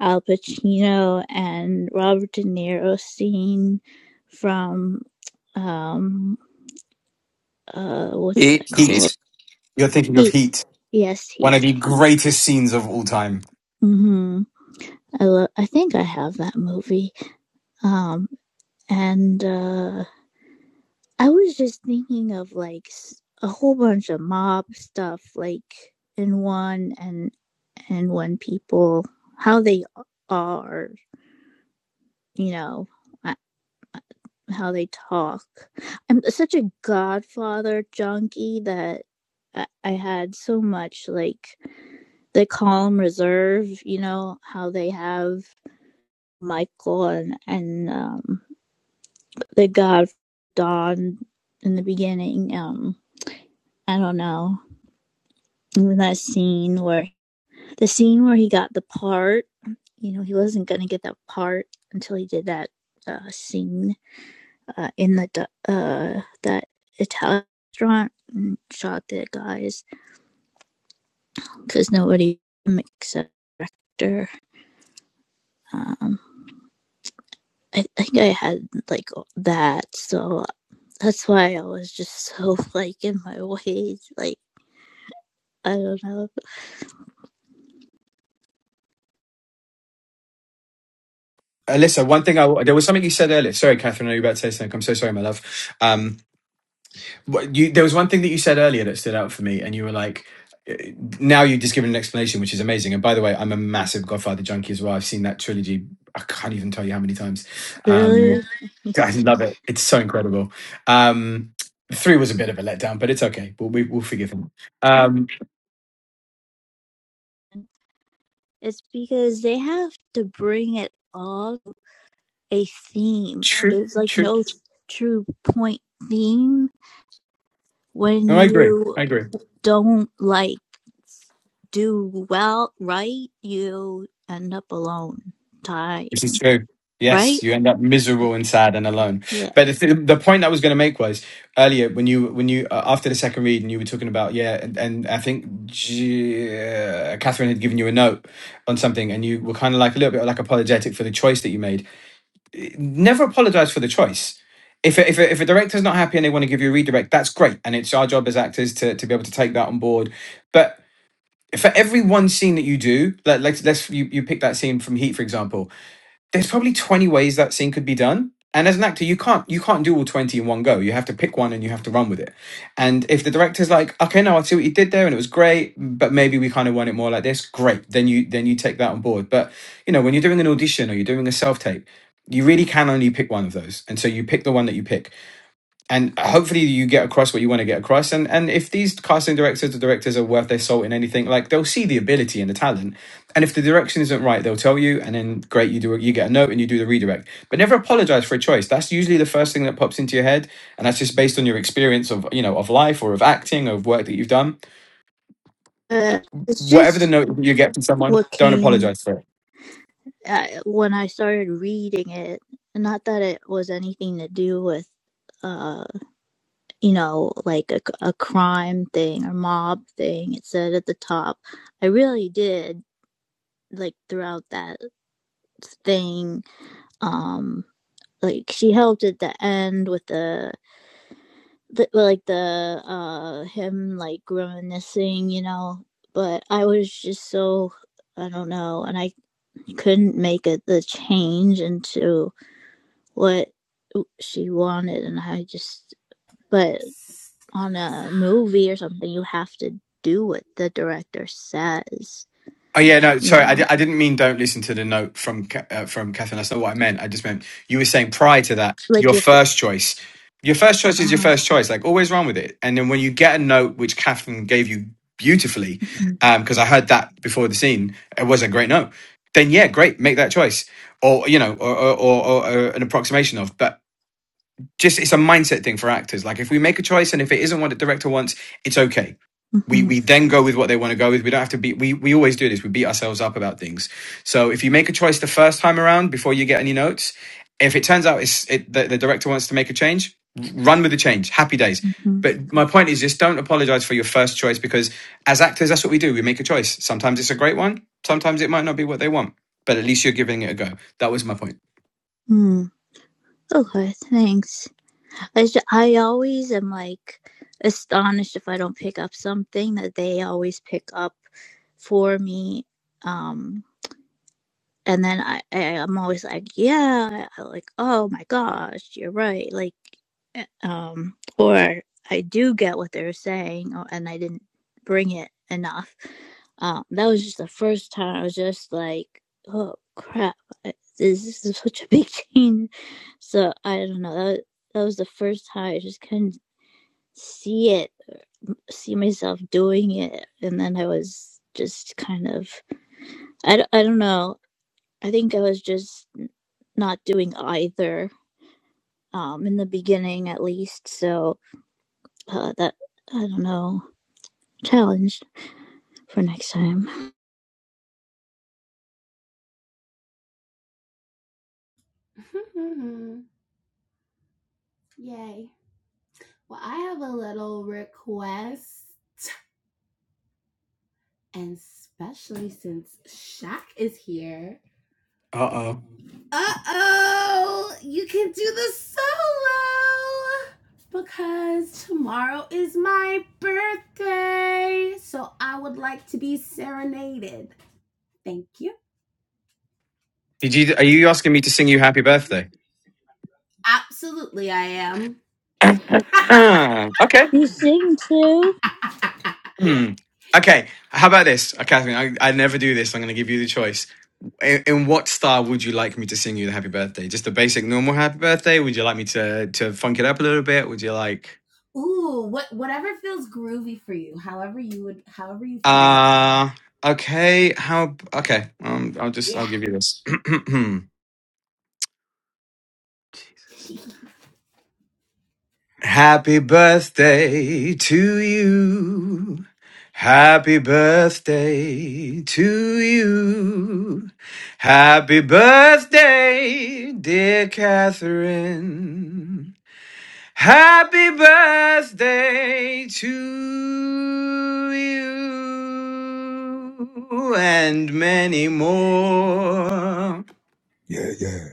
al pacino and robert de niro scene from um uh what's that
Heat, heat.
called
Heat. You're thinking of
heat
Heat,
yes
one of
heat
the greatest scenes of all time.
mhm i love i think i have that movie um and uh i was just thinking of like a whole bunch of mob stuff like in one and and when people how they are you know uh, how they talk i'm such a godfather junkie that i, I had so much like the calm reserve you know how they have michael and and um the god don in the beginning um. I don't know. That scene where the scene where he got the part, you know, he wasn't gonna get that part until he did that uh, scene uh, in the uh, that Italian restaurant and shot the guys because nobody except her. Um, I I think I had like that, so uh, that's why I was just so <laughs> like in my ways. Like I don't know,
Alyssa, one thing I there was something you said earlier. Sorry, Catherine, I know you were about to say something. I'm so sorry, my love. Um, What you, there was one thing that you said earlier that stood out for me, and you were like, eh, now you've just given an explanation, which is amazing. And by the way, I'm a massive Godfather junkie as well. I've seen that trilogy. I can't even tell you how many times. Um,
really.
I love it. It's so incredible. Um, three was a bit of a letdown, but it's okay. We'll, we, we'll forgive him. Um,
It's because they have to bring it all a theme.
true,
There's like
true.
no true point theme when
No, I agree.
you
I agree.
don't like do well right you end up alone
This is
dying
true.
right
Yes, you end up miserable and sad and alone.
yeah
But the, th- the point I was going to make was earlier when you when you uh, after the second read and you were talking about yeah, and, and I think G- uh, Catherine had given you a note on something, and you were kind of like a little bit like apologetic for the choice that you made. Never apologize for the choice. If a, if, a, if a director's not happy and they want to give you a redirect, that's great, and it's our job as actors to, to be able to take that on board. But for every one scene that you do, like let's let's you, you pick that scene from Heat for example there's probably 20 ways that scene could be done and as an actor you can't you can't do all 20 in one go you have to pick one and you have to run with it and if the director's like okay no i see what you did there and it was great but maybe we kind of want it more like this great then you then you take that on board but you know when you're doing an audition or you're doing a self-tape you really can only pick one of those and so you pick the one that you pick and hopefully you get across what you want to get across and and if these casting directors or directors are worth their salt in anything like they'll see the ability and the talent and if the direction isn't right they'll tell you and then great you do you get a note and you do the redirect but never apologize for a choice that's usually the first thing that pops into your head and that's just based on your experience of you know of life or of acting or of work that you've done
uh, it's
whatever the
just
note you get from someone
what
don't
came
apologize for it
uh, when i started reading it not that it was anything to do with uh you know like a, a crime thing or mob thing it said at the top i really did like throughout that thing. Um, like she helped at the end with the, the like the uh him like reminiscing, you know. But I was just so I don't know, and I couldn't make it the change into what she wanted, and I just. But on a movie or something, you have to do what the director says.
Oh yeah, no,
You
sorry, I,
know,
di- I didn't mean don't listen to the note from Ca- uh, from Catherine. That's not what I meant. I just meant you were saying prior to that, your
like if it.
first choice, your first choice is your
Uh,
first choice. Like always run with it. And then when you get a note which Catherine gave you beautifully,
mm-hmm,
because I heard that before the scene, it was a great note. Then yeah, great, make that choice, or you know, or or, or, or an approximation of. But just it's a mindset thing for actors. Like if we make a choice and if it isn't what the director wants, it's okay. We
mm-hmm,
we then go with what they want to go with. We don't have to be we we always do this. We beat ourselves up about things. So if you make a choice the first time around before you get any notes, if it turns out it's it, the, the director wants to make a change, run with the change. Happy days.
mm-hmm,
But my point is just don't apologize for your first choice because as actors that's what we do. We make a choice. Sometimes it's a great one, sometimes it might not be what they want. But at least you're giving it a go. That was my point.
mm. Okay, thanks. I, I always am like astonished if I don't pick up something that they always pick up for me. Um, and then I, I I'm always like, yeah, like oh my gosh, you're right, like, eh, um, or I do get what they're saying, or, and I didn't bring it enough. Um, that was just the first time I was just like, oh crap, this, this is such a big <laughs> change. So I don't know. That that was the first time I just couldn't see it, see myself doing it, and then I was just kind of I, I d- I don't know. I think I was just not doing either um, in the beginning, at least. So uh, that I don't know challenge for next time.
<laughs> Yay. Well, I have a little request, and especially since Shaq is here.
Uh-oh.
Uh oh, you can do the solo because tomorrow is my birthday. So I would like to be serenaded. Thank you.
Did you are you asking me to sing you happy birthday?
Absolutely, I am.
<clears throat> Ah, okay.
You sing too.
<laughs>
Hmm. Okay. How about this, Uh, Catherine? I, I never do this. I'm going to give you the choice. In, in what style would you like me to sing you the happy birthday? Just a basic normal happy birthday? Would you like me to to funk it up a little bit? Would you like?
Ooh, what whatever feels groovy for you, however you would however you feel.
Uh okay. How? Okay. Um, I'll just I'll
Yeah.
give you this. <clears throat> Happy birthday to you. Happy birthday to you. Happy birthday, dear Catherine. Happy birthday to you and many more.
Yeah, yeah.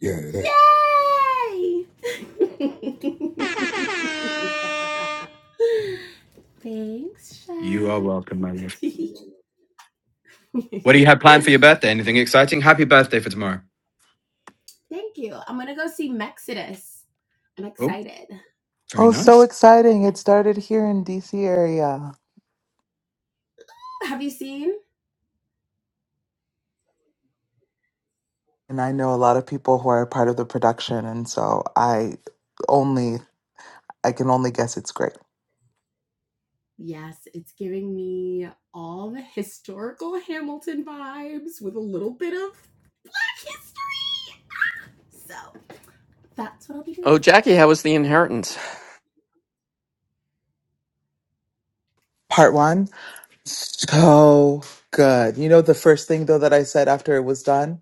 Yeah, that.
Yay! <laughs> Thanks,
You are
Shaq.
welcome, my love.
<laughs>
What do you have planned for your birthday? Anything exciting? Happy birthday for tomorrow.
Thank you. I'm gonna go see Mexodus. I'm
Oh,
excited.
very
Oh, so
nice.
exciting. It
Next.
started here in DC area.
Have you seen?
And I know a lot of people who are a part of the production. And so I only, I can only guess it's great.
Yes, it's giving me all the historical Hamilton vibes with a little bit of black history. So That's what I'll be
Oh,
doing.
Jackie, how was the inheritance?
Part one So good. You know the first thing though that I said after it was done?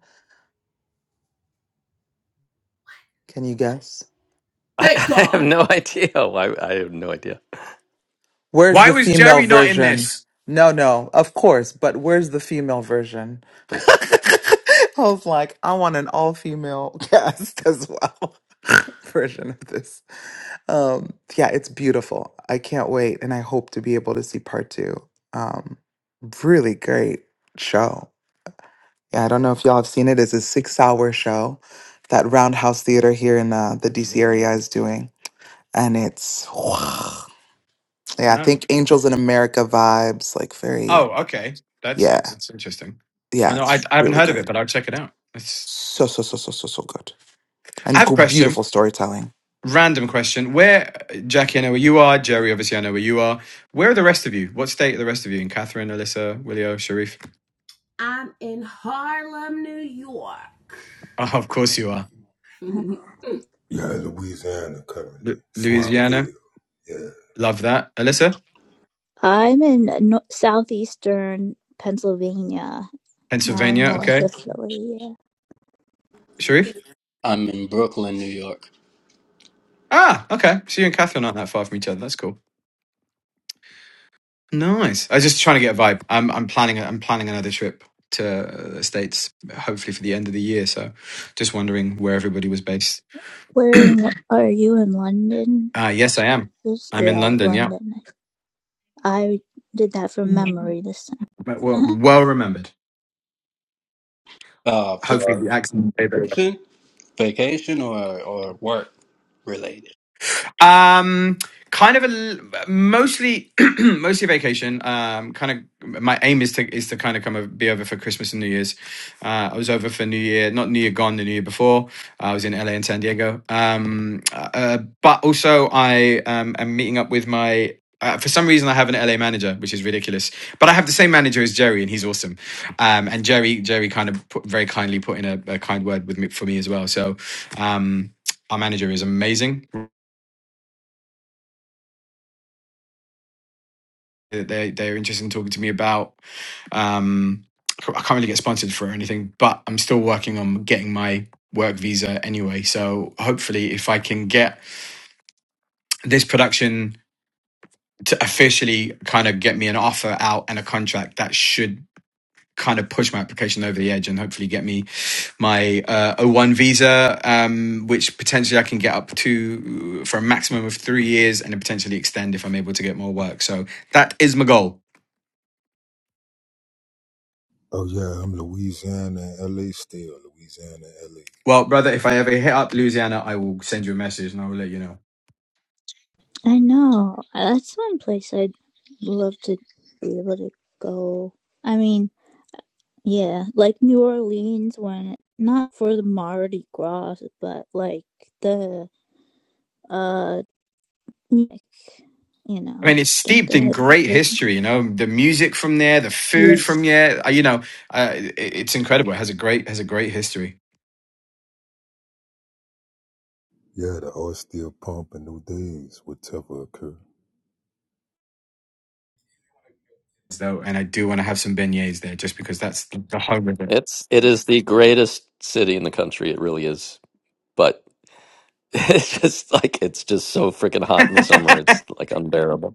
Can you guess?
<laughs> I,
Thank
I have
God.
no idea. Oh, I, I have no idea.
Where's
Why
the
was
female
Jerry not in
version?
this?
No, no, of course, but where's the female version? <laughs> I was like, I want an all female <laughs> cast as well <laughs> version of this. Um, yeah, it's beautiful. I can't wait. And I hope to be able to see part two. Um, really great show. Yeah, I don't know if y'all have seen it. It's a six hour show that Roundhouse Theater here in uh, the
Good
DC
lord.
area is doing. And it's, <sighs> yeah, I
No.
think Angels in America vibes, like very,
Oh, okay. That's
yeah,
that's interesting. I
yeah,
know I,
it's
I haven't
really
heard of it,
good.
but I'll check it out. It's,
So, so, so, so, so, so good.
I
And
have a
go-
question.
beautiful storytelling.
Random question. Where Jackie, I know where you are. Jerry, obviously, I know where you are. Where are the rest of you? What state are the rest of you in? Catherine, Alyssa, Willio, Sharif. <laughs>
I'm in Harlem, New York.
Oh, of course you are.
<laughs>
Yeah, Louisiana currently.
Lu Louisiana.
Swampville. Yeah.
Love that. Alyssa,
I'm in no- southeastern Pennsylvania now, i
Pennsylvania.
north
Okay.
of Philly. Yeah.
Sharif.
I'm in Brooklyn, New York,
Ah, okay. So you and Catherine aren't that far from each other. That's cool. Nice. I was just trying to get a vibe. I'm I'm planning I'm planning another trip to the States, hopefully for the end of the year. So, just wondering where everybody was based. <clears throat>
Where
uh,
in, are you in London?
yes, I am.
This
I'm in
yeah,
London. Yeah.
London. I did that from memory this
But Well,
time.
well remembered.
uh,
Hopefully the
for
accent.
vacation, vacation or or work related.
Um, kind of a mostly <clears throat> mostly vacation. Um, kind of my aim is to is to kind of come over, be over for Christmas and New Year's. Uh, I was over for New Year, not New Year gone, the New Year before. Uh, I was in LA and San Diego. Um, uh, uh, but also I um, am meeting up with my. Uh, for some reason, I have an LA manager, which is ridiculous. But I have the same manager as Jerry, and he's awesome. Um, and Jerry, Jerry, kind of put, very kindly put in a, a kind word with me for me as well. So, um, our manager is amazing that they they're interested in talking to me about. Um, I can't really get sponsored for anything, but I'm still working on getting my work visa anyway. So hopefully, if I can get this production to officially kind of get me an offer out and a contract, that should kind of push my application over the edge and hopefully get me my uh, O1 visa, um, which potentially I can get up to for a maximum of three years and then potentially extend if I'm able to get more work. So that is my goal.
Oh yeah, I'm Louisiana and LA still. Louisiana and LA.
Well, brother, if I ever hit up Louisiana, I will send you a message and I will let you know.
<laughs> I know that's one place I'd love to be able to go. I mean, Yeah, like New Orleans when not for the Mardi Gras, but like the uh music, you
I
know,
mean, it's
don't
steeped
they
in
have
great
good
history, you know, the music from there, the food
Yes.
from there, uh, you know, uh, it, it's incredible. It has a great, has a great history.
Yeah, the oil still pumping new days, whatever occur.
So, and I do want to have some beignets there just because that's the the home of it.
It's it is the greatest city in the country. It really is. But <laughs> it's just like it's just so freaking hot in the summer. It's
<laughs>
like unbearable.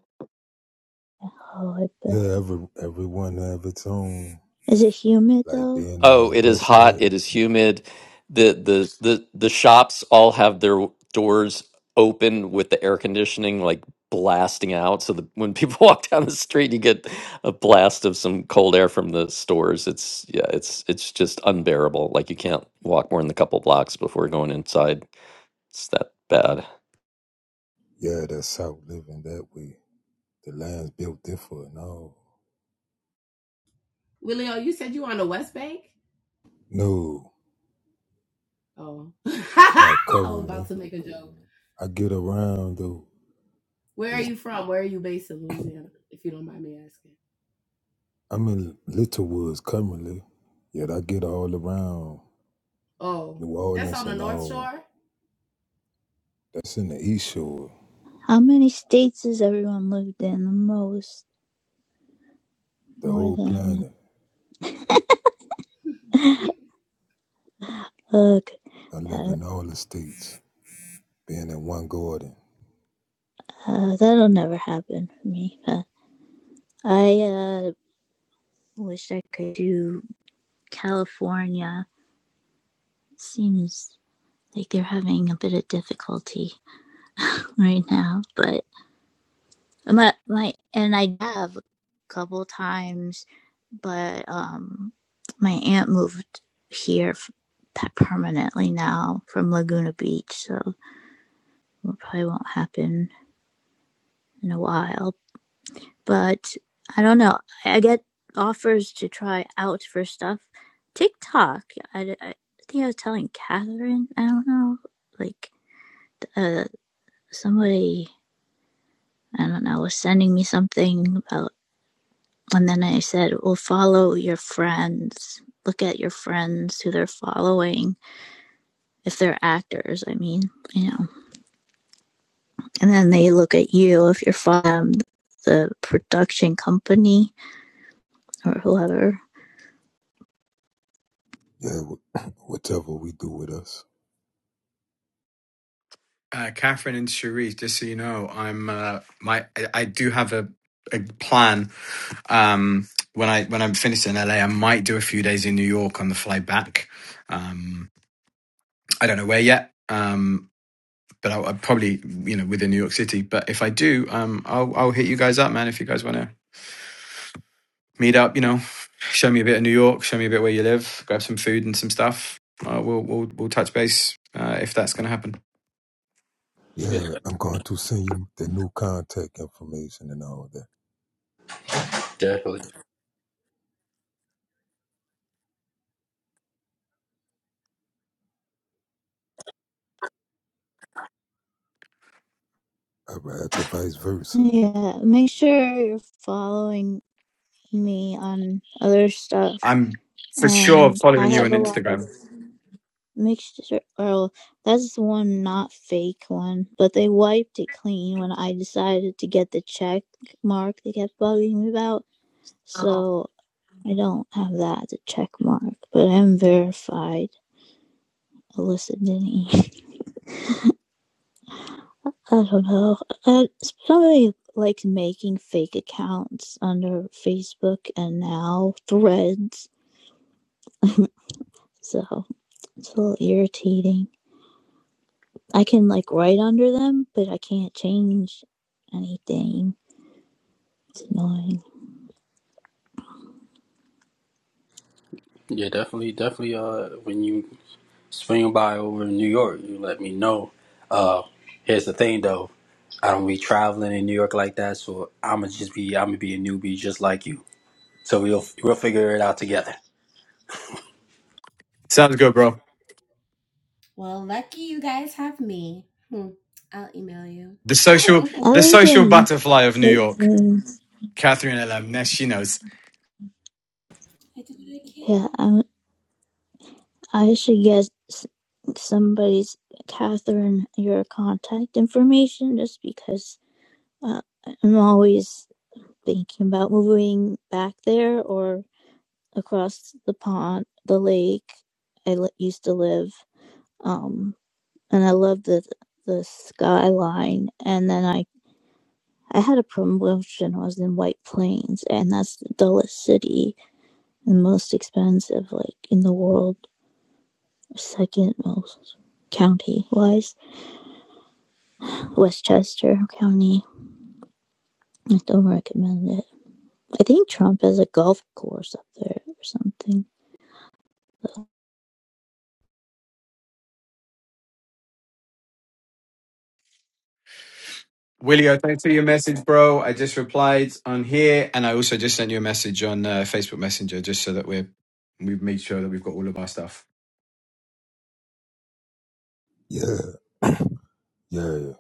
Oh, I bet.
Yeah, every everyone have its own.
Is it humid
Like
though?
being on
Oh,
the
it is
west
hot.
that.
It is humid. The the the the shops all have their doors open with the air conditioning like blasting out. So the, when people <laughs> walk down the street, you get a blast of some cold air from the stores. It's yeah, it's it's just unbearable. Like you can't walk more than a couple blocks before going inside. It's that bad.
Yeah, that's south living that way. The land's built different. No,
Willio, you said you on the West Bank?
no,
Oh. <laughs> I
not
am about
currently.
to make a joke.
I get around though.
Where are
It's,
you from? Where are you based in Louisiana, if you don't mind me asking?
I'm in Little Woods currently. Yet I get all around.
Oh,
New
that's on
Orleans
the
and
North
all.
Shore?
That's in the East Shore,
How many states has everyone lived in the most?
the
More
whole
than
planet.
ugh,
I live
yeah,
in all the states, being in one garden.
uh, that'll never happen for me. Uh, I uh wish I could do California. Seems like they're having a bit of difficulty <laughs> right now, but My, my, and I have a couple times, but um, my aunt moved here f- permanently now from Laguna Beach, so it probably won't happen in a while. But I don't know. I get offers to try out for stuff. TikTok. I, I think I was telling Catherine. I don't know. Like uh, somebody. I don't know. Was sending me something about And then I said, well, follow your friends. Look at your friends who they're following. If they're actors, I mean, you know. And then they look at you if you're from the production company or whoever.
Yeah, <coughs> <clears throat> whatever we do with us.
uh, Catherine and Cherise, just so you know, I'm, uh, my, I, I do have a, a plan. Um, when I, when I'm finished in LA, I might do a few days in New York on the fly back. Um, I don't know where yet. Um, but I'll, I'll probably you know within New York City. But if I do, um, I'll I'll hit you guys up, man. If you guys want to meet up, you know, show me a bit of New York, show me a bit where you live, grab some food and some stuff. Uh, we'll we'll we'll touch base uh, if that's going to happen.
Yeah,
Yeah, I'm going to send you the new contact information and all that.
definitely.
I ride to vice versa.
Yeah, make sure you're following me on other stuff.
I'm for sure
And I
following you on
have a lot of
Instagram.
mixture or that's the one not fake one but they wiped it clean when i decided to get the check mark they kept bugging me about so i don't have that as check mark but i'm verified alyssa denny <laughs> i don't know uh, somebody likes making fake accounts under facebook and now threads so it's a little irritating i can like write under them but i can't change anything It's annoying.
Yeah, definitely, definitely. Uh, when you swing by over in New York, you let me know. Uh, here's the thing though, I don't be traveling in New York like that, so I'ma just be I'ma be a newbie just like you. So we'll we'll figure it out together.
Sounds good, bro.
Well, lucky you guys have me. Hmm. I'll email you.
The
<laughs> I
social
I
the
lived
social
in
butterfly of New
like,
York,
Plains.
Catherine LM. She knows.
do what I
yeah,
can.
I I should get s- somebody's Catherine your contact information just because uh, I'm always thinking about moving back there or across the pond, the lake I li- used to live. Um, and I love the the skyline. And then I I had a promotion. I was in White Plains, and that's the dullest city the most expensive like in the world second most county wise westchester county i don't recommend it i think trump has a golf course up there or something
Willio, thanks for your message, bro. I just replied on here, and I also just sent you a message on uh, Facebook Messenger, just so that we're we've made sure that we've got all of our stuff.
Yeah, yeah.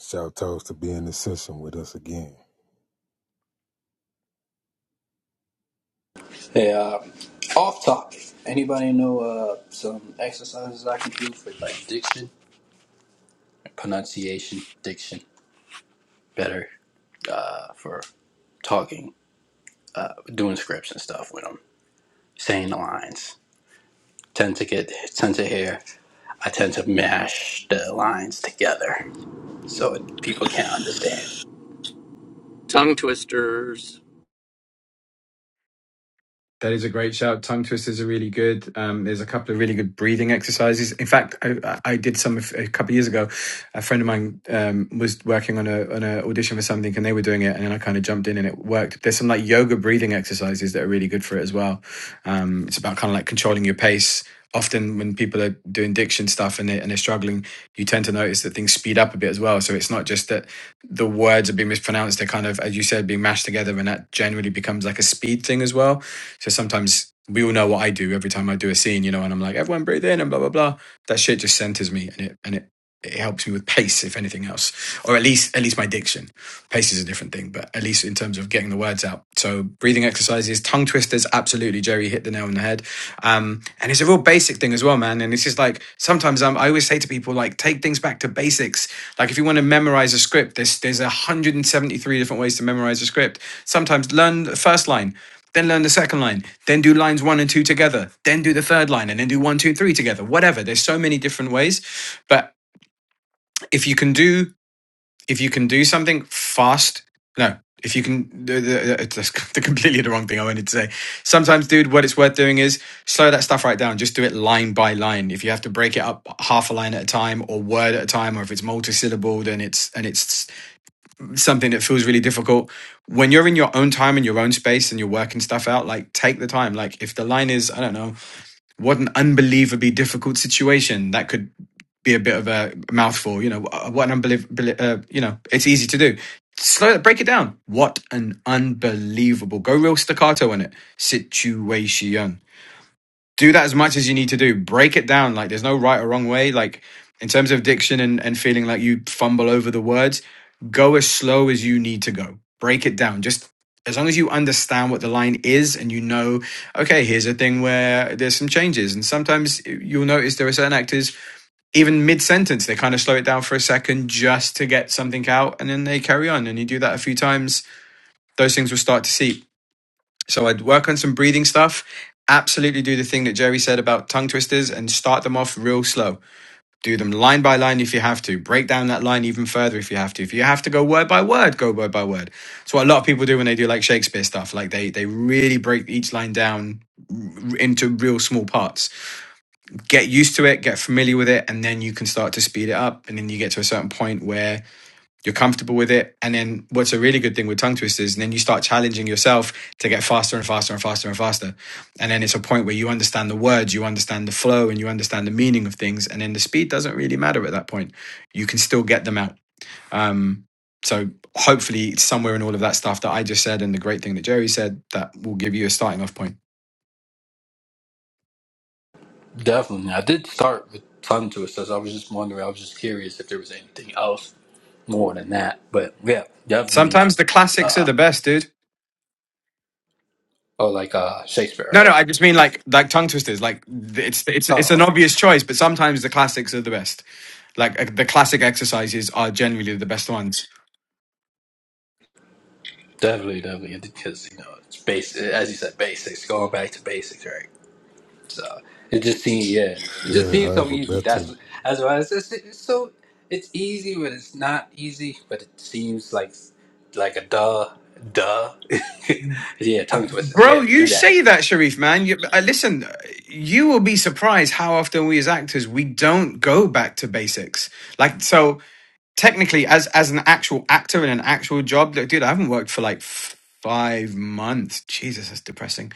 Shout outs to being in the session with us again.
Hey, uh, off topic. Anybody know uh, some exercises I can do for like diction, Pronunciation, diction, better uh, for talking, doing scripts and stuff when I'm saying the lines. Tend to get tend to hear. I tend to mash the lines together so it, people can't understand.
Tongue twisters.
That is a great shout. Tongue twisters are really good. Um, there's a couple of really good breathing exercises. In fact, I, I did some a couple of years ago. A friend of mine um, was working on a on an audition for something, and they were doing it, and then I kind of jumped in, and it worked. There's some like yoga breathing exercises that are really good for it as well. Um, it's about kind of like controlling your pace. Often, when people are doing diction stuff and they and they're struggling, you tend to notice that things speed up a bit as well. So it's not just that the words are being mispronounced; they're kind of, as you said, being mashed together, and that generally becomes like a speed thing as well so sometimes we all know what I do every time I do a scene, you know, and I'm like, everyone breathe in and blah blah blah. That shit just centers me and it and it it helps me with pace, if anything else, or at least at least my diction. Pace is a different thing, but at least in terms of getting the words out. So breathing exercises, tongue twisters, absolutely. Jerry hit the nail on the head. Um, and it's a real basic thing as well, man. And it's just like sometimes um, I always say to people, like, take things back to basics. Like if you want to memorize a script, there's there's 173 different ways to memorize a script. Sometimes learn the first line, then learn the second line, then do lines one and two together, then do the third line, and then do one, two, three together. Whatever. There's so many different ways, but if you can do if you can do something fast, no. If you can, it's <laughs> completely the wrong thing I wanted to say. Sometimes, dude, what it's worth doing is slow that stuff right down. Just do it line by line. If you have to break it up half a line at a time, or word at a time, or if it's multisyllable, then it's and it's something that feels really difficult when you're in your own time and your own space and you're working stuff out like take the time like if the line is i don't know what an unbelievably difficult situation that could be a bit of a mouthful you know what an unbelievable uh, you know it's easy to do slow break it down what an unbelievable go real staccato in it situation do that as much as you need to do. Break it down. Like there's no right or wrong way. Like in terms of diction and, and feeling like you fumble over the words, go as slow as you need to go. Break it down. Just as long as you understand what the line is and you know, okay, here's a thing where there's some changes. And sometimes you'll notice there are certain actors, even mid sentence, they kind of slow it down for a second just to get something out and then they carry on. And you do that a few times, those things will start to seep. So I'd work on some breathing stuff. Absolutely do the thing that Jerry said about tongue twisters and start them off real slow. Do them line by line if you have to. Break down that line even further if you have to. If you have to go word by word, go word by word. It's what a lot of people do when they do like Shakespeare stuff. Like they they really break each line down r- into real small parts. Get used to it, get familiar with it, and then you can start to speed it up. And then you get to a certain point where you're comfortable with it. And then what's a really good thing with tongue twisters, and then you start challenging yourself to get faster and faster and faster and faster. And then it's a point where you understand the words, you understand the flow, and you understand the meaning of things. And then the speed doesn't really matter at that point. You can still get them out. Um, so hopefully, it's somewhere in all of that stuff that I just said and the great thing that Jerry said that will give you a starting off point.
Definitely, I did start with tongue twisters. I was just wondering. I was just curious if there was anything else more than that. But yeah, definitely.
Sometimes the classics
uh,
are the best, dude.
Oh, like uh, Shakespeare,
No, no,
right?
I just mean like like tongue twisters. Like it's it's it's
Oh,
an obvious choice, but sometimes the classics are the best. Like uh, the classic exercises are generally the best ones.
definitely, definitely, because you know it's basic, as you said, basics. Going back to basics, right? So it just seems, yeah, it just
Yeah,
seems so
however,
easy.
better.
That's that's why it's, it's, it's so it's easy, but it's not easy. But it seems like like a duh, duh. <laughs> yeah, tongue twisters.
Bro,
Yeah,
you
do that.
say that, Sharif, man. You, uh, listen, you will be surprised how often we as actors we don't go back to basics. Like, so technically, as as an actual actor in an actual job, like, dude, I haven't worked for like f- five months. Jesus, that's depressing.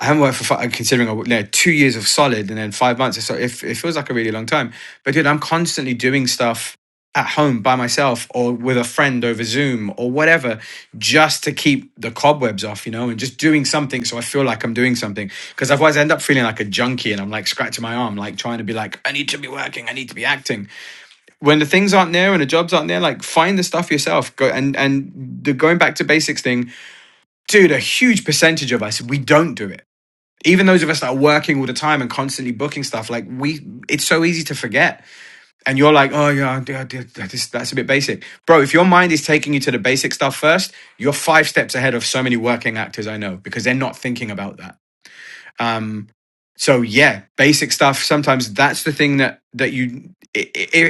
I haven't worked for five, considering I worked, like two years of solid and then five months. So it, it feels like a really long time. But dude, I'm constantly doing stuff at home by myself or with a friend over Zoom or whatever, just to keep the cobwebs off, you know, and just doing something so I feel like I'm doing something. Because otherwise, I end up feeling like a junkie and I'm like scratching my arm, like trying to be like, I need to be working, I need to be acting. When the things aren't there and the jobs aren't there, like find the stuff yourself. Go and and the going back to basics thing, dude. A huge percentage of us we don't do it even those of us that are working all the time and constantly booking stuff, like we, it's so easy to forget. And you're like, oh yeah, that is- a bit basic, bro. If your mind is taking you to the basic stuff first, you're five steps ahead of so many working actors I know because they're not thinking about that. Um, so yeah, basic stuff. Sometimes that's the thing that that you,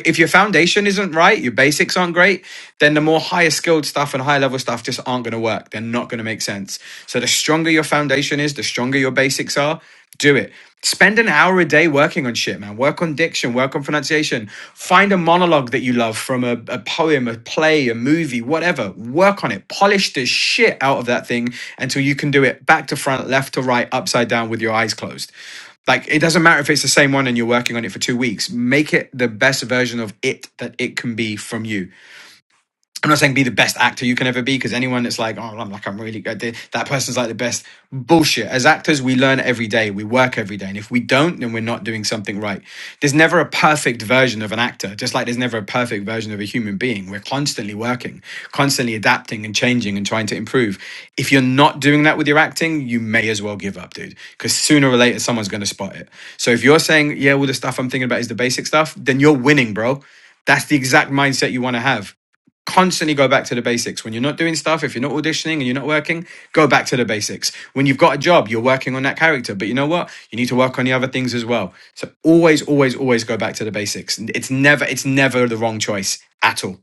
if your foundation isn't right, your basics aren't great, then the more higher skilled stuff and higher level stuff just aren't going to work. They're not going to make sense. So the stronger your foundation is, the stronger your basics are do it. Spend an hour a day working on shit, man. Work on diction, work on pronunciation. Find a monologue that you love from a, a poem, a play, a movie, whatever. Work on it. Polish the shit out of that thing until you can do it back to front, left to right, upside down with your eyes closed. Like, it doesn't matter if it's the same one and you're working on it for two weeks. Make it the best version of it that it can be from you I'm not saying be the best actor you can ever be because anyone that's like, oh, I'm like, I'm really good. They, that person's like the best. Bullshit. As actors, we learn every day. We work every day. And if we don't, then we're not doing something right. There's never a perfect version of an actor, just like there's never a perfect version of a human being. We're constantly working, constantly adapting and changing and trying to improve. If you're not doing that with your acting, you may as well give up, dude, because sooner or later, someone's going to spot it. So if you're saying, yeah, all the stuff I'm thinking about is the basic stuff, then you're winning, bro. That's the exact mindset you want to have constantly go back to the basics. When you're not doing stuff, if you're not auditioning and you're not working, go back to the basics. When you've got a job, you're working on that character, but you know what? You need to work on the other things as well. So always, always, always go back to the basics. It's never, it's never the wrong choice at all.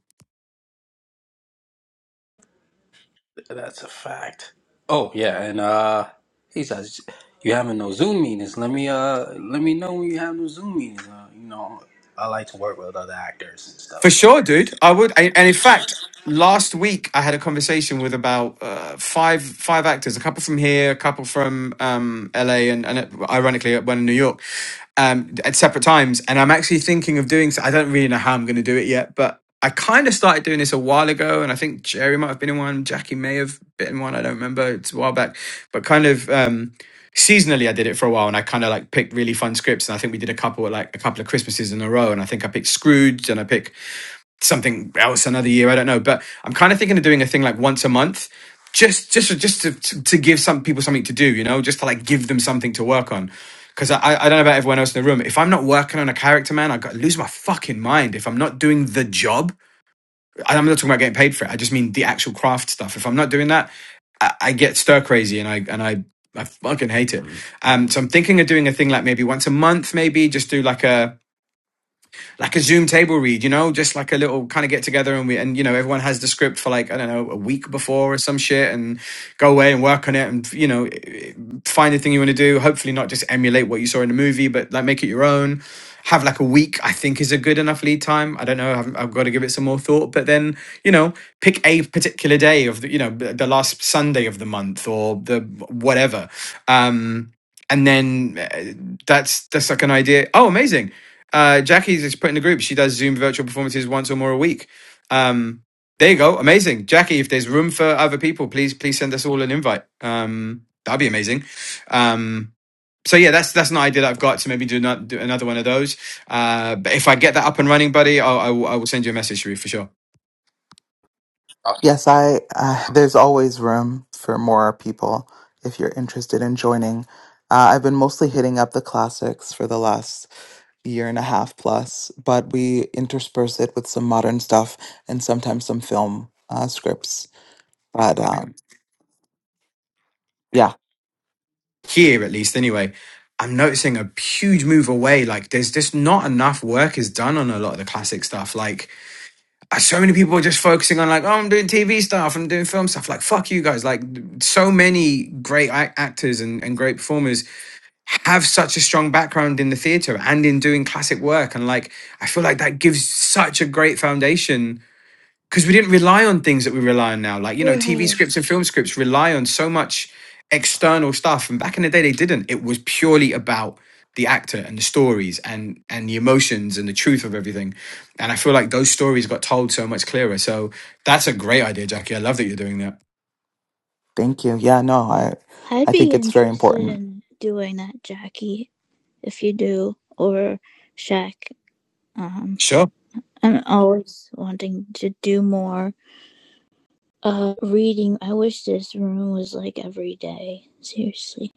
That's a fact. Oh yeah, and uh, he says you having no Zoom meetings. Let me uh, let me know when you have no Zoom meetings. Uh, you know, I like to work with other actors and stuff,
For
so
sure, dude. I would, and in fact, last week I had a conversation with about uh, five five actors, a couple from here, a couple from um, LA, and, and ironically one in New York um, at separate times. And I'm actually thinking of doing so. I don't really know how I'm going to do it yet, but I kind of started doing this a while ago. And I think Jerry might have been in one, Jackie may have been in one. I don't remember. It's a while back, but kind of. Um, seasonally i did it for a while and i kind of like picked really fun scripts and i think we did a couple like a couple of christmases in a row and i think i picked scrooge and i picked something else another year. I don't know, but I'm kind of thinking of doing a thing like once a month, just just just to to, to give some people something to do. You know, just to like give them something to work on. Because I, I don't know about everyone else in the room. If I'm not working on a character, man, I got, lose my fucking mind. If I'm not doing the job, I'm not talking about getting paid for it. I just mean the actual craft stuff. If I'm not doing that, I, I get stir crazy and I and I I fucking hate it. Um, so I'm thinking of doing a thing like maybe once a month, maybe just do like a like a Zoom table read, you know, just like a little kind of get together and we and you know everyone has the script for like I don't know a week before or some shit and go away and work on it and you know find the thing you want to do. Hopefully not just emulate what you saw in the movie, but like make it your own. Have like a week, I think, is a good enough lead time. I don't know. I've, I've got to give it some more thought. But then, you know, pick a particular day of the, you know, the last Sunday of the month or the whatever. Um, and then uh, that's that's like an idea. Oh, amazing! Uh, Jackie's just put in the group. She does Zoom virtual performances once or more a week. Um, there you go. Amazing. Jackie, if there's room for other people, please, please send us all an invite. Um, that'd be amazing. Um, so yeah, that's that's an idea that I've got to maybe do, not, do another one of those. Uh, but if I get that up and running, buddy, I'll, I, will, I will send you a message, Sharif, for sure.
I
Yes, I, uh, there's always room for more people if you're interested in joining. Uh, I've been mostly hitting up the classics for the last year and a half plus, but we intersperse it with some modern stuff and sometimes some film uh, scripts. But um, yeah,
here at least anyway i'm noticing a huge move away like there's just not enough work is done on a lot of the classic stuff like uh, so many people are just focusing on like, oh, I'm doing TV stuff, I'm doing film stuff. Like, fuck you guys. Like, so many great actors and, and great performers have such a strong background in the theater and in doing classic work. And like, I feel like that gives such a great foundation because we didn't rely on things that we rely on now. Like, you know,
Or
TV
higher.
scripts and film scripts rely on so much external stuff. And back in the day, they didn't. It was purely about the actor and the stories and and the emotions and the truth of everything. And I feel like those stories got told so much clearer. So that's a great idea, Jackie. I love that you're doing that.
thank you. Yeah, no, I
i'd
I
be
think it's very
interested
important.
in doing that jackie if you do or Shaq. um
Sure.
i'm always wanting to do more uh reading i wish this room was like every day seriously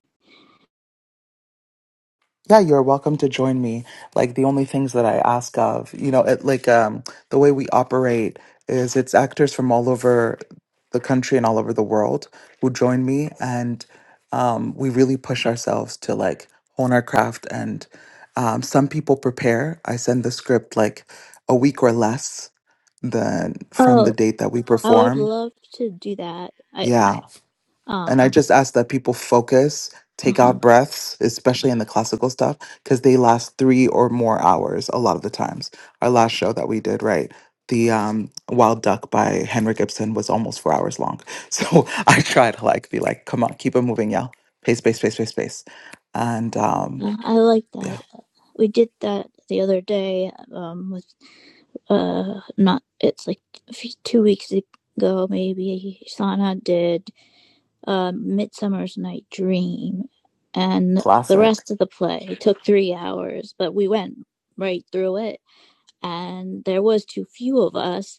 Yeah, you're welcome to join me. Like the only things that I ask of, you know, it, like um, the way we operate is it's actors from all over the country and all over the world who join me, and um, we really push ourselves to like hone our craft. And um, some people prepare. I send the script like a week or less than from the
oh
date that we
I would
perform.
love to do that. I,
Yeah, and I
Um,
just ask that people focus, take
uh-huh.
out breaths, especially in the classical stuff, because they last three or more hours a lot of the times. Our last show that we did, right? The um, Wild Duck by Henrik Ibsen was almost four hours long. <laughs> So I try to like be like, come on, keep it moving, y'all. Pace, pace, pace, pace, pace. And um,
Yeah, I like that.
yeah,
We did that the other day. Um, with uh, not it's like a few, two weeks ago maybe. Sana did uh, Midsummer's Night Dream, and the
classic.
rest of the play took three hours, but we went right through it. And there was too few of us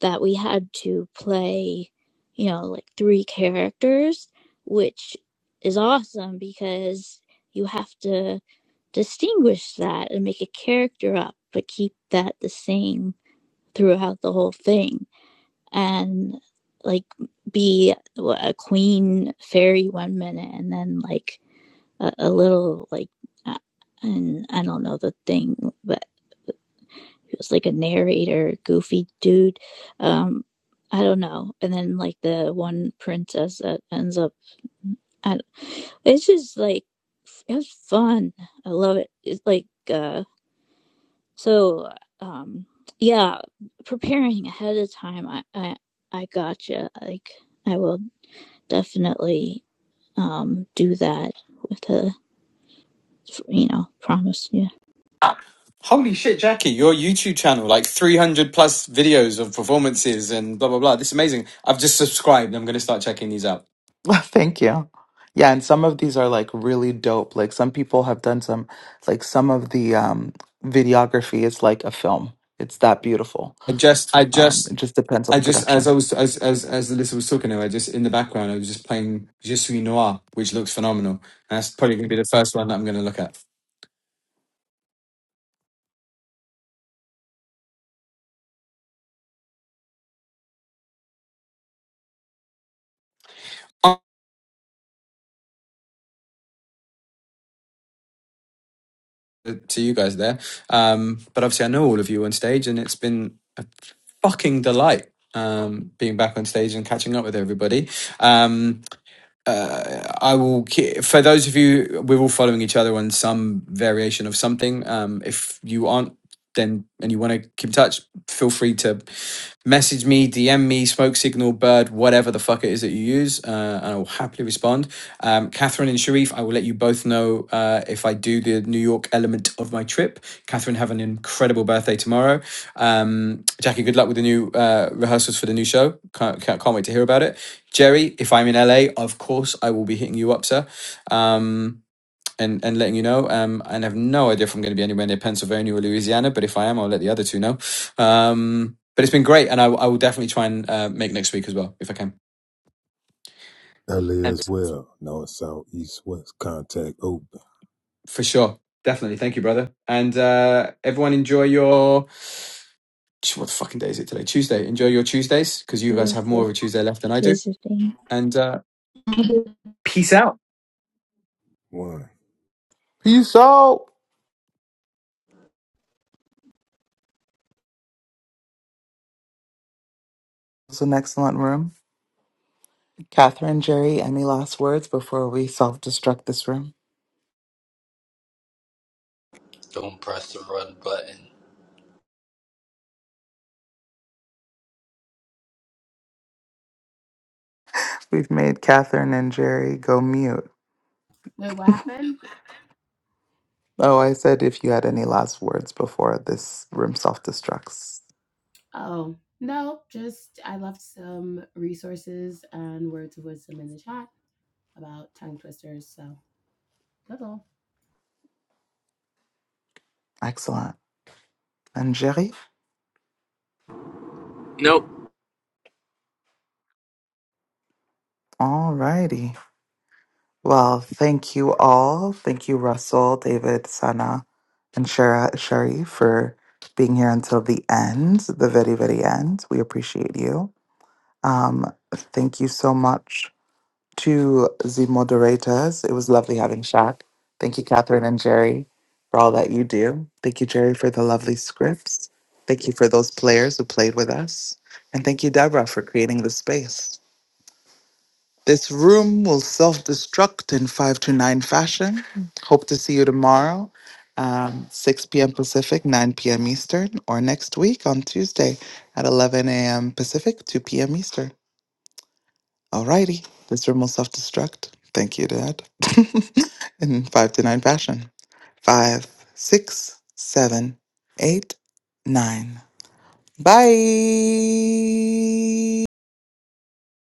that we had to play, you know, like three characters, which is awesome because you have to distinguish that and make a character up, but keep that the same throughout the whole thing. And like be a queen fairy one minute and then like a, a little like uh, and I don't know the thing, but it was like a narrator, goofy dude. Um, I don't know. And then like the one princess that ends up, I, don't, it's just like it was fun. I love it. It's like uh, So, um, yeah, preparing ahead of time, I, I, I gotcha. Like, I will definitely um do that with a, you know, promise you
Holy shit, Jackie, your YouTube channel, like 300 plus videos of performances and blah, blah, blah. This is amazing. I've just subscribed. I'm going to start checking these out.
<laughs> Thank you. Yeah, and some of these are like really dope. Like some people have done some, like some of the um, videography is like a film. It's that beautiful.
I just, I
Um,
just
it just depends on
I
the
just as I
production.
was as as as Alyssa was talking now, I just in the background I was just playing Je suis noir, which looks phenomenal. And that's probably gonna be the first one that I'm gonna look at. Oh, To you guys there. Um but obviously I know all of you on stage and it's been a fucking delight um being back on stage and catching up with everybody. Um uh, I will ke- for those of you we're all following each other on some variation of something. Um if you aren't then and you want to keep in touch, feel free to message me, DM me, smoke signal, bird, whatever the fuck it is that you use, uh, and I will happily respond. Um, Catherine and Sharif, I will let you both know uh, if I do the New York element of my trip. Catherine, have an incredible birthday tomorrow. Um, Jackie, good luck with the new uh, rehearsals for the new show. Can't, can't, can't wait to hear about it. Jerry, if I'm in LA, of course I will be hitting you up, sir. Um, and and letting you know. Um, and I have no idea if I'm going to be anywhere near Pennsylvania or Louisiana, but if I am, I'll let the other two know. Um, but it's been great, and I, I will definitely try and uh, make next week as well if I can.
LA
And
as well. North, south, east, west. Contact open.
for sure, definitely, thank you, brother. And uh, everyone, enjoy your what the fucking day is it today? Tuesday. Enjoy your Tuesdays because you guys have more
Beautiful.
of a Tuesday left than I do.
visiting.
And uh,
I
Peace out.
One.
Peace out. It's an excellent room. Catherine, Jerry, any last words before we self destruct this room?
don't press the run button.
We've made Catherine and Jerry go mute.
Wait, what happened?
Oh, I said if you had any last words before this room self destructs.
Oh, no, just I left some resources and words of wisdom in the chat about tongue twisters. So that's all.
Excellent. And Jerry?
Nope.
All righty. Well, thank you all. Thank you, Russell, David, Sana, and Shara, Sherry for being here until the end, the very, very end. We appreciate you. Um, thank you so much to the moderators. It was lovely having Shaq. Thank you, Catherine and Jerry, for all that you do. Thank you, Jerry, for the lovely scripts. Thank you for those players who played with us. And thank you, Deborah, for creating the space. This room will self destruct in five to nine fashion. Hope to see you tomorrow, um, 6 p.m. Pacific, 9 p.m. Eastern, or next week on Tuesday at 11 a.m. Pacific, 2 p.m. Eastern. Alrighty, this room will self destruct. Thank you, Dad. <laughs> In five to nine fashion. Five, six, seven, eight, nine. Bye.